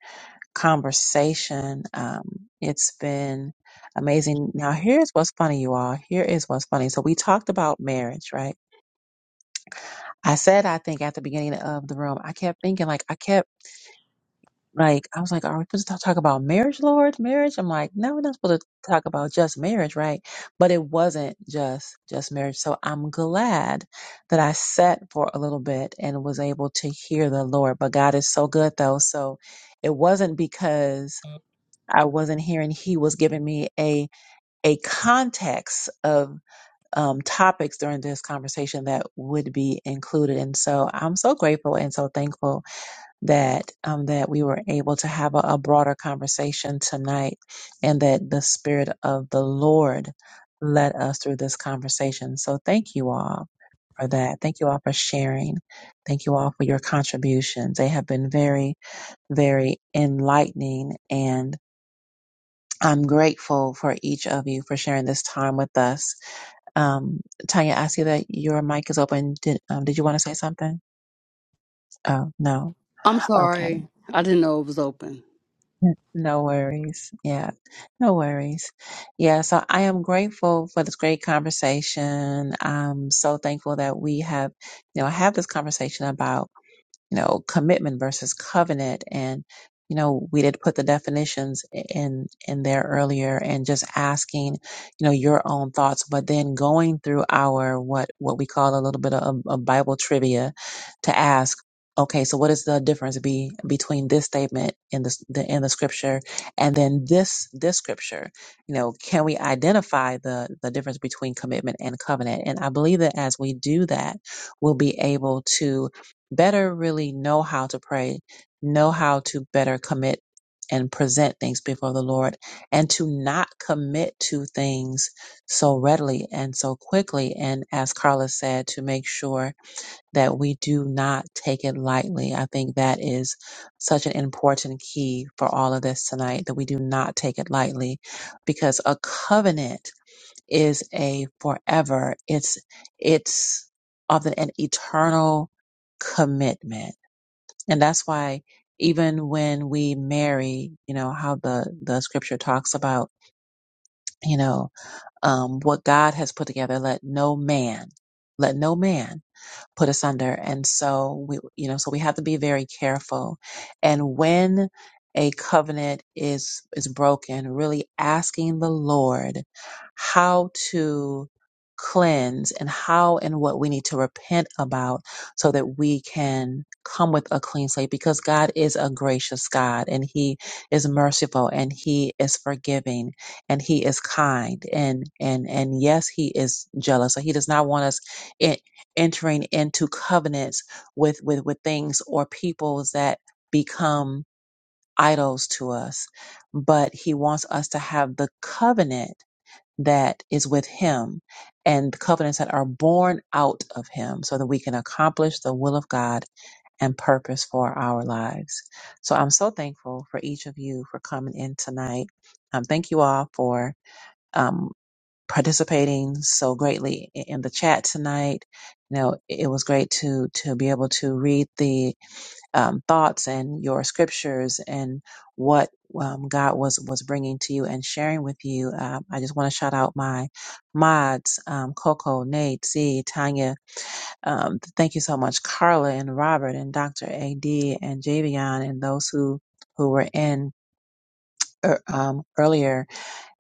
S1: conversation. Um, it's been amazing. Now, here's what's funny, you all. Here is what's funny. So we talked about marriage, right? I said, I think at the beginning of the room, I kept thinking, like, I kept, like, I was like, are we supposed to talk about marriage, Lord? Marriage? I'm like, no, we're not supposed to talk about just marriage, right? But it wasn't just, just marriage. So I'm glad that I sat for a little bit and was able to hear the Lord. But God is so good, though. So it wasn't because I wasn't hearing, He was giving me a, a context of um, topics during this conversation that would be included. And so I'm so grateful and so thankful that um, that we were able to have a, a broader conversation tonight, and that the Spirit of the Lord led us through this conversation. So thank you all for that. Thank you all for sharing. Thank you all for your contributions. They have been very, very enlightening and I'm grateful for each of you for sharing this time with us. Um, Tanya, I see that your mic is open. Did um, did you want to say something? Oh no.
S5: I'm
S1: Okay.
S5: sorry. I didn't know it was open.
S1: N- No worries. Yeah. No worries. Yeah. So I am grateful for this great conversation. I'm so thankful that we have, you know, have this conversation about. you know, commitment versus covenant. And, you know, we did put the definitions in, in there earlier and just asking, you know, your own thoughts, but then going through our, what, what we call a little bit of, of Bible trivia to ask, okay, so what is the difference be between this statement in the, the in the scripture and then this, this scripture? You know, can we identify the, the difference between commitment and covenant? And I believe that as we do that, we'll be able to better really know how to pray, know how to better commit and present things before the Lord, and to not commit to things so readily and so quickly. And as Carla said, to make sure that we do not take it lightly. I think that is such an important key for all of this tonight that we do not take it lightly because a covenant is a forever. It's it's of an eternal commitment, and that's why even when we marry, you know how the the scripture talks about, you know, um, what God has put together. Let no man, let no man put us under. And so we, you know, so we have to be very careful. And when a covenant is, is broken, really asking the Lord how to cleanse and how and what we need to repent about so that we can come with a clean slate because God is a gracious God and he is merciful and he is forgiving and he is kind and and and yes he is jealous so he does not want us entering into covenants with with with things or peoples that become idols to us but he wants us to have the covenant that is with him and the covenants that are born out of him so that we can accomplish the will of God and purpose for our lives. So I'm so thankful for each of you for coming in tonight. Um, thank you all for. um participating so greatly i- in the chat tonight. You know, it was great to to be able to read the um, thoughts and your scriptures and what um, God was was bringing to you and sharing with you. Um, I just want to shout out my mods, um, Coco, Nate, Z, Tanya. Um, thank you so much, Carla and Robert and Dr. Ad and Javion and those who who were in er, um, earlier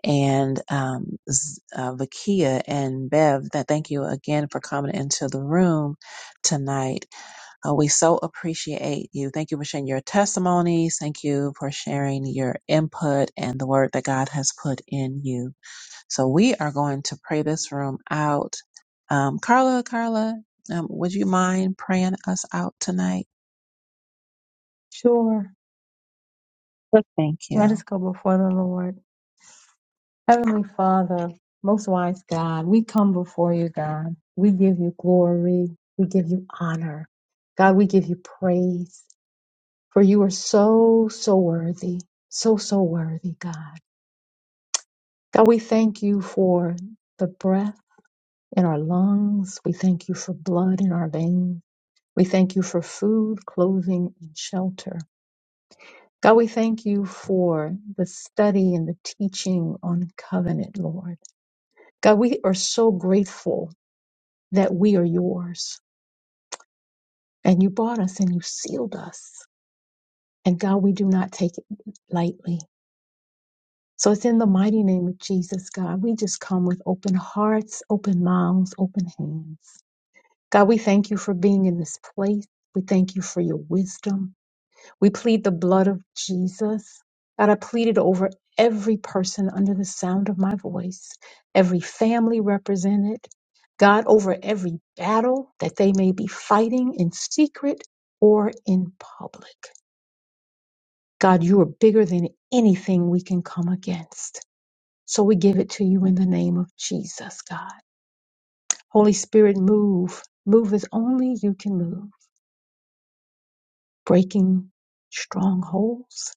S1: and um, Z- uh, Vakia and Bev, that thank you again for coming into the room tonight. Uh, we so appreciate you. Thank you for sharing your testimonies. Thank you for sharing your input and the word that God has put in you. So we are going to pray this room out. Um, Carla, Carla, um, would you mind praying us out tonight?
S7: Sure. Let
S1: Thank
S7: let
S1: you.
S7: us go before the Lord. Heavenly Father, most wise God, we come before you, God. We give you glory. We give you honor. God, we give you praise. for you are so, so worthy, so, so worthy, God. God, we thank you for the breath in our lungs. We thank you for blood in our veins. We thank you for food, clothing, and shelter. God, we thank you for the study and the teaching on covenant, Lord. God, we are so grateful that we are yours and you bought us and you sealed us. And God, we do not take it lightly. So it's in the mighty name of Jesus, God. We just come with open hearts, open mouths, open hands. God, we thank you for being in this place. We thank you for your wisdom. We plead the blood of Jesus. God, I plead it over every person under the sound of my voice, every family represented. God, over every battle that they may be fighting in secret or in public. God, you are bigger than anything we can come against. So we give it to you in the name of Jesus, God. Holy Spirit, move. Move as only you can move, breaking strongholds,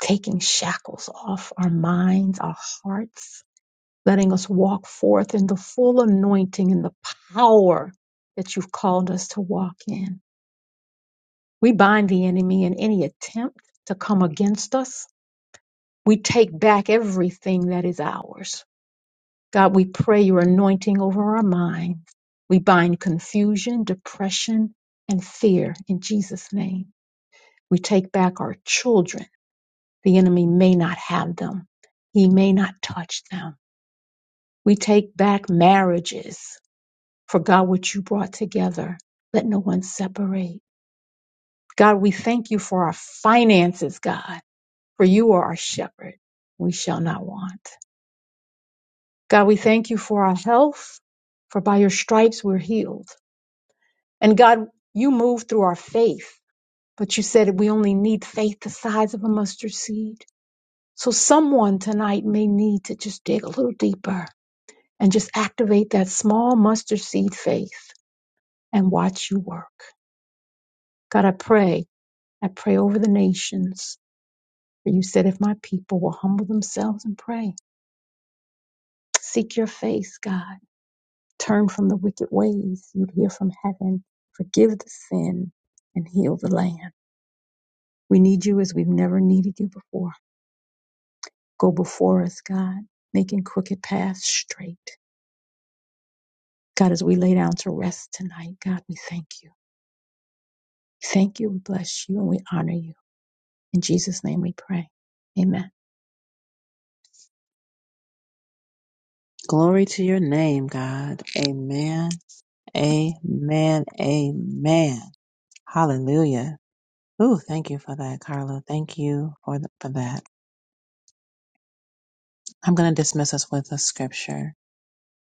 S7: taking shackles off our minds, our hearts, letting us walk forth in the full anointing and the power that you've called us to walk in. We bind the enemy in any attempt to come against us. We take back everything that is ours God, we pray your anointing over our minds. We bind confusion, depression, and fear in Jesus' name. We take back our children. The enemy may not have them, he may not touch them. We take back marriages. For God, what you brought together, let no one separate. God, we thank you for our finances, God, for you are our shepherd. We shall not want. God, we thank you for our health, for by your stripes we're healed. And God, you move through our faith, but you said we only need faith the size of a mustard seed. So someone tonight may need to just dig a little deeper and just activate that small mustard seed faith and watch you work. God, I pray, I pray over the nations. For you said if my people will humble themselves and pray, seek your face, God, turn from the wicked ways, you'd hear from heaven, forgive the sin and heal the land. We need you as we've never needed you before. Go before us, God, making crooked paths straight. God, as we lay down to rest tonight, God, we thank you. Thank you, we bless you, and we honor you. In Jesus' name we pray. Amen.
S1: Glory to your name, God. Amen. Amen. Amen. Hallelujah. Ooh, thank you for that, Carla. Thank you for, th- for that. I'm going to dismiss us with a scripture.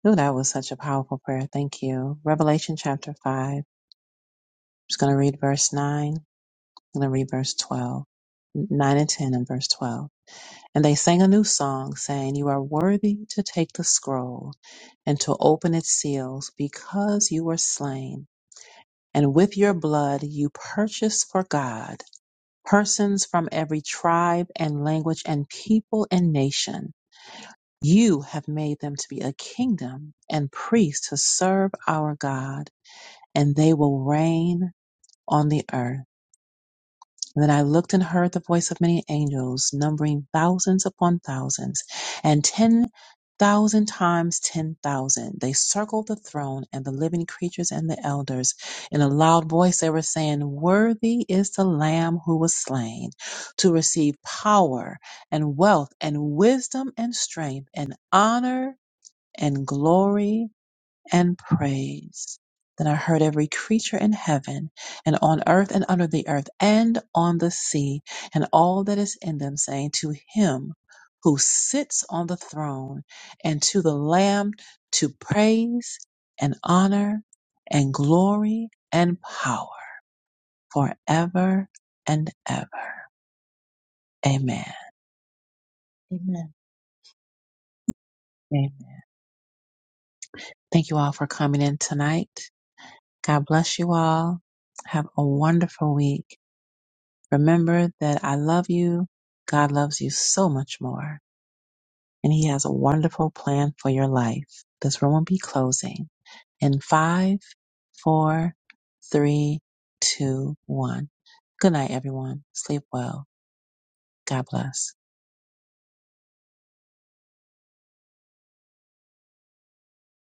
S1: Ooh, that was such a powerful prayer. Thank you. Revelation chapter 5. I'm just going to read verse 9. I'm going to read verse 12. 9 and 10 and verse 12. And they sang a new song saying, You are worthy to take the scroll and to open its seals because you were slain. And with your blood you purchased for God persons from every tribe and language and people and nation. You have made them to be a kingdom and priests to serve our God, and they will reign on the earth. And then I looked and heard the voice of many angels, numbering thousands upon thousands, and ten thousand times ten thousand. They circled the throne and the living creatures and the elders. In a loud voice, they were saying, Worthy is the Lamb who was slain to receive power and wealth and wisdom and strength and honor and glory and praise. Then I heard every creature in heaven and on earth and under the earth and on the sea and all that is in them saying, To him who sits on the throne and to the Lamb to praise and honor and glory and power forever and ever. Amen.
S7: Amen.
S1: Amen. Thank you all for coming in tonight. God bless you all. Have a wonderful week. Remember that I love you. God loves you so much more, and He has a wonderful plan for your life. This room will be closing in five, four, three, two, one. Good night, everyone. Sleep well. God bless.